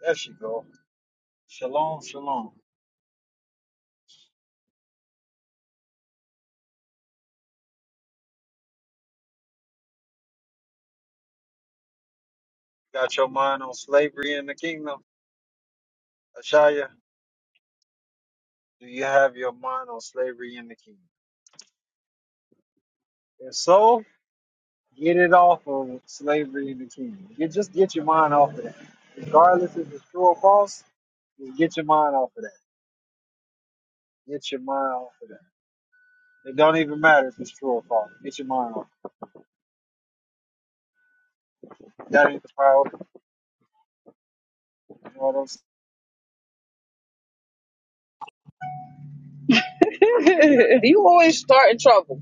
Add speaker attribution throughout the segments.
Speaker 1: There she go. Shalom, shalom. Got your mind on slavery in the kingdom? Ashaya, do you have your mind on slavery in the kingdom? If so, get it off of slavery in the kingdom. Get, just get your mind off of that. Regardless if it's true or false, just get your mind off of that. Get your mind off of that. It don't even matter if it's true or false. Get your mind off. That ain't the priority. You know what I'm saying?
Speaker 2: you always start in trouble.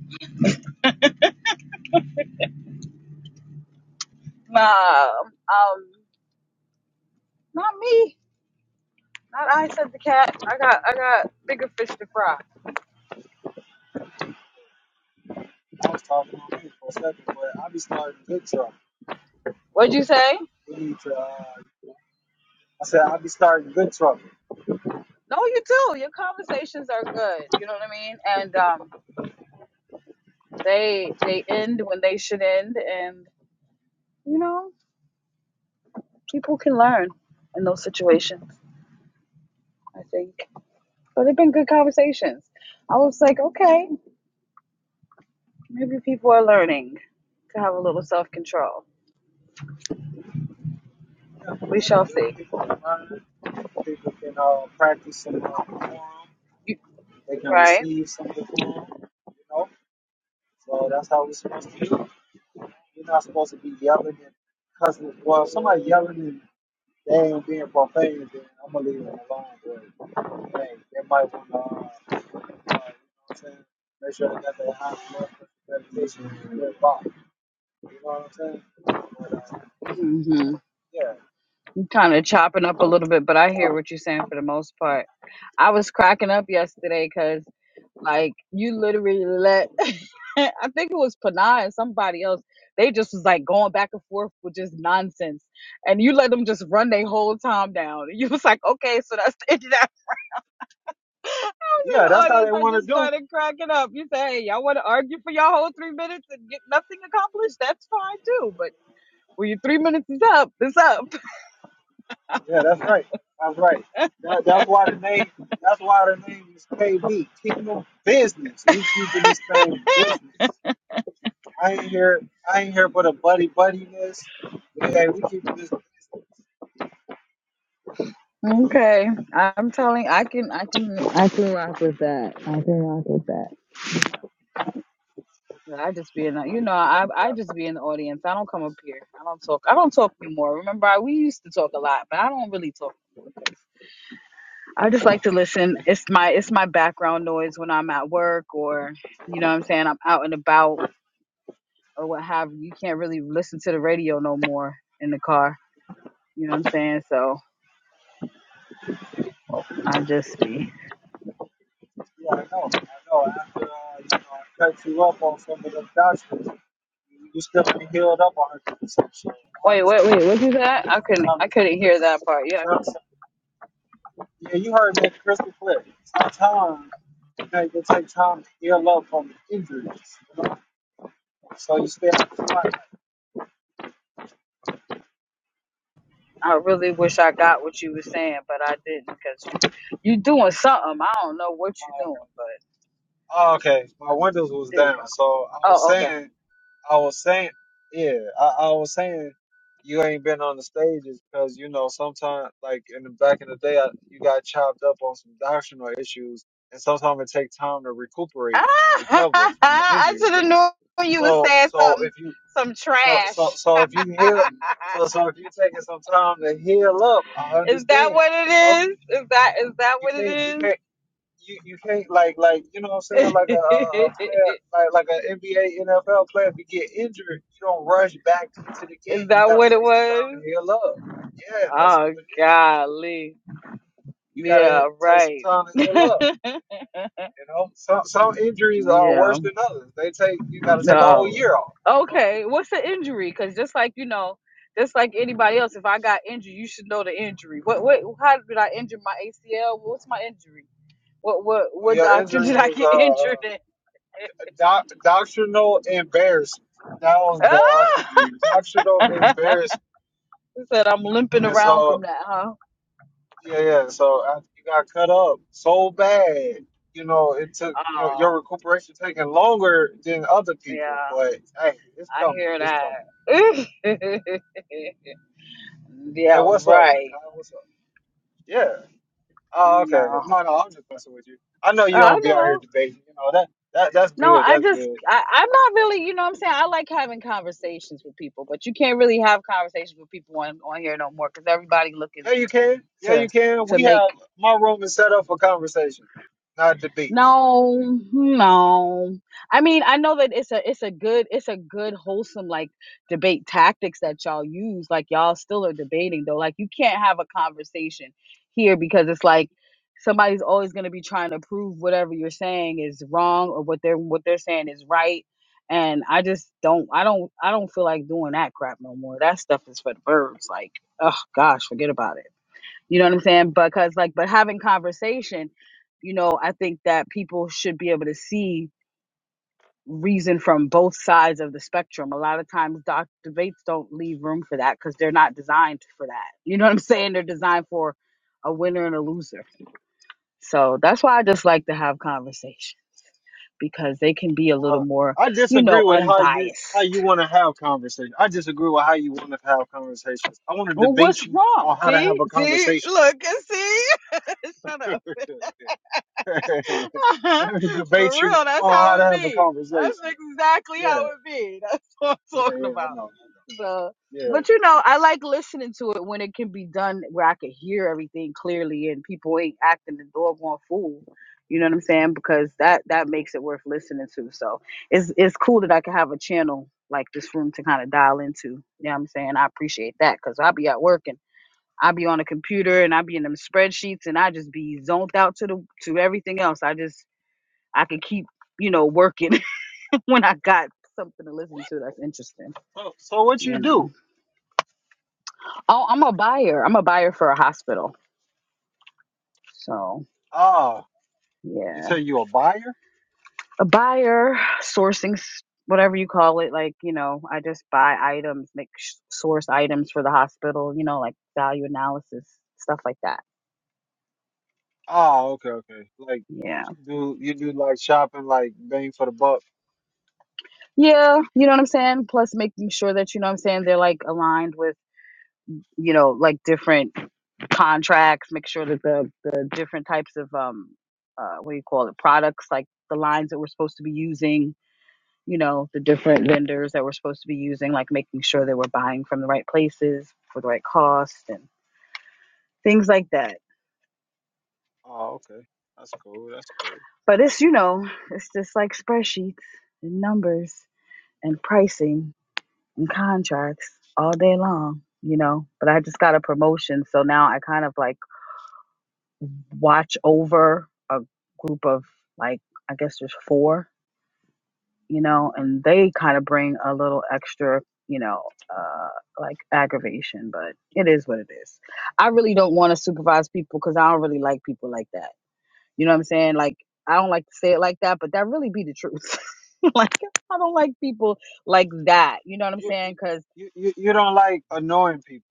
Speaker 2: Nah, um, not me. Not I said the cat. I got I got bigger fish to fry.
Speaker 1: I was talking on me for a second, but I be starting good trouble.
Speaker 2: What'd you say?
Speaker 1: We need to, uh, I said I be starting good trouble.
Speaker 2: No, you do. Your conversations are good. You know what I mean? And um, they they end when they should end, and you know people can learn in those situations. I think, but they've been good conversations. I was like, okay, maybe people are learning to have a little self control.
Speaker 1: Yeah,
Speaker 2: We
Speaker 1: that's a
Speaker 2: shall
Speaker 1: good.
Speaker 2: see.
Speaker 1: People can learn. People can uh, practice in uh, the
Speaker 2: You-
Speaker 1: They can
Speaker 2: Right?
Speaker 1: receive some of the you know. So that's how we're supposed to do. You're not supposed to be yelling and cussing. Well, somebody yelling and they ain't being profane, then I'm gonna leave them alone. But hey, they might want to, uh, uh, you know what I'm saying, make sure they got their high blood presentation and their body. You know what I'm saying? But, uh,
Speaker 2: hmm
Speaker 1: yeah,
Speaker 2: kind of chopping up a little bit, but I hear
Speaker 1: so-
Speaker 2: what you're saying for the most part. I was cracking up yesterday because, like, you literally let, I think it was Panay and somebody else, they just was like going back and forth with just nonsense. And you let them just run their whole time down. You was like, okay, so that's the end of that. I was in
Speaker 1: yeah,
Speaker 2: the
Speaker 1: that's how they
Speaker 2: audience. I
Speaker 1: want to
Speaker 2: just
Speaker 1: do.
Speaker 2: started cracking up. You say, hey, y'all want to argue for y'all whole three minutes and get nothing accomplished? That's fine too. But when your three minutes is up, it's up.
Speaker 1: Yeah, that's right. That's right. That, that's why the name. That's why the name is KB. Kingdom business. We keeping this thing business. I ain't here. I ain't here for the buddy buddiness. Yeah, we keeping this.
Speaker 2: Okay, I'm telling. I can. I can. I. I just be in. The, you know. I. I
Speaker 1: Yeah,
Speaker 2: just be in the audience. I don't come up here. I don't talk. I don't talk anymore. Remember, I, we used to talk a lot, but I don't really talk anymore 'cause I just like to listen. It's my. It's my background noise when I'm at work or, you know, what I'm saying I'm out and about or what have you. You can't really listen to the radio no more in the car. You know what I'm saying? So I just be.
Speaker 1: I know. I know. After uh, you know, I cut you up on some of them doctrines, you still be healed up on her. So I
Speaker 2: Wait. Wait.
Speaker 1: understand.
Speaker 2: Wait. What is that? I couldn't.
Speaker 1: Sometimes
Speaker 2: I couldn't hear
Speaker 1: it
Speaker 2: that part. Yeah.
Speaker 1: takes time. Yeah, you heard that crystal clear. Sometimes okay, it will take time to heal up from injuries. You know? So you stay out the spotlight.
Speaker 2: I really wish I got what you were saying, but I didn't because you, you doing something. I don't know what you're doing, but
Speaker 1: Oh, okay, my windows was
Speaker 2: there you
Speaker 1: down, so I
Speaker 2: go.
Speaker 1: was
Speaker 2: Oh, okay.
Speaker 1: saying, I was saying, yeah, I, I was saying, you ain't been on the stages because you know sometimes, like in the back in the day, I, you got chopped up on some doctrinal issues, and sometimes it takes time to recuperate and
Speaker 2: Ah,
Speaker 1: recover from the
Speaker 2: I
Speaker 1: injuries,
Speaker 2: should
Speaker 1: you
Speaker 2: have
Speaker 1: know.
Speaker 2: known you was
Speaker 1: So,
Speaker 2: saying
Speaker 1: so if
Speaker 2: something,
Speaker 1: you
Speaker 2: some
Speaker 1: So, so,
Speaker 2: trash.
Speaker 1: so if you heal, so, so if you're taking some time to heal up, I
Speaker 2: is that
Speaker 1: understand.
Speaker 2: what
Speaker 1: You know,
Speaker 2: it is? Is that is that
Speaker 1: you
Speaker 2: what
Speaker 1: can't, you
Speaker 2: it
Speaker 1: can't, you, you can't like, like, you know what I'm saying?
Speaker 2: is?
Speaker 1: Like a, a a player, like, like an NBA, NFL player, if you get injured, you don't rush back into the game.
Speaker 2: is
Speaker 1: You
Speaker 2: that
Speaker 1: gotta
Speaker 2: what it
Speaker 1: take some time to
Speaker 2: was?
Speaker 1: heal up. Yeah, that's
Speaker 2: Oh,
Speaker 1: what it is.
Speaker 2: golly.
Speaker 1: You gotta
Speaker 2: Yeah,
Speaker 1: take some
Speaker 2: right.
Speaker 1: time to heal up. You know, some some injuries are
Speaker 2: Yeah.
Speaker 1: worse than others. They take, you gotta take a whole
Speaker 2: No.
Speaker 1: year off. You know,
Speaker 2: Okay. What's the injury? Because just like you know, just like anybody else, if I got injured, you should know the injury. What? What? How did I injure my ACL? What's my injury? What? What?
Speaker 1: Well,
Speaker 2: What
Speaker 1: your
Speaker 2: doctor
Speaker 1: injury
Speaker 2: did I
Speaker 1: was
Speaker 2: get
Speaker 1: uh,
Speaker 2: injured in?
Speaker 1: doc, doctrinal embarrassment. That was the uh, injury. Doctrinal
Speaker 2: Ah!
Speaker 1: embarrassment.
Speaker 2: He said I'm limping
Speaker 1: And
Speaker 2: around from
Speaker 1: so,
Speaker 2: that, huh?
Speaker 1: yeah, yeah. So after you got cut up so bad, you know, it took you know, your
Speaker 2: Oh,
Speaker 1: recuperation taking longer than other people.
Speaker 2: yeah.
Speaker 1: But hey, it's
Speaker 2: I
Speaker 1: coming.
Speaker 2: hear
Speaker 1: It's coming.
Speaker 2: that.
Speaker 1: Hey,
Speaker 2: yeah.
Speaker 1: what's up,
Speaker 2: Right.
Speaker 1: Nikai? What's up? Yeah. Oh, okay.
Speaker 2: No.
Speaker 1: No, no, I'm just messing with you. I know you
Speaker 2: I
Speaker 1: don't be out
Speaker 2: know.
Speaker 1: here debating. You know that that that's
Speaker 2: No,
Speaker 1: good.
Speaker 2: I
Speaker 1: That's
Speaker 2: just
Speaker 1: good.
Speaker 2: I, I'm not really, you know what I'm saying? I like having conversations with people, but you can't really have conversations with people on, on here no more because everybody looking
Speaker 1: Yeah, you can. Yeah, you
Speaker 2: to
Speaker 1: can.
Speaker 2: to
Speaker 1: We
Speaker 2: make
Speaker 1: have my room is set up for conversation, not debates.
Speaker 2: No, no. I mean, I know that it's a it's a good it's a good wholesome like debate tactics that y'all use. Like y'all still are debating though. Like you can't have a conversation here because it's like somebody's always going to be trying to prove whatever you're saying is wrong or what they're what they're saying is right. And I just don't I don't I don't feel like doing that crap no more. That stuff is for the birds. Like, oh gosh, forget about it. You know what I'm saying? Because like, but having conversation, you know, I think that people should be able to see reason from both sides of the spectrum. A lot of times, doc debates don't leave room for that because they're not designed for that. You know what I'm saying? They're designed for a winner and a loser. So that's why I just like to have conversation because they can be a little
Speaker 1: Well,
Speaker 2: more,
Speaker 1: I
Speaker 2: you
Speaker 1: disagree
Speaker 2: know,
Speaker 1: with how you how
Speaker 2: unbiased.
Speaker 1: you want to have conversation. I disagree with how you want to have conversations. I want to
Speaker 2: Well, what's
Speaker 1: debate you
Speaker 2: wrong?
Speaker 1: on how to have
Speaker 2: See,
Speaker 1: a
Speaker 2: see,
Speaker 1: conversation.
Speaker 2: look and see. Shut up
Speaker 1: Let me debate
Speaker 2: For
Speaker 1: you
Speaker 2: real, that's
Speaker 1: on
Speaker 2: how
Speaker 1: how to
Speaker 2: it
Speaker 1: have a
Speaker 2: be.
Speaker 1: conversation.
Speaker 2: That's exactly
Speaker 1: Yeah,
Speaker 2: how it be. That's what I'm
Speaker 1: yeah,
Speaker 2: talking
Speaker 1: yeah. I
Speaker 2: about.
Speaker 1: know.
Speaker 2: So,
Speaker 1: Yeah.
Speaker 2: but you know, I like listening to it when it can be done where I can hear everything clearly and people ain't acting the doggone fool. You know what I'm saying? Because that that makes it worth listening to. So it's it's cool that I can have a channel like this room to kind of dial into. You know what I'm saying? I appreciate that because I'll be at work and I be on a computer and I be in them spreadsheets and I just be zoned out to the to everything else. I just I could keep you know working when I got something to listen to that's interesting.
Speaker 1: So, so what you
Speaker 2: You know.
Speaker 1: do?
Speaker 2: Oh, I'm a buyer. I'm a buyer for a hospital. So
Speaker 1: Ah, you
Speaker 2: yeah,
Speaker 1: say you a buyer?
Speaker 2: a buyer sourcing s- whatever you call it. Like you know, I just buy items, make sh- source items for the hospital. You know, like value analysis stuff like that.
Speaker 1: Ah, okay, okay. Like,
Speaker 2: Yeah.
Speaker 1: do you do like shopping, like bang for the buck?
Speaker 2: Yeah, you know what I'm saying? Plus making sure that you know what I'm saying they're like aligned with you know like different contracts make sure that the the different types of um uh what do you call it products like the lines that we're supposed to be using you know the different vendors that we're supposed to be using like making sure that we're buying from the right places for the right cost and things like that
Speaker 1: Oh, okay. That's cool. That's cool.
Speaker 2: but it's you know it's just like spreadsheets and numbers and pricing and contracts all day long you know but i just got a promotion so now i kind of like watch over a group of like I guess there's four, you know, and they kind of bring a little extra, you know, uh like aggravation, but it is what it is. I really don't want to supervise people cuz I don't really like people like that. You know what I'm saying? Like I don't like to say it like that, but that really be the truth. like I don't like people like that. You know what I'm
Speaker 1: You you
Speaker 2: saying? Cuz
Speaker 1: you you you don't like annoying people.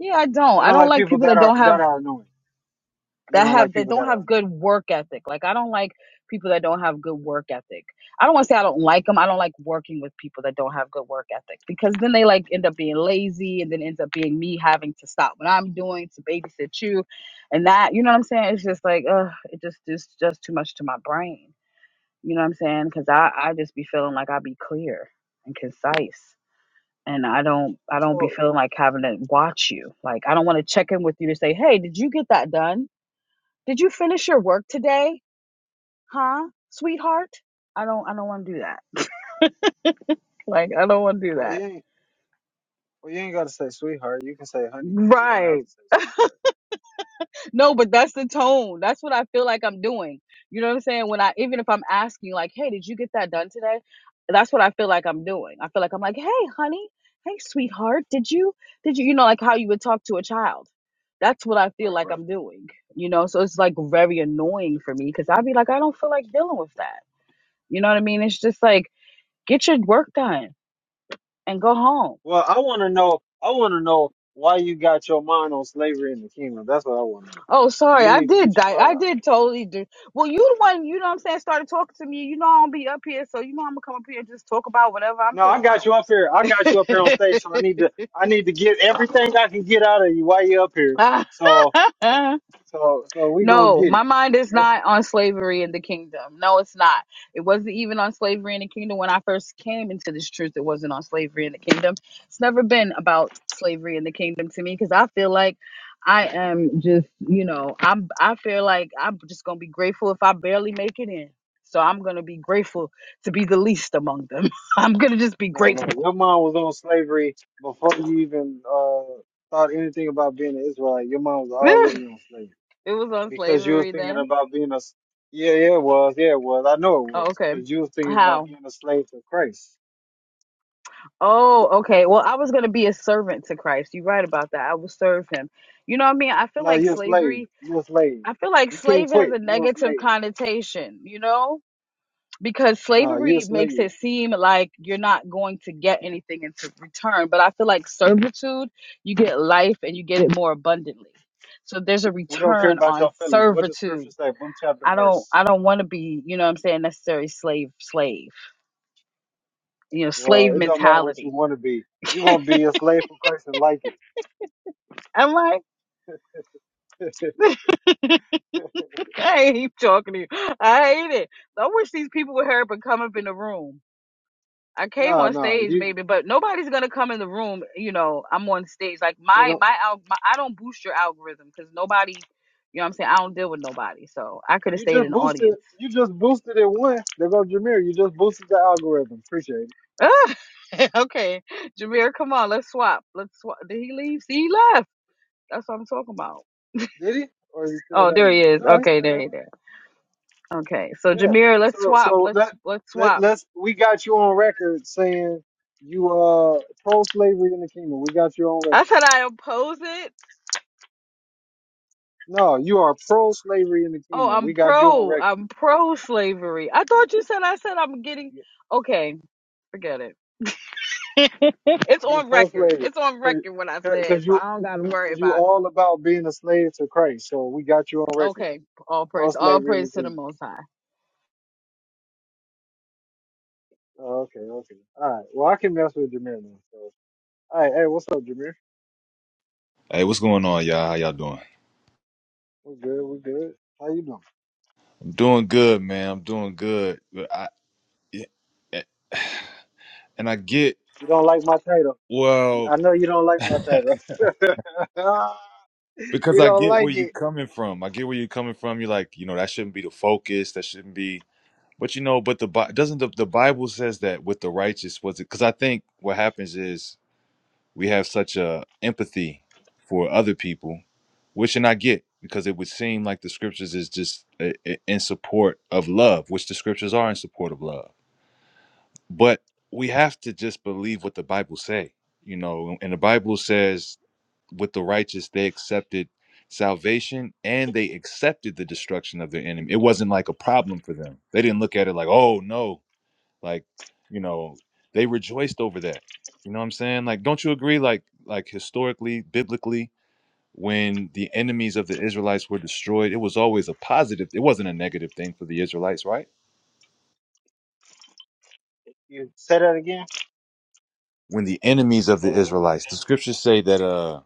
Speaker 2: yeah, I don't.
Speaker 1: You
Speaker 2: I
Speaker 1: don't
Speaker 2: don't
Speaker 1: like
Speaker 2: like
Speaker 1: people
Speaker 2: people
Speaker 1: that
Speaker 2: that
Speaker 1: are
Speaker 2: don't have
Speaker 1: that are annoying. You
Speaker 2: that
Speaker 1: don't like
Speaker 2: have that
Speaker 1: people
Speaker 2: don't
Speaker 1: that are
Speaker 2: have
Speaker 1: annoying.
Speaker 2: good work ethic. Like I don't like people that don't have good work ethic. I don't want to say I don't like them. I don't like working with people that don't have good work ethic because then they like end up being lazy and then ends up being me having to stop what I'm doing to babysit you, and that you know what I'm saying. It's just like uh, it just is just too much to my brain. You know what I'm saying? Because
Speaker 1: Right,
Speaker 2: I
Speaker 1: right.
Speaker 2: I just be feeling like I be clear and concise. And I don't, I don't be
Speaker 1: So
Speaker 2: feeling like having to watch you. Like I don't want to check in with you to say, "Hey, did you get that done?" Did you finish your work today? Huh, sweetheart? I don't I don't want to do that. Like I don't want to do
Speaker 1: well you
Speaker 2: that.
Speaker 1: ain't well you ain't gotta say sweetheart. You can say honey. You don't have
Speaker 2: Right.
Speaker 1: to say sweetheart.
Speaker 2: No, but that's the tone. That's what I feel like I'm doing. You know what I'm saying? When I even if I'm asking like, "Hey, did you get that done today?" That's what I feel like I'm doing. I feel like I'm like, "Hey, honey. Hey, sweetheart. Did you did you you know like how you would talk to a child?" That's what I feel
Speaker 1: Right,
Speaker 2: like
Speaker 1: right.
Speaker 2: I'm doing. You know, so it's like very annoying for me cuz I'd be like, "I don't feel like dealing with that." You know what I mean? It's just like get your work done and go home.
Speaker 1: Well I wanna know I wanna know why you got your mind on slavery in the kingdom. That's what I wanna know.
Speaker 2: Oh, sorry,
Speaker 1: You
Speaker 2: I
Speaker 1: need to
Speaker 2: did
Speaker 1: get your
Speaker 2: die. I
Speaker 1: mind
Speaker 2: did totally do. Well, you the one, you know what I'm saying, started talking to me. You know I don't be up here, so you know I'm gonna come up here and just talk about whatever I'm
Speaker 1: No, I
Speaker 2: talking
Speaker 1: got you up here. I got you up here on
Speaker 2: about.
Speaker 1: stage, so I need to I need to get everything I can get out of you while you are up here. So, uh, so, so we gonna
Speaker 2: No,
Speaker 1: get
Speaker 2: my
Speaker 1: it.
Speaker 2: mind is
Speaker 1: Eh,
Speaker 2: not on slavery in the kingdom. No, it's not. It wasn't even on slavery in the kingdom when I first came into this truth. It wasn't on slavery in the kingdom. It's never been about slavery in the kingdom to me because I feel like I am just, you know, I'm. I feel like I'm just gonna be grateful if I barely make it in. So I'm gonna be grateful to be the least among them. I'm gonna just be
Speaker 1: No, no,
Speaker 2: grateful.
Speaker 1: your mom was on slavery before you even uh thought anything about being an Israelite. Your mom was
Speaker 2: it
Speaker 1: already on slavery
Speaker 2: was on
Speaker 1: because you was
Speaker 2: slavery
Speaker 1: thinking
Speaker 2: then.
Speaker 1: about being a s- yeah, yeah, it was, yeah, it was. I know it
Speaker 2: Oh,
Speaker 1: was
Speaker 2: okay.
Speaker 1: because you was thinking
Speaker 2: How?
Speaker 1: about being a slave to Christ.
Speaker 2: Oh, okay. Well, I was going to be a servant to Christ. You're right about that. I will serve him. You know what I mean? I feel
Speaker 1: No,
Speaker 2: like
Speaker 1: you're a slave.
Speaker 2: slavery,
Speaker 1: You're a slave.
Speaker 2: I feel like
Speaker 1: You can't
Speaker 2: slave has
Speaker 1: quit.
Speaker 2: a
Speaker 1: You're a
Speaker 2: negative
Speaker 1: slave.
Speaker 2: connotation, you know? Because
Speaker 1: No, you're a
Speaker 2: slavery makes
Speaker 1: slave.
Speaker 2: it seem like you're not going to get anything in t- return. But I feel like servitude, you get life and you get it more abundantly. So there's a
Speaker 1: We don't care
Speaker 2: return
Speaker 1: about
Speaker 2: on
Speaker 1: your feelings. What does scripture
Speaker 2: servitude.
Speaker 1: say? Book, chapter,
Speaker 2: I don't
Speaker 1: verse.
Speaker 2: I don't want to be, you know what I'm saying, Necessary slave slave. You know,
Speaker 1: Well,
Speaker 2: slave
Speaker 1: it don't matter what you
Speaker 2: mentality.
Speaker 1: want to be. You're gonna be a slave for Christ and like
Speaker 2: I'm like
Speaker 1: it.
Speaker 2: I ain't talking to you. I hate it. I wish these people would hurry up and come up in the room. I came
Speaker 1: no,
Speaker 2: on
Speaker 1: no,
Speaker 2: stage
Speaker 1: you
Speaker 2: maybe, but nobody's gonna come in the room. You know, I'm on stage. Like
Speaker 1: they
Speaker 2: my
Speaker 1: don't.
Speaker 2: my, al- my I don't boost your algorithm because nobody. You know what I'm saying? I don't deal with nobody, so I could have
Speaker 1: You
Speaker 2: stayed
Speaker 1: just
Speaker 2: in the
Speaker 1: boosted.
Speaker 2: audience.
Speaker 1: You just boosted it one. There goes Jameer. You just boosted the algorithm. Appreciate it.
Speaker 2: Ugh. okay, Jameer, come on, let's swap. Let's swap. Did he leave? See, he left. That's what I'm talking about.
Speaker 1: Did he? Or is it still
Speaker 2: Oh,
Speaker 1: down
Speaker 2: there he
Speaker 1: there?
Speaker 2: is.
Speaker 1: No, he's
Speaker 2: Okay,
Speaker 1: still
Speaker 2: there
Speaker 1: down
Speaker 2: he there. Okay, so
Speaker 1: there. Yeah.
Speaker 2: Jameer, let's
Speaker 1: So,
Speaker 2: swap.
Speaker 1: so
Speaker 2: Let's
Speaker 1: let
Speaker 2: let's
Speaker 1: let
Speaker 2: swap.
Speaker 1: let's. We got you on record saying you are pro slavery in the kingdom. We got you on record.
Speaker 2: I said I oppose it.
Speaker 1: No, you are pro slavery in the
Speaker 2: Oh,
Speaker 1: kingdom.
Speaker 2: I'm
Speaker 1: We got you on
Speaker 2: pro.
Speaker 1: record.
Speaker 2: I'm pro slavery. I thought you said I said I'm getting. Okay, forget it. It's
Speaker 1: You're
Speaker 2: on
Speaker 1: pro
Speaker 2: record.
Speaker 1: slavery
Speaker 2: It's on
Speaker 1: cause,
Speaker 2: record what I
Speaker 1: cause
Speaker 2: said,
Speaker 1: 'cause
Speaker 2: so
Speaker 1: you,
Speaker 2: I don't gotta worry
Speaker 1: cause you
Speaker 2: about it.
Speaker 1: all about being a slave to Christ. So we got you on record.
Speaker 2: Okay, all
Speaker 1: Pro
Speaker 2: praise, all
Speaker 1: slavery in the
Speaker 2: praise to the
Speaker 1: kingdom.
Speaker 2: Most High.
Speaker 1: Oh, okay, okay. All right. Well, I can mess with Jameer now. So, all right. Hey, what's up, Jameer?
Speaker 3: Hey, what's going on, y'all? How y'all doing?
Speaker 1: We're good. We're good. How you doing?
Speaker 3: I'm doing good, man. I'm doing good. But I and I get
Speaker 1: You don't like my title.
Speaker 3: well
Speaker 1: I know you don't like my title.
Speaker 3: because
Speaker 1: you
Speaker 3: I
Speaker 1: don't
Speaker 3: get where
Speaker 1: like
Speaker 3: you're
Speaker 1: it.
Speaker 3: coming from. I get where you're coming from. You're like, you know, that shouldn't be the focus. That shouldn't be. But you know, but the Bi- doesn't the, the Bible says that with the righteous was it? Because I think what happens is we have such a empathy for other people, which and I get because it would seem like the scriptures is just uh, in support of love, which the scriptures are in support of love but we have to just believe what the bible say you know and the bible says with the righteous they accepted salvation and they accepted the destruction of their enemy it wasn't like a problem for them they didn't look at it like oh no like you know they rejoiced over that you know what i'm saying like don't you agree like like historically biblically when the enemies of the israelites were destroyed it was always a positive it wasn't a negative thing for the israelites right
Speaker 1: You say that again.
Speaker 3: when the enemies of
Speaker 1: Say
Speaker 3: the
Speaker 1: that one more time.
Speaker 3: israelites the scriptures say that uh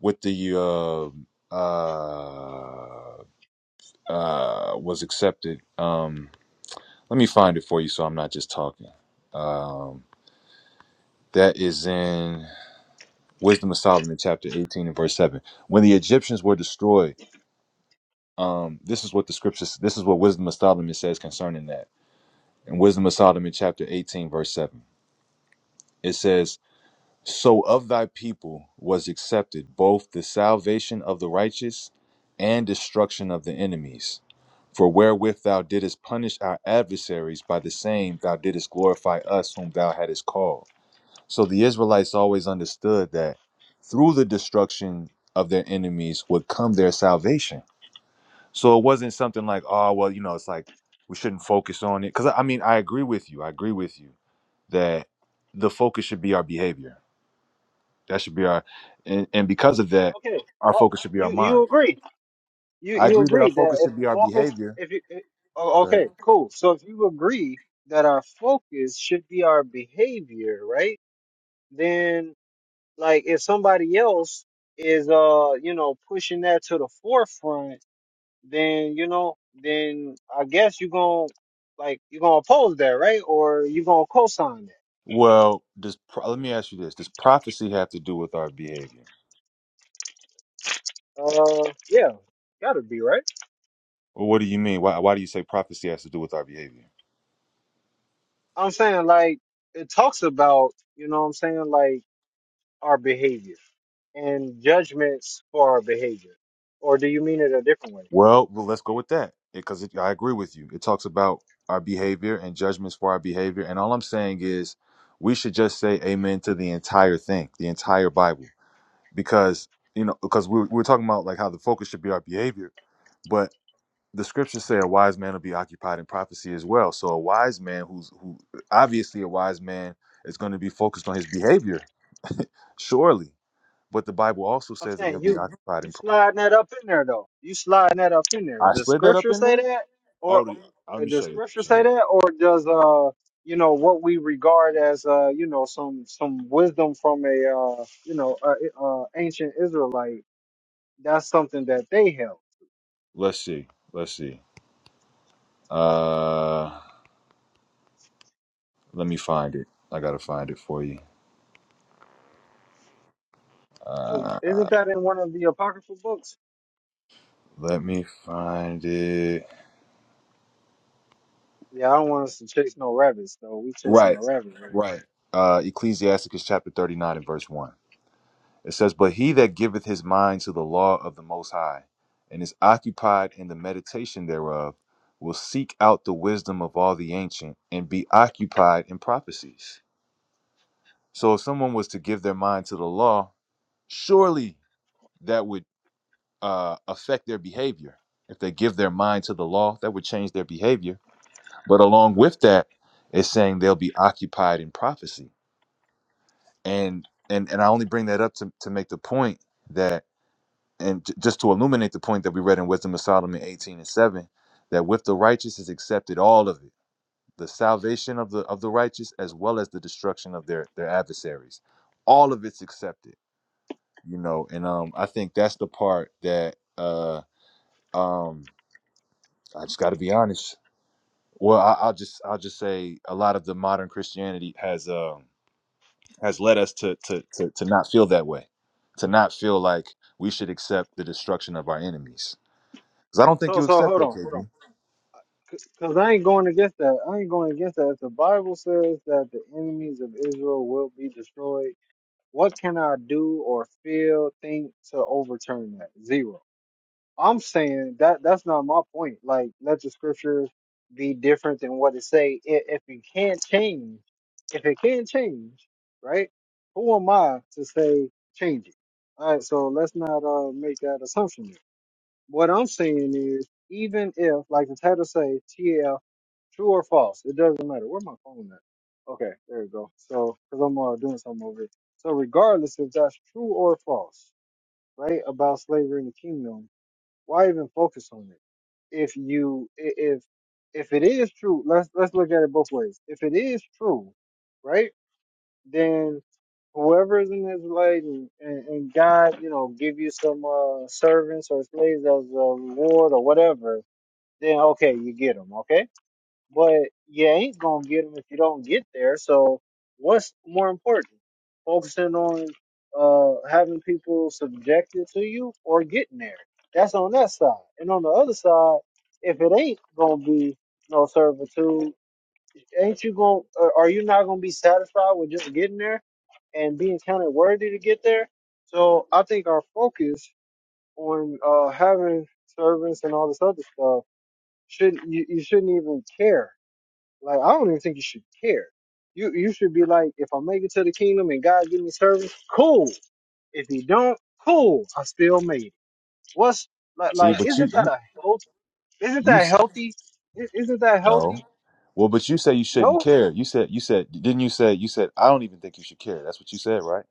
Speaker 3: with the uh, uh, uh, was accepted. Um, let me find it for you, so I'm not just talking. Um, that is in Wisdom of Solomon, chapter 18 and verse 7. When the Egyptians were destroyed, um, this is what the scriptures. This is what Wisdom of Solomon says concerning that. In Wisdom of Solomon, chapter 18, verse 7, it says So of thy people was accepted both the salvation of the righteous and destruction of the enemies. For wherewith thou didst punish our adversaries, by the same thou didst glorify us whom thou hadst called. So the Israelites always understood that through the destruction of their enemies would come their salvation. So it wasn't something like, oh, well, you know, it's like we shouldn't focus on it. Because I I mean, I agree with you. I agree with you that the focus should be our behavior that should be our, and, and because of that,
Speaker 1: Okay.
Speaker 3: our
Speaker 1: Oh,
Speaker 3: focus should be our
Speaker 1: you you
Speaker 3: mind.
Speaker 1: agree? you
Speaker 3: I
Speaker 1: you
Speaker 3: agree that our
Speaker 1: agree that
Speaker 3: focus
Speaker 1: if
Speaker 3: should
Speaker 1: the
Speaker 3: be our
Speaker 1: focus
Speaker 3: behavior.
Speaker 1: if you it, oh,
Speaker 3: Okay.
Speaker 1: okay cool so if you agree that our focus should be our behavior right then like if somebody else is uh you know pushing that to the forefront then you know then i guess you're gonna like you're gonna oppose that right or you're gonna co-sign that
Speaker 3: Well, does pro- let me ask you this: Does prophecy have to do with our behavior?
Speaker 1: uh yeah gotta be right
Speaker 3: Well, what do you mean? Why Why do you say prophecy has to do with our behavior?
Speaker 1: i'm saying like it talks about you know what i'm saying like our behavior and judgments for our behavior? Or do you mean it a different way?
Speaker 3: Well, well let's go with that because I agree with you. It talks about our behavior and judgments for our behavior, and all I'm saying is we should just say amen to the entire thing, the entire Bible, because you know, because we we're, we we're talking about like how the focus should be our behavior, but the scriptures say a wise man will be occupied in prophecy as well. So a wise man who's who obviously a wise man is going to be focused on his behavior, surely. But the Bible also
Speaker 1: I'm
Speaker 3: says that he'll
Speaker 1: saying
Speaker 3: be
Speaker 1: you
Speaker 3: occupied
Speaker 1: you
Speaker 3: in. pro-
Speaker 1: sliding that up in there though. You sliding that up in there.
Speaker 3: I
Speaker 1: Does
Speaker 3: slid that up
Speaker 1: scripture
Speaker 3: in
Speaker 1: say
Speaker 3: there.
Speaker 1: that? Or
Speaker 3: Oh, the- let
Speaker 1: uh,
Speaker 3: me
Speaker 1: does
Speaker 3: show you.
Speaker 1: scripture
Speaker 3: Show
Speaker 1: say
Speaker 3: you.
Speaker 1: that? Or does uh you know what we regard as uh you know some some wisdom from a uh you know a, a ancient Israelite? That's something that they held.
Speaker 3: Let's see. Let's see. Uh, let me find it. I gotta find it for you.
Speaker 1: 'Cause
Speaker 3: Uh,
Speaker 1: Isn't that in one of the apocryphal books?
Speaker 3: let me find it.
Speaker 1: Yeah, I don't want us to chase no rabbits though. We chasing
Speaker 3: Right.
Speaker 1: a rabbit right now.
Speaker 3: Right. Uh, Ecclesiasticus chapter thirty-nine and verse one. It says, But he that giveth his mind to the law of the Most High, and is occupied in the meditation thereof, will seek out the wisdom of all the ancient, and be occupied in prophecies. So if someone was to give their mind to the law, surely that would uh, affect their behavior. If they give their mind to the law, that would change their behavior. But along with that, it's saying they'll be occupied in prophecy. And and and I only bring that up to, to make the point that. and j- just to illuminate the point that we read in Wisdom of Solomon 18 and 7, that with the righteous is accepted all of it, the salvation of the of the righteous as well as the destruction of their their adversaries. All of it's accepted, you know, and um I think that's the part that uh um I just gotta be honest. Well, I, I'll just I'll just say a lot of the modern Christianity has um has led us to to to to not feel that way, to not feel like we should accept the destruction of our enemies. Because I don't think
Speaker 1: So
Speaker 3: you
Speaker 1: so
Speaker 3: accept
Speaker 1: hold
Speaker 3: that,
Speaker 1: on, hold on,
Speaker 3: KB.
Speaker 1: because I ain't going against that. I ain't going against that. If the Bible says that the enemies of Israel will be destroyed, what can I do or feel, think to overturn that? Zero. I'm saying that that's not my point. Like, let the scriptures be different than what it say. If, if it can't change, if it can change, right? Who am I to say change it? All right, so let's not uh, make that assumption. What I'm saying is, even if, like the title say, TF, true or false, it doesn't matter. Where my phone at? Okay, there we go. So, because I'm uh, doing something over here. So, regardless if that's true or false, right, about slavery in the kingdom, why even focus on it? If you, i- if, if it is true, let's let's look at it both ways. If it is true, right? then whoever is in his light and, and, and God, you know, give you some uh, servants or slaves as a reward or whatever, then okay, you get them, okay? But you ain't gonna get them if you don't get there. So what's more important, focusing on uh, having people subjected to you or getting there? That's on that side. And on the other side, if it ain't gonna be no servitude, Ain't you going? to Are you not going to be satisfied with just getting there and being counted worthy to get there? So I think our focus on uh, having servants and all this other stuff shouldn't you, you shouldn't even care. Like I don't even think you should care. You you should be like, if I make it to the kingdom and God give me service, cool. If He don't, cool. I still made it. What's like?
Speaker 3: See,
Speaker 1: Like
Speaker 3: but you
Speaker 1: isn't that
Speaker 3: you
Speaker 1: a health? Isn't
Speaker 3: you
Speaker 1: that
Speaker 3: s-
Speaker 1: healthy? I- Isn't that healthy?
Speaker 3: no. Well, but you say you
Speaker 1: No,
Speaker 3: shouldn't care. You said you said didn't you say you said I don't even think you should care. That's what you said, right?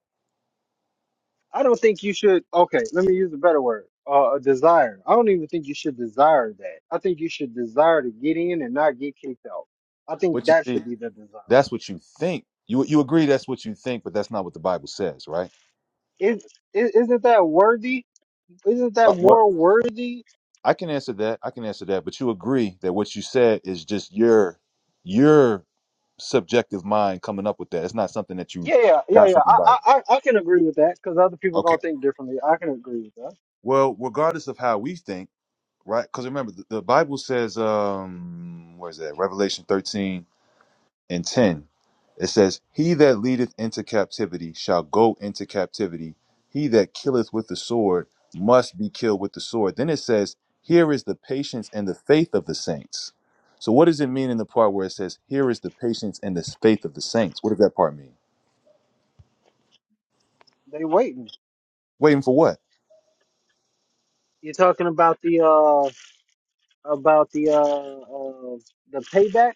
Speaker 1: I don't think you should. Okay, let me use a better word. Uh, a desire. I don't even think you should desire that. I think you should desire to get in and not get kicked out. I think
Speaker 3: But you
Speaker 1: that
Speaker 3: see,
Speaker 1: should be the desire.
Speaker 3: that's what you think. You you agree that's what you think, but that's not what the Bible says, right?
Speaker 1: Is is- isn't that worthy? Isn't that
Speaker 3: But what
Speaker 1: more worthy?
Speaker 3: I can answer that. I can answer that, but you agree that what you said is just your your subjective mind coming up with that. It's not something that you
Speaker 1: Yeah, yeah, yeah,
Speaker 3: got from
Speaker 1: yeah.
Speaker 3: the
Speaker 1: I I
Speaker 3: Bible.
Speaker 1: I I can agree with that because other people
Speaker 3: Okay.
Speaker 1: gonna think differently. I can agree with that.
Speaker 3: Well, regardless of how we think, right? Because remember, the, the Bible says, um, where is that? Revelation 13 and 10, it says, He that leadeth into captivity shall go into captivity. He that killeth with the sword must be killed with the sword. Then it says, Here is the patience and the faith of the saints. So, what does it mean in the part where it says, Here is the patience and the faith of the saints? What does that part mean?
Speaker 1: They waiting.
Speaker 3: Waiting for what?
Speaker 1: You're talking about the uh about the uh, uh the payback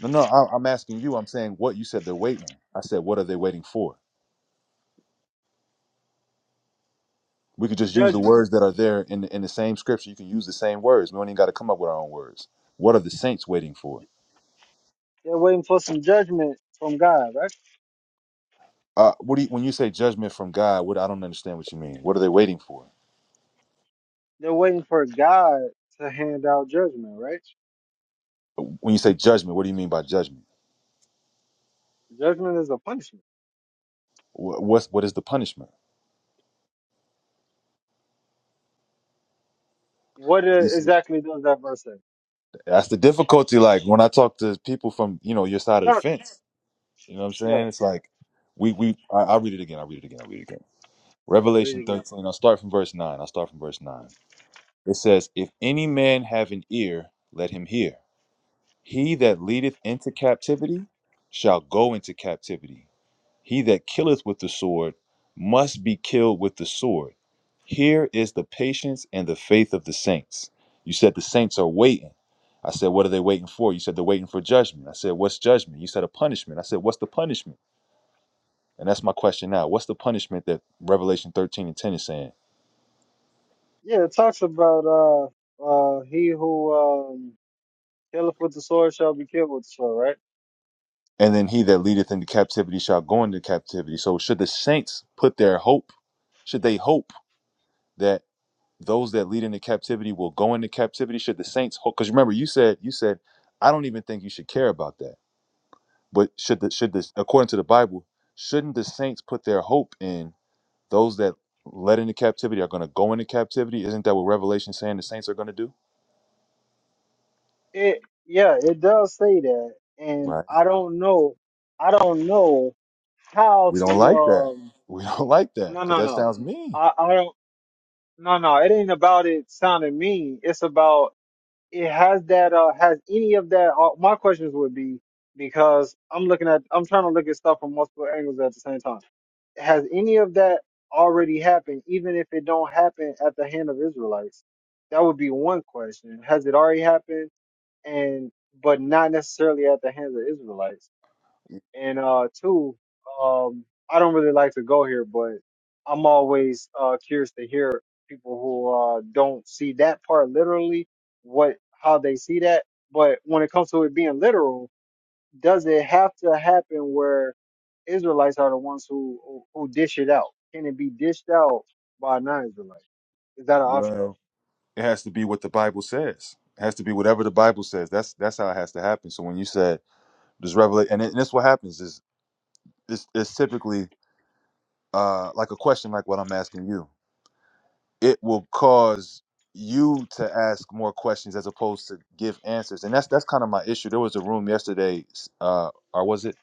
Speaker 3: No, no, I- I'm asking you. I'm saying what you said they're waiting. I said, What are they waiting for? We could just use the
Speaker 1: judgment.
Speaker 3: words that are there in the, in the same scripture. You can use the same words. We don't even got to come up with our own words. What are the saints waiting for?
Speaker 1: They're waiting for some judgment from God, right?
Speaker 3: Uh, what do you, when you say judgment from God? What I don't understand what you mean. What are they waiting for?
Speaker 1: They're waiting for God to hand out judgment, right?
Speaker 3: When you say judgment, what do you mean by judgment?
Speaker 1: Judgment is a punishment.
Speaker 3: Wh- What's what is the punishment?
Speaker 1: What uh,
Speaker 3: You see,
Speaker 1: exactly does that verse say?
Speaker 3: that's the difficulty. Like when I talk to people from you know your side of the
Speaker 1: Not,
Speaker 3: fence, you know what I'm
Speaker 1: yeah,
Speaker 3: saying? It's like we we I, I'll read it again. I'll read it again. I'll read it again.
Speaker 1: yeah, read
Speaker 3: Revelation
Speaker 1: it again for me.
Speaker 3: 13. I'll start from verse nine. I'll start from verse nine. It says, "If any man have an ear, let him hear. He that leadeth into captivity shall go into captivity." He that killeth with the sword must be killed with the sword. Here is the patience and the faith of the saints. You said the saints are waiting. I said, what are they waiting for? You said they're waiting for judgment. I said, what's judgment? You said a punishment. I said, what's the punishment? And that's my question now. What's the punishment that Revelation 13 and 10 is saying?
Speaker 1: Yeah, it talks about uh, uh, he who um, killeth with the sword shall be killed with the sword, right?
Speaker 3: And then he that leadeth into captivity shall go into captivity. So should the saints put their hope? Should they hope that those that lead into captivity will go into captivity should the saints hold because remember you said you said i don't even think you should care about that but should the should this according to the bible shouldn't the saints put their hope in those that led into captivity are going to go into captivity isn't that what revelation is saying the saints are going to do
Speaker 1: It, yeah, it does say that, and
Speaker 3: right
Speaker 1: I don't know, I don't know how
Speaker 3: we don't
Speaker 1: to
Speaker 3: like that
Speaker 1: um,
Speaker 3: we don't like that
Speaker 1: no,
Speaker 3: because
Speaker 1: no,
Speaker 3: that
Speaker 1: no,
Speaker 3: sounds mean
Speaker 1: I, I don't, no, no, it ain't about it sounding mean. It's about it has that uh has any of that uh, my questions would be because i'm looking at i'm trying to look at stuff from multiple angles at the same time has any of that already happened even if it don't happen at the hand of israelites that would be one question has it already happened and but not necessarily at the hands of israelites and uh two, um I don't really like to go here, but I'm always uh curious to hear people who uh don't see that part literally, what how they see that. But when it comes to it being literal, does it have to happen where Israelites are the ones who who, who dish it out? Can it be dished out by non-Israelites? Is that an option?
Speaker 3: well it has to be what the bible says it has to be whatever the bible says that's that's how it has to happen so when you said this revelation and, it- and that's what happens is it's, it's typically uh, like a question like what I'm asking you, it will cause you to ask more questions as opposed to give answers. And that's that's kind of my issue. There was a room yesterday, s- uh, or was it?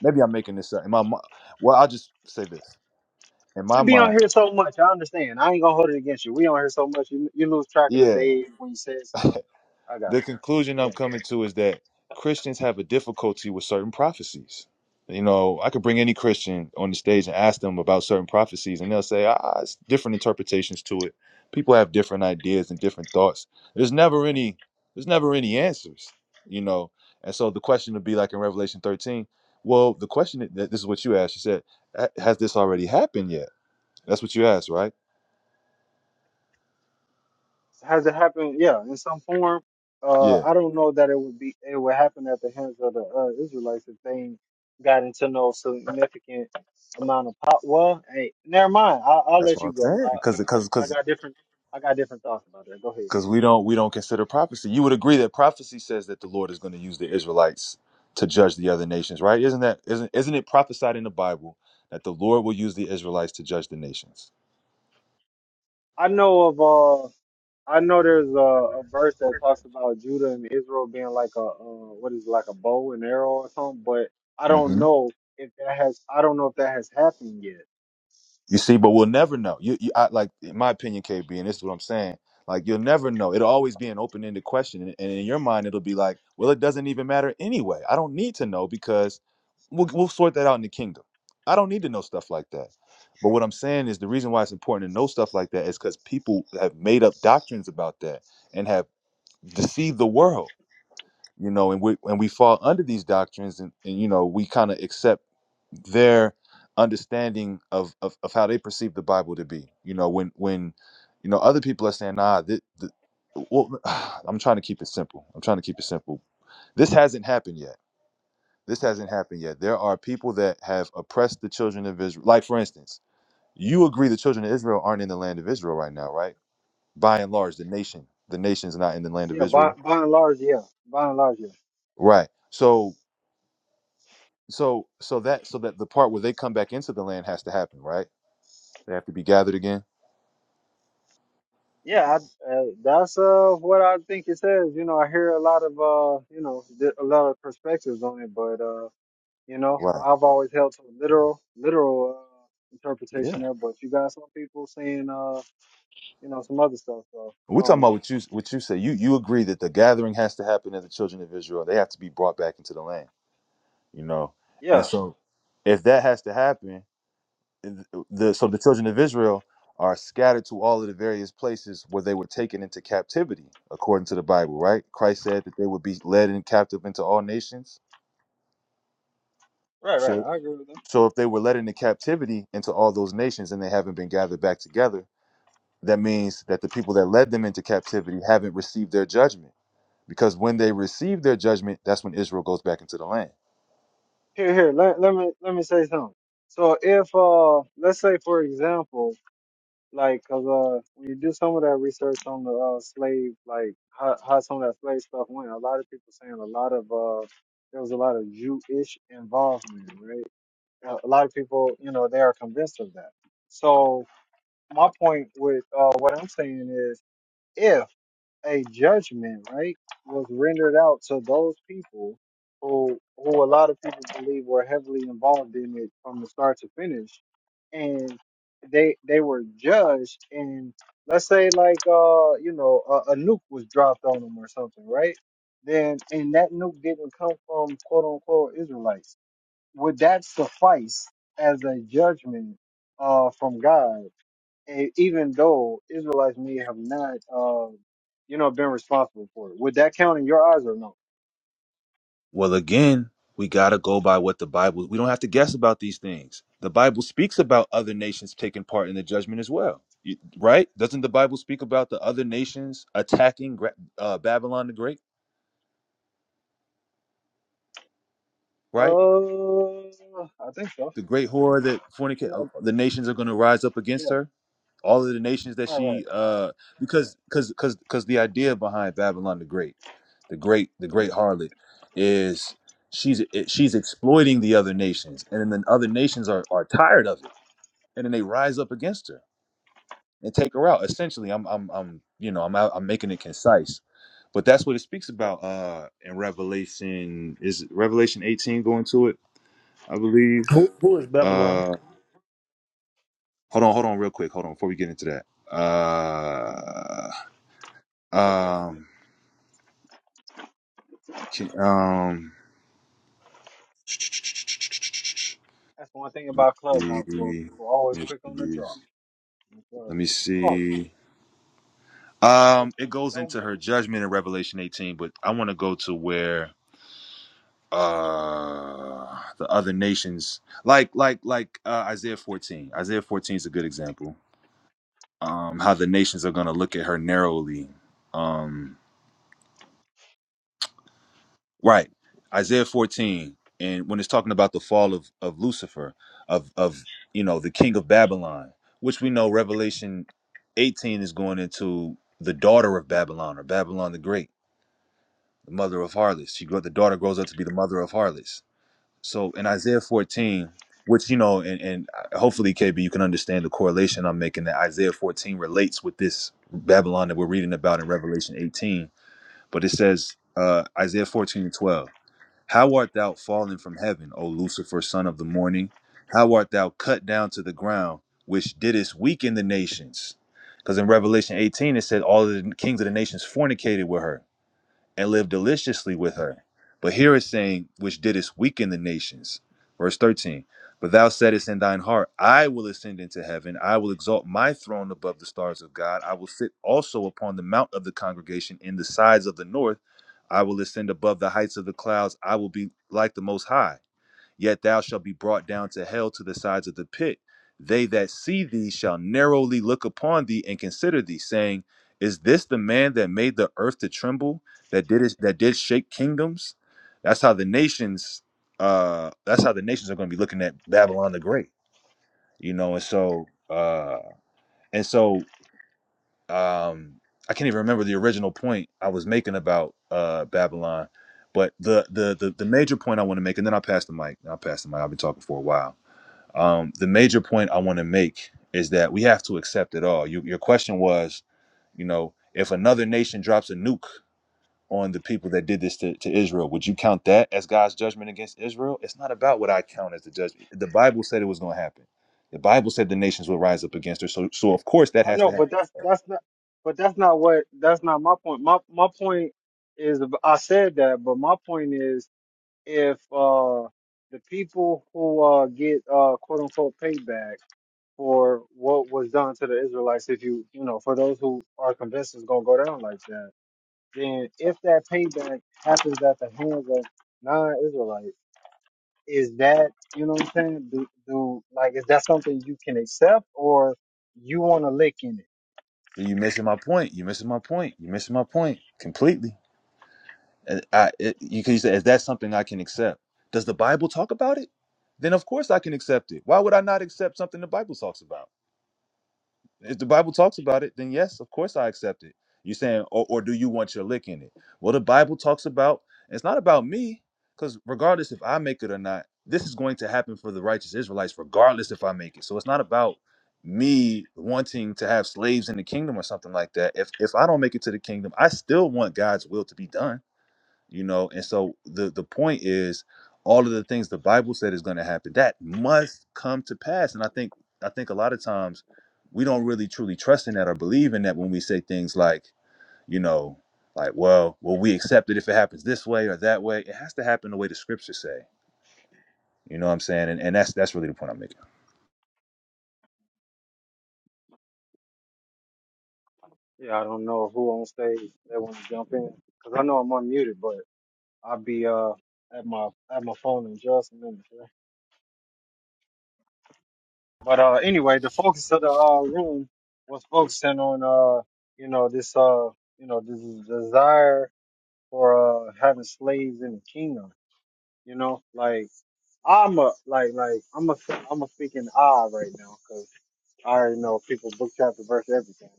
Speaker 3: Maybe I'm making this up. In my mi- well, I'll just say this. In my
Speaker 1: We be on
Speaker 3: mind,
Speaker 1: here so much. I understand. I ain't gonna hold it against you. We on here so much. You, you lose track of the
Speaker 3: yeah.
Speaker 1: day when you said stuff. I got.
Speaker 3: The conclusion
Speaker 1: It.
Speaker 3: I'm coming to is that Christians have a difficulty with certain prophecies. You know, I could bring any Christian on the stage and ask them about certain prophecies, and they'll say, ah, it's different interpretations to it. People have different ideas and different thoughts. There's never any, there's never any answers, you know. And so the question would be like in Revelation 13, well, the question that this is what you asked. You said, "Ha- has this already happened yet? That's what you asked, right?
Speaker 1: has it happened? Yeah, in some form. Uh,
Speaker 3: Yeah,
Speaker 1: I don't know that it would be it would happen at the hands of the uh, Israelites if they ain't got into no significant amount of pop. Well, hey, never mind. I, I'll
Speaker 3: that's
Speaker 1: let
Speaker 3: what
Speaker 1: you
Speaker 3: I'm
Speaker 1: go.
Speaker 3: saying.
Speaker 1: I, I
Speaker 3: Because,
Speaker 1: got
Speaker 3: because,
Speaker 1: I
Speaker 3: because
Speaker 1: got different I got different thoughts about that. Go ahead.
Speaker 3: because we don't we don't consider prophecy. You would agree that prophecy says that the Lord is going to use the Israelites to judge the other nations, right? Isn't that isn't isn't it prophesied in the Bible that the Lord will use the Israelites to judge the nations?
Speaker 1: I know of uh I know there's a, a verse that talks about Judah and Israel being like a uh, what is it, like a bow and arrow or something, but I
Speaker 3: hmm
Speaker 1: don't know if that has I don't know if that has happened yet.
Speaker 3: You see, but we'll never know. You, you I, like, in my opinion, KB, and this is what I'm saying. Like, you'll never know. It'll always be an open ended question, and, and in your mind, it'll be like, well, it doesn't even matter anyway. I don't need to know because we'll we'll sort that out in the kingdom. I don't need to know stuff like that. But what I'm saying is the reason why it's important to know stuff like that is because people have made up doctrines about that and have deceived the world you know and we and we fall under these doctrines and, and you know we kind of accept their understanding of, of of how they perceive the bible to be you know when when you know other people are saying nah this, the, well i'm trying to keep it simple i'm trying to keep it simple this hasn't happened yet this hasn't happened yet there are people that have oppressed the children of israel like for instance you agree the children of israel aren't in the land of israel right now right by and large the nation the nation's not in the land of
Speaker 1: Yeah, by
Speaker 3: israel
Speaker 1: by and large, yeah. By and large, yeah.
Speaker 3: right so So so that so that the part where they come back into the land has to happen, right? They have to be gathered again.
Speaker 1: Yeah, I, uh, that's uh what I think it says. You know, I hear a lot of uh, you know, th- a lot of perspectives on it, but uh, you know,
Speaker 3: Wow,
Speaker 1: I've always held to a literal, literal uh,
Speaker 3: Yeah.
Speaker 1: interpretation there. But you got some people saying uh, you know, some other stuff. So I
Speaker 3: We're talking
Speaker 1: don't
Speaker 3: about
Speaker 1: know.
Speaker 3: what you what you say. You you agree that the gathering has to happen in the children of Israel. They have to be brought back into the land. You know. And
Speaker 1: Yeah,
Speaker 3: so if that has to happen, th- the so the children of Israel are scattered to all of the various places where they were taken into captivity, according to the Bible, right? Christ said that they would be led in captive into all nations.
Speaker 1: right, right.
Speaker 3: So
Speaker 1: I agree with that.
Speaker 3: So if they were led into captivity into all those nations and they haven't been gathered back together, that means that the people that led them into captivity haven't received their judgment. Because when they receive their judgment, that's when Israel goes back into the land.
Speaker 1: Here, here. Let, let me let me say something. So if uh, let's say for example. Like, cause uh, when you do some of that research on the uh, slave, like how, how some of that slave stuff went, a lot of people saying a lot of uh, there was a lot of Jewish involvement, right? A a lot of people, you know, they are convinced of that. So my point with uh, what I'm saying is, a judgment, right, was rendered out to those people who who a lot of people believe were heavily involved in it from the start to finish. And they they were judged and let's say like uh you know a, a nuke was dropped on them or something, right? Then and that nuke didn't come from quote unquote Israelites. Would that suffice as a judgment uh from God? And even though Israelites may have not, um, you know, been responsible for it, would that count in your eyes or no?
Speaker 3: Well, again, we got to go by what the Bible, we don't have to guess about these things. The Bible speaks about other nations taking part in the judgment as well, You- right? Doesn't the Bible speak about the other nations attacking Gra- uh, Babylon the Great, right?
Speaker 1: Uh, I think so.
Speaker 3: The great horror that
Speaker 1: You
Speaker 3: fornicate, uh,
Speaker 1: know,
Speaker 3: the nations are going to rise up
Speaker 1: yeah,
Speaker 3: against her. all of the nations that
Speaker 1: right, right,
Speaker 3: she uh because because because because the idea behind babylon the great the great the great harlot is she's it- she's exploiting the other nations and then the other nations are are tired of it and then they rise up against her and take her out essentially i'm i'm, I'm you know i'm out, i'm making it concise but that's what it speaks
Speaker 1: right.
Speaker 3: about uh in revelation is it revelation 18 going to it i believe
Speaker 4: Who, who is Babylon?
Speaker 3: uh hold on hold on real quick hold on before we get into that Uh, Um, can, um, let
Speaker 1: That's one thing about Clubhouse. Well,
Speaker 3: me see.
Speaker 1: people
Speaker 3: Let
Speaker 1: always
Speaker 3: me
Speaker 1: quick on
Speaker 3: see.
Speaker 1: the draw. Well, Always, no
Speaker 3: Um, it
Speaker 1: plan,
Speaker 3: goes
Speaker 1: no
Speaker 3: into
Speaker 1: game.
Speaker 3: her judgment in Revelation 18, but I want to go to where uh the other nations like like like uh, Isaiah 14. Isaiah 14 is a good example. Um, how the nations are going to look at her narrowly. Um, Right. Isaiah 14. And when it's talking about the fall of, of Lucifer, of of you know, the king of Babylon, which we know Revelation 18 is going into the daughter of Babylon or Babylon the Great, the mother of harlots. She grow the daughter grows up to be the mother of harlots. So in Isaiah 14, which you know, and, and uh, hopefully KB, you can understand the correlation I'm making that Isaiah 14 relates with this Babylon that we're reading about in Revelation 18. But it says uh Isaiah 14 and 12. How art thou fallen from heaven, O Lucifer, son of the morning? How art thou cut down to the ground, which didst weaken the nations? Because in Revelation 18, it said all of the kings of the nations fornicated with her and live deliciously with her. But here it's saying, which didst weaken the nations. Verse 13. But thou saidst in thine heart, I will ascend into heaven. I will exalt my throne above the stars of God. I will sit also upon the mount of the congregation in the sides of the north. I will ascend above the heights of the clouds. I will be like the Most High. Yet thou shalt be brought down to hell to the sides of the pit. They that see thee shall narrowly look upon thee and consider thee, saying, Is this the man that made the earth to tremble, that did it, that did shake kingdoms? That's how the nations uh that's how the nations are gonna be looking at Babylon the Great. You know, and so uh and so um I can't even remember the original point I was making about uh Babylon. But the the the, the major point I want to make, and then I'll pass the mic. I'll pass the mic. I've been talking for a while um, the major point I want to make is that we have to accept it all. You, your question was, you know, if another nation drops a nuke on the people that did this to, to Israel, would you count that as God's judgment against Israel? It's not about what I count as the judgment. The Bible said it was going to happen. The Bible said the nations will rise up against her. So, so of course that
Speaker 1: I
Speaker 3: has to
Speaker 1: know, but
Speaker 3: happen.
Speaker 1: that's that's not, but that's not what that's not my point. My my point is I said that, but my point is if uh the people who uh get uh quote unquote payback for what was done to the Israelites if you you know, for those who are convinced it's gonna go down like that, then if that payback happens at the hands of non Israelites, is that you know what I'm saying? Do do like is that something you can accept or you wanna lick in it?
Speaker 3: So you missing my point. You missing my point. You missing my point completely. And I, it, you can say, is that something I can accept? Does the Bible talk about it? Then of course I can accept it. Why would I not accept something the Bible talks about? If the Bible talks about it, then yes, of course I accept it. You're saying, or, or do you want your lick in it? Well, the Bible talks about, it's not about me, because regardless if I make it or not, this is going to happen for the righteous Israelites, regardless if I make it. So it's not about me wanting to have slaves in the kingdom or something like that. If if I don't make it to the kingdom, I still want God's will to be done you know and so the the point is all of the things the bible said is going to happen that must come to pass and i think i think a lot of times we don't really truly trust in that or believe in that when we say things like you know like well well we accept it if it happens this way or that way it has to happen the way the scriptures say you know what i'm saying and, and that's that's really the point i'm making
Speaker 1: Yeah, I don't know who on stage they wanna jump in. Because I know I'm unmuted, but I'll be uh at my at my phone in just a minute. But uh, anyway, the focus of the uh, room was focusing on uh, you know this uh, you know this desire for uh, having slaves in the kingdom. You know, like I'm a like like I'm a I'm a speaking I right now because I already know people book chapter verse everything.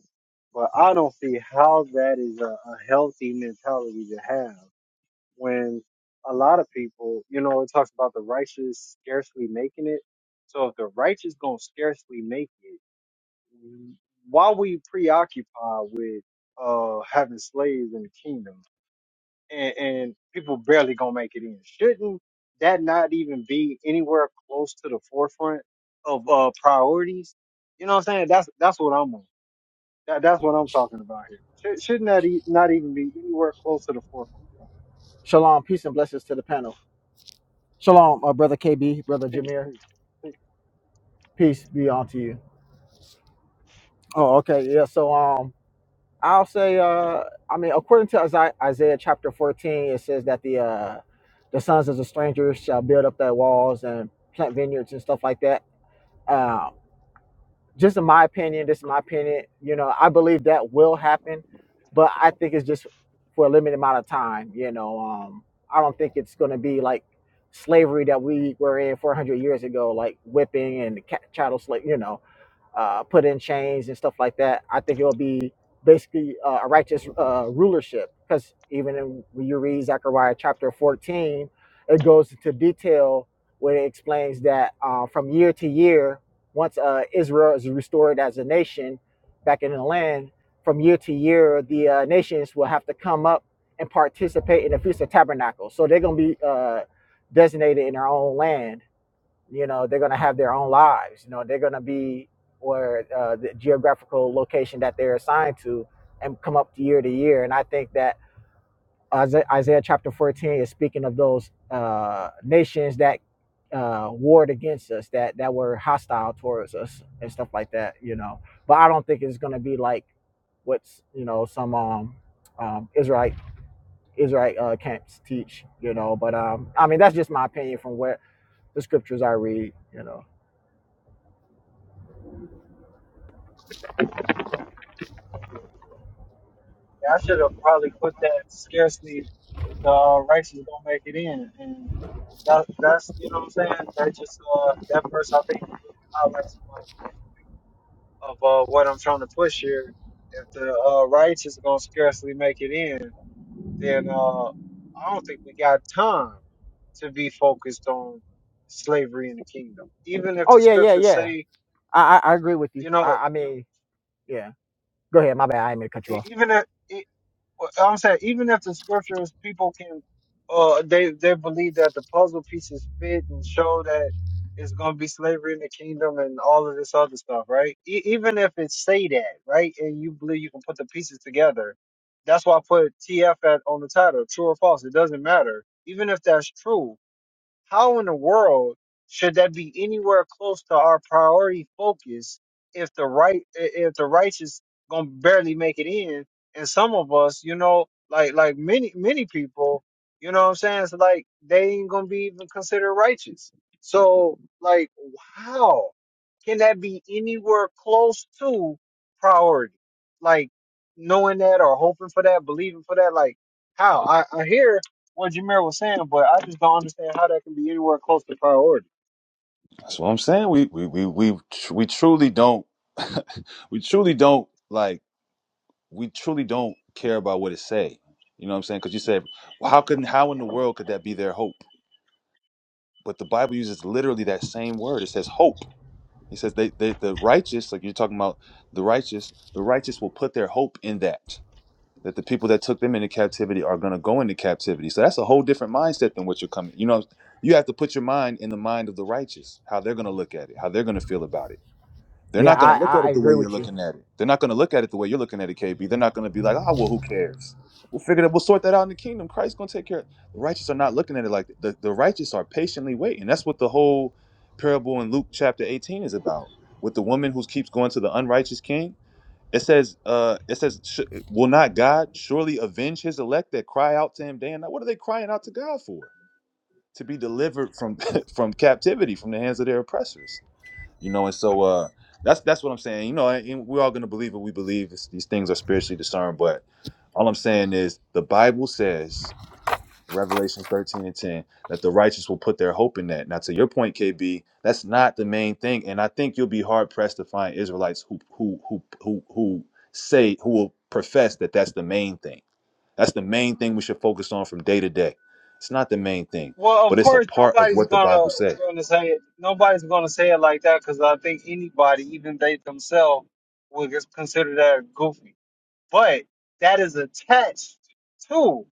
Speaker 1: But I don't see how that is a, a healthy mentality to have when a lot of people, you know, it talks about the righteous scarcely making it. So if the righteous gonna scarcely make it why we preoccupied with uh having slaves in the kingdom and, and people barely gonna make it in shouldn't that not even be anywhere close to the forefront of uh priorities you know what i'm saying that's that's what i'm on that, that's what i'm talking about here Should, shouldn't that e- not even be anywhere close to the forefront
Speaker 5: Shalom, peace and blessings to the panel. Shalom, uh, brother KB, brother
Speaker 1: Peace,
Speaker 5: Jameer.
Speaker 1: peace, peace.
Speaker 5: Peace be unto you. Oh, okay, yeah. So, um, I'll say, uh, I mean, according to Isaiah, Isaiah chapter fourteen, it says that the uh, the sons of the strangers shall build up their walls and plant vineyards and stuff like that. Um. just in my opinion, this is my opinion, you know, I believe that will happen, but I think it's just for a limited amount of time, you know. Um, I don't think it's going to be like slavery that we were in 400 years ago, like whipping and ca- chattel slave, you know uh, put in chains and stuff like that. I think it'll be basically uh, a righteous uh, rulership because even in, when you read Zechariah chapter 14, it goes into detail where it explains that uh, from year to year, once uh, Israel is restored as a nation back in the land, from year to year, the uh, nations will have to come up and participate in the Feast of Tabernacles. So they're going to be uh, designated in their own land you know they're going to have their own lives you know they're going to be or uh, the geographical location that they're assigned to and come up year to year and i think that isaiah, isaiah chapter 14 is speaking of those uh, nations that uh, warred against us that that were hostile towards us and stuff like that you know but i don't think it's going to be like what's you know some um, um israelite israelite uh, camps teach you know but um i mean that's just my opinion from what the scriptures i read you know
Speaker 1: yeah, i should have probably put that scarcely the righteous gonna make it in That, that's you know what I'm saying. That just uh, that verse I think highlights of uh, what I'm trying to push here. If the uh, righteous are gonna scarcely make it in, then uh, I don't think we got time to be focused on slavery in the kingdom. Even if
Speaker 5: Oh
Speaker 1: the
Speaker 5: yeah, yeah,
Speaker 1: scriptures
Speaker 5: yeah.
Speaker 1: say,
Speaker 5: I I, I agree with you.
Speaker 1: you know,
Speaker 5: I I mean, yeah. Go ahead. My bad. I didn't mean to cut you
Speaker 1: e-
Speaker 5: off.
Speaker 1: even if e-, Well, I'm saying even if the scriptures people can uh they they believe that the puzzle pieces fit and show that it's gonna be slavery in the kingdom and all of this other stuff, right? E- even if it say that, right, and you believe you can put the pieces together, that's why I put TF at, on the title, true or false. It doesn't matter. Even if that's true, how in the world should that be anywhere close to our priority focus if the right i- if the righteous gonna barely make it in? And some of us, you know, like like many many people, you know what I'm saying? It's like they ain't gonna be even considered righteous. So like wow. Can that be anywhere close to priority? Like knowing that or hoping for that, believing for that? Like how? I, I hear what Jameer was saying, but I just don't understand how that can be anywhere close to priority.
Speaker 3: that's what i'm saying we we we we, tr- we truly don't we truly don't like we truly don't care about what it say. You know what I'm saying? Because you said, well, how could how in the world could that be their hope? But the Bible uses literally that same word. It says hope. It says they, they the righteous, like you're talking about the righteous, the righteous will put their hope in that. That the people that took them into captivity are gonna go into captivity. So that's a whole different mindset than what you're coming. You know, you have to put your mind in the mind of the righteous, how they're gonna look at it, how they're gonna feel about it they're
Speaker 5: Yeah,
Speaker 3: not going
Speaker 5: I
Speaker 3: to look
Speaker 5: I,
Speaker 3: at
Speaker 5: I
Speaker 3: it the way
Speaker 5: agree
Speaker 3: you're
Speaker 5: with you.
Speaker 3: looking at it. They're not going to look at it the way you're looking at it, KB. They're not going to be like, "Ah, well, who cares? We'll figure that. We'll sort that out in the kingdom. Christ's going to take care of it. The righteous are not looking at it like that. The, the righteous are patiently waiting. That's what the whole parable in Luke chapter 18 is about. With the woman who keeps going to the unrighteous king, it says, uh, it says, "Sh- will not God surely avenge his elect that cry out to him day and night? What are they crying out to God for? To be delivered from from captivity, from the hands of their oppressors you know and so uh that's that's what i'm saying you know and we're all going to believe what we believe It's- these things are spiritually discerned but all i'm saying is the bible says revelation 13 and 10 that the righteous will put their hope in that now to your point kb that's not the main thing and i think you'll be hard pressed to find israelites who who who who, who say who will profess that that's the main thing that's the main thing we should focus on from day to day it's not the main thing
Speaker 1: Well,
Speaker 3: but
Speaker 1: of
Speaker 3: it's a
Speaker 1: course,
Speaker 3: part of
Speaker 1: nobody's
Speaker 3: what the bible
Speaker 1: gonna
Speaker 3: says
Speaker 1: gonna say it. Nobody's gonna say it like that because I think anybody, even they themselves, would just consider that goofy. But that is attached to.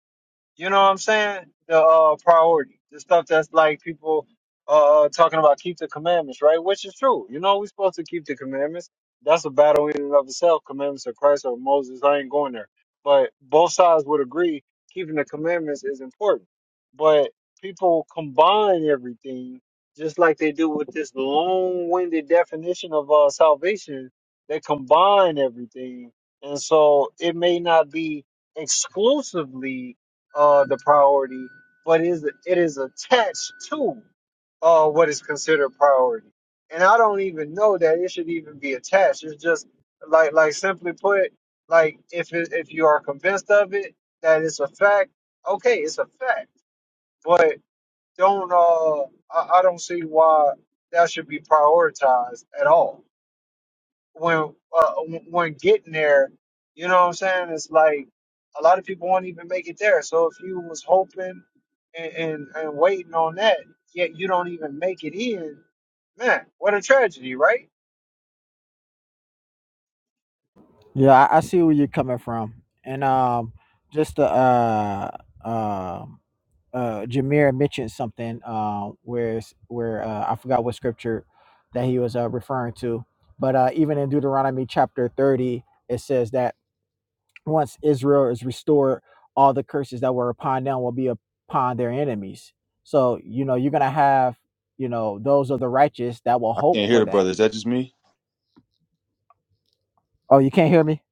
Speaker 1: You know what I'm saying? The uh, priority, the stuff that's like people uh, talking about keep the commandments, right? Which is true. You know, we're supposed to keep the commandments. That's a battle in and of itself. Commandments of Christ or Moses. I ain't going there. But both sides would agree keeping the commandments is important. But people combine everything just like they do with this long-winded definition of uh, salvation. They combine everything, and so it may not be exclusively uh, the priority, but it is it is attached to uh, what is considered priority. And I don't even know that it should even be attached. It's just like like simply put, like if it, if you are convinced of it that it's a fact, okay, it's a fact. But don't uh, I, I don't see why that should be prioritized at all when uh, when getting there, you know what I'm saying? It's like a lot of people won't even make it there. So if you was hoping and, and, and waiting on that, yet you don't even make it in, man, what a tragedy, right?
Speaker 5: Yeah, I, I see where you're coming from, and um, just to, uh um uh Jameer mentioned something uh where it's- where uh, I forgot what scripture that he was uh, referring to, but uh even in Deuteronomy chapter thirty. It says that once Israel is restored, all the curses that were upon them will be upon their enemies. So, you know, you're going to have, you know, those of the righteous that will
Speaker 3: i
Speaker 5: hope
Speaker 3: can't hear
Speaker 5: for
Speaker 3: the
Speaker 5: that.
Speaker 3: brother is that just me
Speaker 5: Oh, you can't hear me?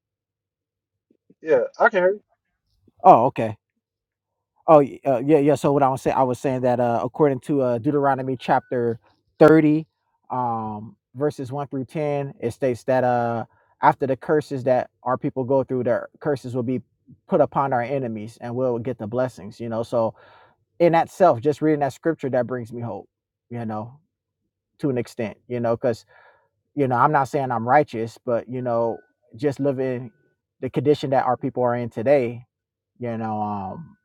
Speaker 1: Yeah, I can hear you.
Speaker 5: Oh, okay. Oh, y- uh, yeah, yeah. So, what I was saying, I was saying that uh, according to uh, Deuteronomy chapter 30, um, verses 1 through 10, it states that uh, after the curses that our people go through, their curses will be put upon our enemies and we'll get the blessings, you know. So, in itself, just reading that scripture, that brings me hope, you know, to an extent, you know, because, you know, I'm not saying I'm righteous, but, you know, just living the condition that our people are in today, you know, um,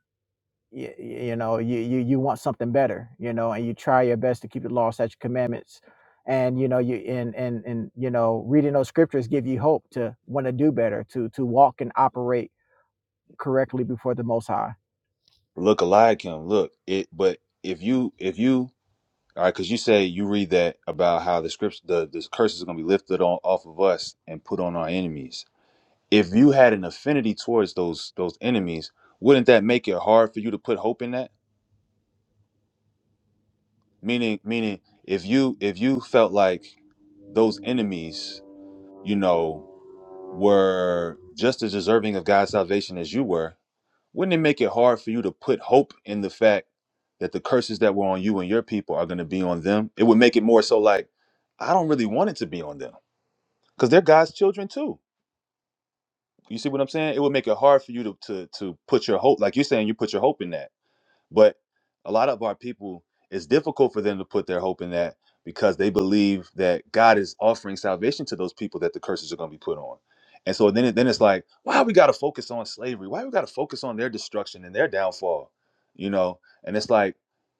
Speaker 5: you, you know, you, you, you want something better, you know, and you try your best to keep the law, such commandments. And, you know, you, and, and, and, you know, reading those scriptures give you hope to want to do better, to, to walk and operate correctly before the most high.
Speaker 3: Look alike him. Look it. But if you if you all right, because you say you read that about how the scripts the the curse is going to be lifted on off of us and put on our enemies. If you had an affinity towards those those enemies, wouldn't that make it hard for you to put hope in that? Meaning meaning if you if you felt like those enemies, you know, were just as deserving of God's salvation as you were, wouldn't it make it hard for you to put hope in the fact that the curses that were on you and your people are going to be on them? It would make it more so like, I don't really want it to be on them because they're God's children too. You see what I'm saying? It would make it hard for you to to to put your hope, like you're saying, you put your hope in that. But a lot of our people, it's difficult for them to put their hope in that because they believe that God is offering salvation to those people that the curses are going to be put on. And so then, it- then it's like, why we got to focus on slavery? Why we got to focus on their destruction and their downfall? You know, and it's like,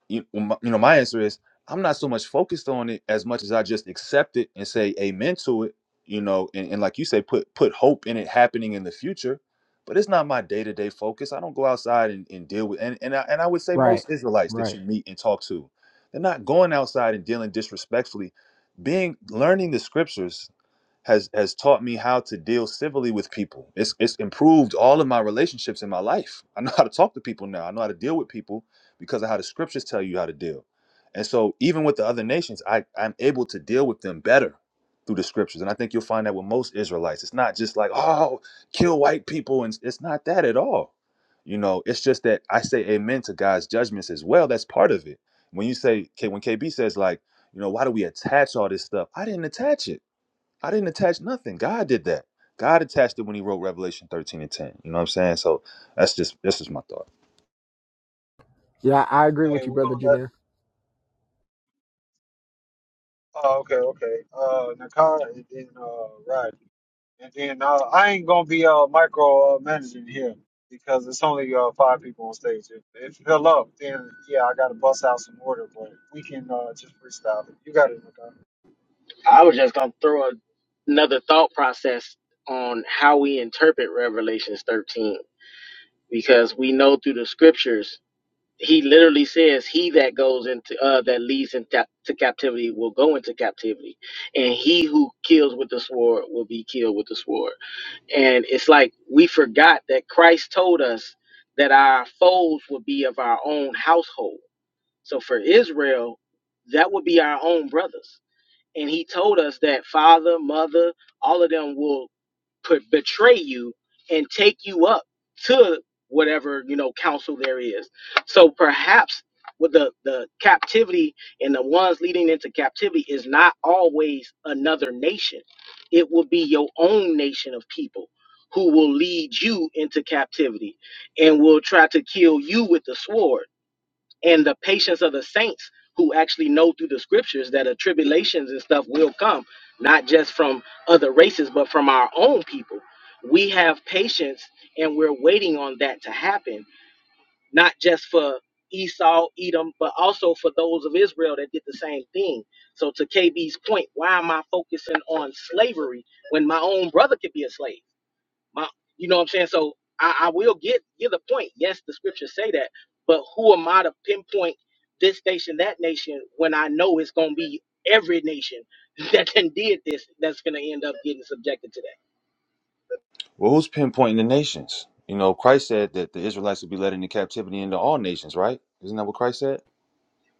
Speaker 3: you, m- you know, my answer is I'm not so much focused on it as much as I just accept it and say amen to it. You know, and, and like you say, put put hope in it happening in the future but it's not my day-to-day focus i don't go outside and, and deal with and, and, I, and i would say
Speaker 5: Right.
Speaker 3: most israelites that
Speaker 5: Right.
Speaker 3: you meet and talk to they're not going outside and dealing disrespectfully being learning the scriptures has has taught me how to deal civilly with people. It's it's improved all of my relationships in my life. I know how to talk to people now. I know how to deal with people because of how the scriptures tell you how to deal. And so even with the other nations, I, I'm able to deal with them better through the scriptures. And I think you'll find that with most Israelites. It's not just like, oh, kill white people. And it's not that at all. You know, it's just that I say amen to God's judgments as well. That's part of it. When you say, K when KB says like, you know, why do we attach all this stuff? I didn't attach it. I didn't attach nothing. God did that. God attached it when he wrote Revelation 13 and 10. You know what I'm saying? So that's just that's just my thought.
Speaker 5: Yeah. I agree
Speaker 1: Hey,
Speaker 5: with you,
Speaker 1: we're
Speaker 5: brother
Speaker 1: gonna let.
Speaker 5: Jameer.
Speaker 1: Oh, okay, okay. Uh, Nakai and then uh, Rodney. And then uh, I ain't gonna be uh, micro uh, managing here because it's only uh, five people on stage. If if you fill up, then yeah, I gotta bust out some order, but we can uh, just freestyle it. You got it, Nakai.
Speaker 6: I was just gonna throw a, another thought process on how we interpret Revelations 13 because we know through the scriptures he literally says he that goes into uh that leads into to captivity will go into captivity and he who kills with the sword will be killed with the sword and it's like we forgot that Christ told us that our foes would be of our own household so for Israel that would be our own brothers and he told us that father, mother, all of them will put, betray you and take you up to whatever you know council there is. So perhaps with the the captivity and the ones leading into captivity is not always another nation. It will be your own nation of people who will lead you into captivity and will try to kill you with the sword and the patience of the saints who actually know through the scriptures that a tribulations and stuff will come, not just from other races, but from our own people. We have patience and we're waiting on that to happen, not just for Esau, Edom, but also for those of Israel that did the same thing. So, to KB's point, why am I focusing on slavery when my own brother could be a slave? My, you know what I'm saying? So I, I will get get the point. Yes, the scriptures say that, but who am I to pinpoint this nation, that nation, when I know it's gonna be every nation that then did this that's gonna end up getting subjected to that.
Speaker 3: Well, who's pinpointing the nations? You know, Christ said that the Israelites would be led into captivity into all nations, right? Isn't that what Christ said?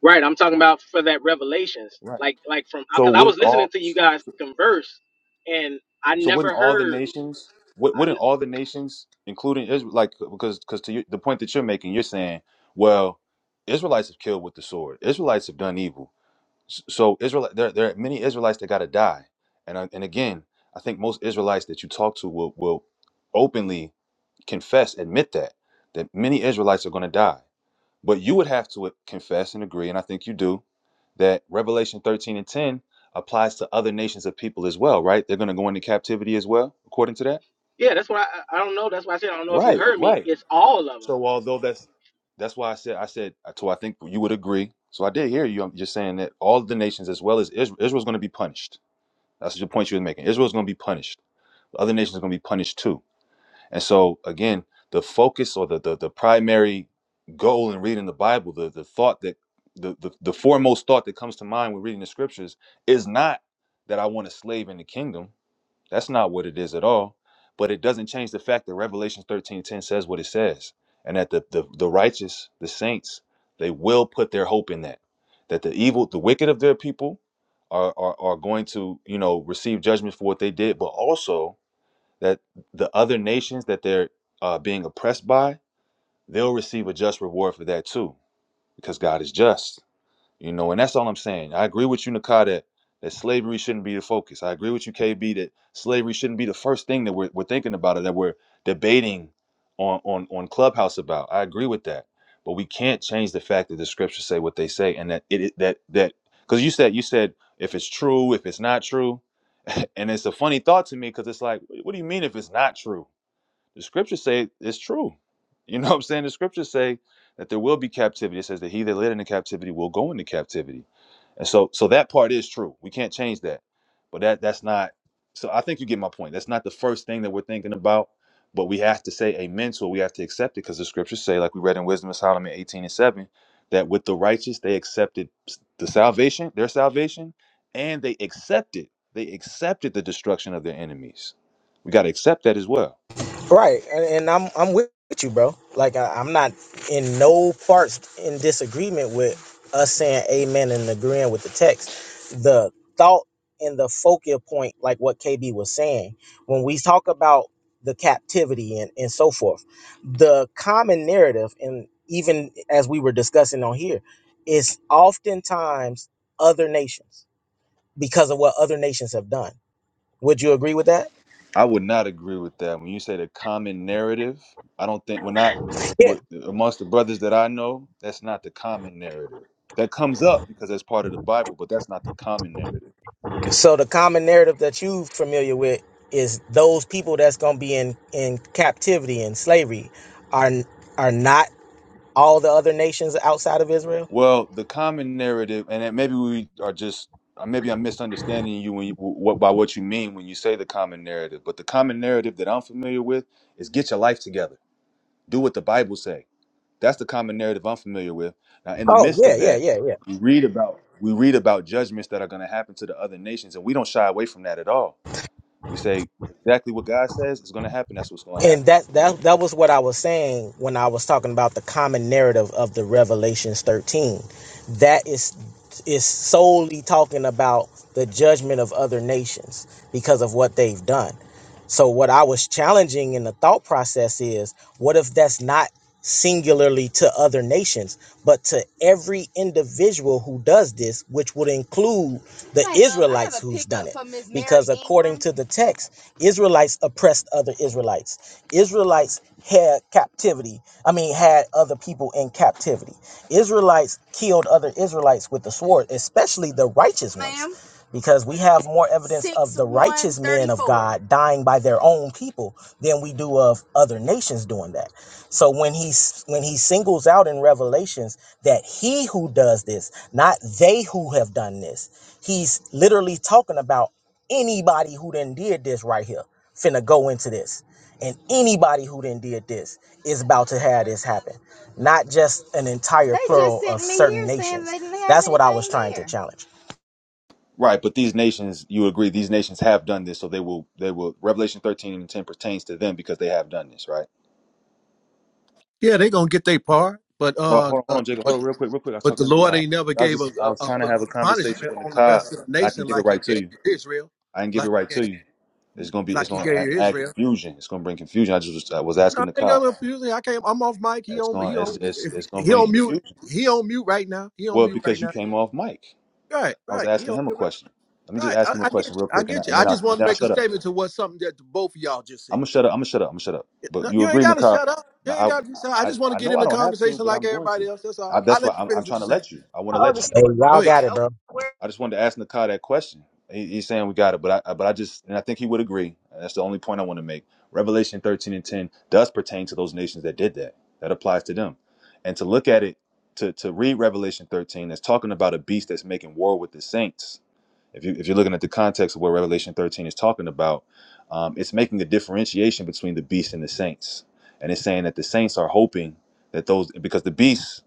Speaker 6: Right. I'm talking about for that revelations,
Speaker 3: Right.
Speaker 6: like like from
Speaker 3: So
Speaker 6: because I was
Speaker 3: wouldn't
Speaker 6: listening
Speaker 3: all
Speaker 6: to you guys converse, and I
Speaker 3: so wouldn't
Speaker 6: never
Speaker 3: all the
Speaker 6: heard.
Speaker 3: nations wou-
Speaker 6: I,
Speaker 3: wouldn't all the nations, including Israel, like because because to you, the point that you're making, you're saying, well, Israelites have killed with the sword. Israelites have done evil So Israel, there, there are many Israelites that got to die, and I, and again, I think most Israelites that you talk to will will openly confess, admit that that many Israelites are going to die. But you would have to uh, confess and agree, and I think you do that Revelation thirteen and ten applies to other nations of people as well, right? They're going to go into captivity as well, according to that.
Speaker 6: yeah, that's why I, I don't know. That's why I said I don't know if you
Speaker 3: Right,
Speaker 6: heard me.
Speaker 3: right.
Speaker 6: It's all of them.
Speaker 3: So although that's that's why I said I said so I think you would agree. So I did hear you. I'm just saying that all the nations as well as Israel, Israel's going to be punished That's the point you were making. Israel's going to be punished. The other nations are going to be punished too. And so, again, the focus or the the, the primary goal in reading the Bible, the the thought that the, the the foremost thought that comes to mind when reading the scriptures is not that I want a slave in the kingdom. That's not what it is at all. But it doesn't change the fact that Revelation 13 10 says what it says. And that the, the, the righteous, the saints, they will put their hope in that. That the evil, the wicked of their people are, are, are going to, you know, receive judgment for what they did, but also that the other nations that they're uh, being oppressed by, they'll receive a just reward for that too, because God is just. You know, and that's all I'm saying. I agree with you, Nakai, that, that slavery shouldn't be the focus. I agree with you, KB, that slavery shouldn't be the first thing that we're, we're thinking about or that we're debating on, on, on Clubhouse about. I agree with that. But we can't change the fact that the scriptures say what they say and that it it- that that because you said you said if it's true, if it's not true. And it's a funny thought to me because it's like, what do you mean if it's not true? The scriptures say it's true. You know what I'm saying? The scriptures say that there will be captivity. It says that he that led into captivity will go into captivity. And so so that part is true. We can't change that. But that that's not so I think you get my point. That's not the first thing that we're thinking about, but we have to say amen to it. We have to accept it because the scriptures say, like we read in Wisdom of Solomon 18 and 7, that with the righteous they accepted the salvation, their salvation, and they accepted, they accepted the destruction of their enemies. We got to accept that as well.
Speaker 6: Right, and, and I'm I'm with you, bro. Like I, I'm not in no parts in disagreement with us saying amen and agreeing with the text. The thought and the focal point, like what KB was saying, when we talk about the captivity and, and so forth, the common narrative, and even as we were discussing on here, is oftentimes other nations because of what other nations have done. Would you agree with that?
Speaker 3: I would not agree with that. When you say the common narrative, I don't think we're not
Speaker 6: Yeah.
Speaker 3: with, amongst the brothers that I know. That's not the common narrative. That comes up because that's part of the Bible, but that's not the common narrative.
Speaker 6: So the common narrative that you familiar with is those people that's going to be in in captivity and slavery are are not all the other nations outside of Israel.
Speaker 3: Well, the common narrative, and then maybe we are just, or maybe I'm misunderstanding you when you, what by what you mean when you say the common narrative. But the common narrative that I'm familiar with is get your life together, do what the Bible say That's the common narrative I'm familiar with. Now, in the
Speaker 6: Oh
Speaker 3: midst
Speaker 6: yeah,
Speaker 3: of
Speaker 6: yeah,
Speaker 3: that,
Speaker 6: yeah, yeah.
Speaker 3: we read about we read about judgments that are going to happen to the other nations, and we don't shy away from that at all. We say exactly what God says is going to happen. That's what's going to
Speaker 6: and
Speaker 3: happen.
Speaker 6: that that that was what I was saying when I was talking about the common narrative of the Revelations 13. That is is solely talking about the judgment of other nations because of what they've done. So what I was challenging in the thought process is what if that's not singularly to other nations, but to every individual who does this, which would include the Israelites who's done it. Because according to the text, Israelites oppressed other Israelites. Israelites had captivity. I mean, had other people in captivity. Israelites killed other Israelites with the sword, especially the righteous ones because we have more evidence of Six of the one righteous one, men of God dying by their own people than we do of other nations doing that. So when he s- when he singles out in Revelations that he who does this, not they who have done this, he's literally talking about anybody who then did this right here finna go into this. And anybody who then did this is about to have this happen, not just an entire They just plural of sent me certain here saying nations. they didn't have That's what I was anything trying to here. challenge.
Speaker 3: Right, but these nations, you agree, these nations have done this, so they will, they will. Revelation thirteen and ten pertains to them because they have done this, right?
Speaker 7: Yeah, they gonna get their part, but
Speaker 3: Well,
Speaker 7: uh,
Speaker 3: hold on, hold
Speaker 7: uh
Speaker 3: on, Jacob,
Speaker 7: but
Speaker 3: hold on, real quick, real quick. I was
Speaker 7: but the
Speaker 3: talking to,
Speaker 7: Lord
Speaker 3: Nikai.
Speaker 7: ain't never
Speaker 3: I was
Speaker 7: gave a,
Speaker 3: just, I
Speaker 7: a,
Speaker 3: was
Speaker 7: a
Speaker 3: trying to have
Speaker 7: a
Speaker 3: a conversation
Speaker 7: punishment
Speaker 3: with
Speaker 7: on the
Speaker 3: Nikai,
Speaker 7: rest of the
Speaker 3: and I
Speaker 7: nation
Speaker 3: can give it
Speaker 7: like He
Speaker 3: right to
Speaker 7: gave
Speaker 3: you.
Speaker 7: Israel,
Speaker 3: I didn't give it
Speaker 7: like
Speaker 3: right
Speaker 7: he
Speaker 3: to
Speaker 7: gave,
Speaker 3: you. It's gonna be. It's
Speaker 7: like He
Speaker 3: gonna add,
Speaker 7: gave
Speaker 3: add
Speaker 7: Israel.
Speaker 3: confusion. It's gonna bring confusion. I just I was
Speaker 7: No,
Speaker 3: asking the
Speaker 7: I ain't
Speaker 3: cop.
Speaker 7: gonna abuse it. I can't. I'm off mic. He
Speaker 3: It's
Speaker 7: on he
Speaker 3: gonna. It's,
Speaker 7: on
Speaker 3: it's
Speaker 7: if
Speaker 3: it's
Speaker 7: he,
Speaker 3: gonna
Speaker 7: he
Speaker 3: bring
Speaker 7: on mute.
Speaker 3: confusion.
Speaker 7: He on mute right now. He on
Speaker 3: Well,
Speaker 7: mute right
Speaker 3: because you
Speaker 7: now.
Speaker 3: came off mic.
Speaker 7: Right,
Speaker 3: I was
Speaker 7: right. He
Speaker 3: asking
Speaker 7: on
Speaker 3: him a
Speaker 7: mute right.
Speaker 3: question. Let me just
Speaker 7: Right.
Speaker 3: ask him
Speaker 7: I,
Speaker 3: a
Speaker 7: I get you.
Speaker 3: question real
Speaker 7: I
Speaker 3: quick, and, I,
Speaker 7: get you.
Speaker 3: and
Speaker 7: I
Speaker 3: then I
Speaker 7: just
Speaker 3: and
Speaker 7: want to
Speaker 3: then I
Speaker 7: make a
Speaker 3: shut up.
Speaker 7: statement to what something that both of y'all just
Speaker 3: I'm gonna
Speaker 7: said.
Speaker 3: shut up. I'm gonna shut up. I'm gonna shut up. But
Speaker 7: No,
Speaker 3: you
Speaker 7: You ain't
Speaker 3: agreeing the
Speaker 7: gotta
Speaker 3: cop?
Speaker 7: shut up. You
Speaker 3: Now
Speaker 7: ain't gotta. so I
Speaker 3: I I
Speaker 7: just want to
Speaker 3: I
Speaker 7: get
Speaker 3: know
Speaker 7: in
Speaker 3: I
Speaker 7: the
Speaker 3: don't have to,
Speaker 7: conversation
Speaker 3: but
Speaker 7: like
Speaker 3: I'm going to.
Speaker 7: everybody else. That's all.
Speaker 3: I,
Speaker 7: I
Speaker 3: that's
Speaker 7: will
Speaker 3: why
Speaker 7: let you
Speaker 3: I'm, I'm
Speaker 7: finish what
Speaker 3: trying
Speaker 7: you're
Speaker 3: to
Speaker 7: saying.
Speaker 3: let you. I want to
Speaker 6: other Hey,
Speaker 3: let you.
Speaker 6: stuff.
Speaker 7: Go
Speaker 6: y'all
Speaker 7: ahead.
Speaker 6: got it, Okay, bro.
Speaker 3: I just wanted to ask Nakai that question. He, he's saying we got it, but I but I just and I think he would agree. And that's the only point I want to make. Revelation thirteen and ten does pertain to those nations that did that. That applies to them. And to look at it, to to read Revelation thirteen, that's talking about a beast that's making war with the saints. If you if you're looking at the context of what Revelation thirteen is talking about, um, it's making a differentiation between the beast and the saints, and it's saying that the saints are hoping that those because the beast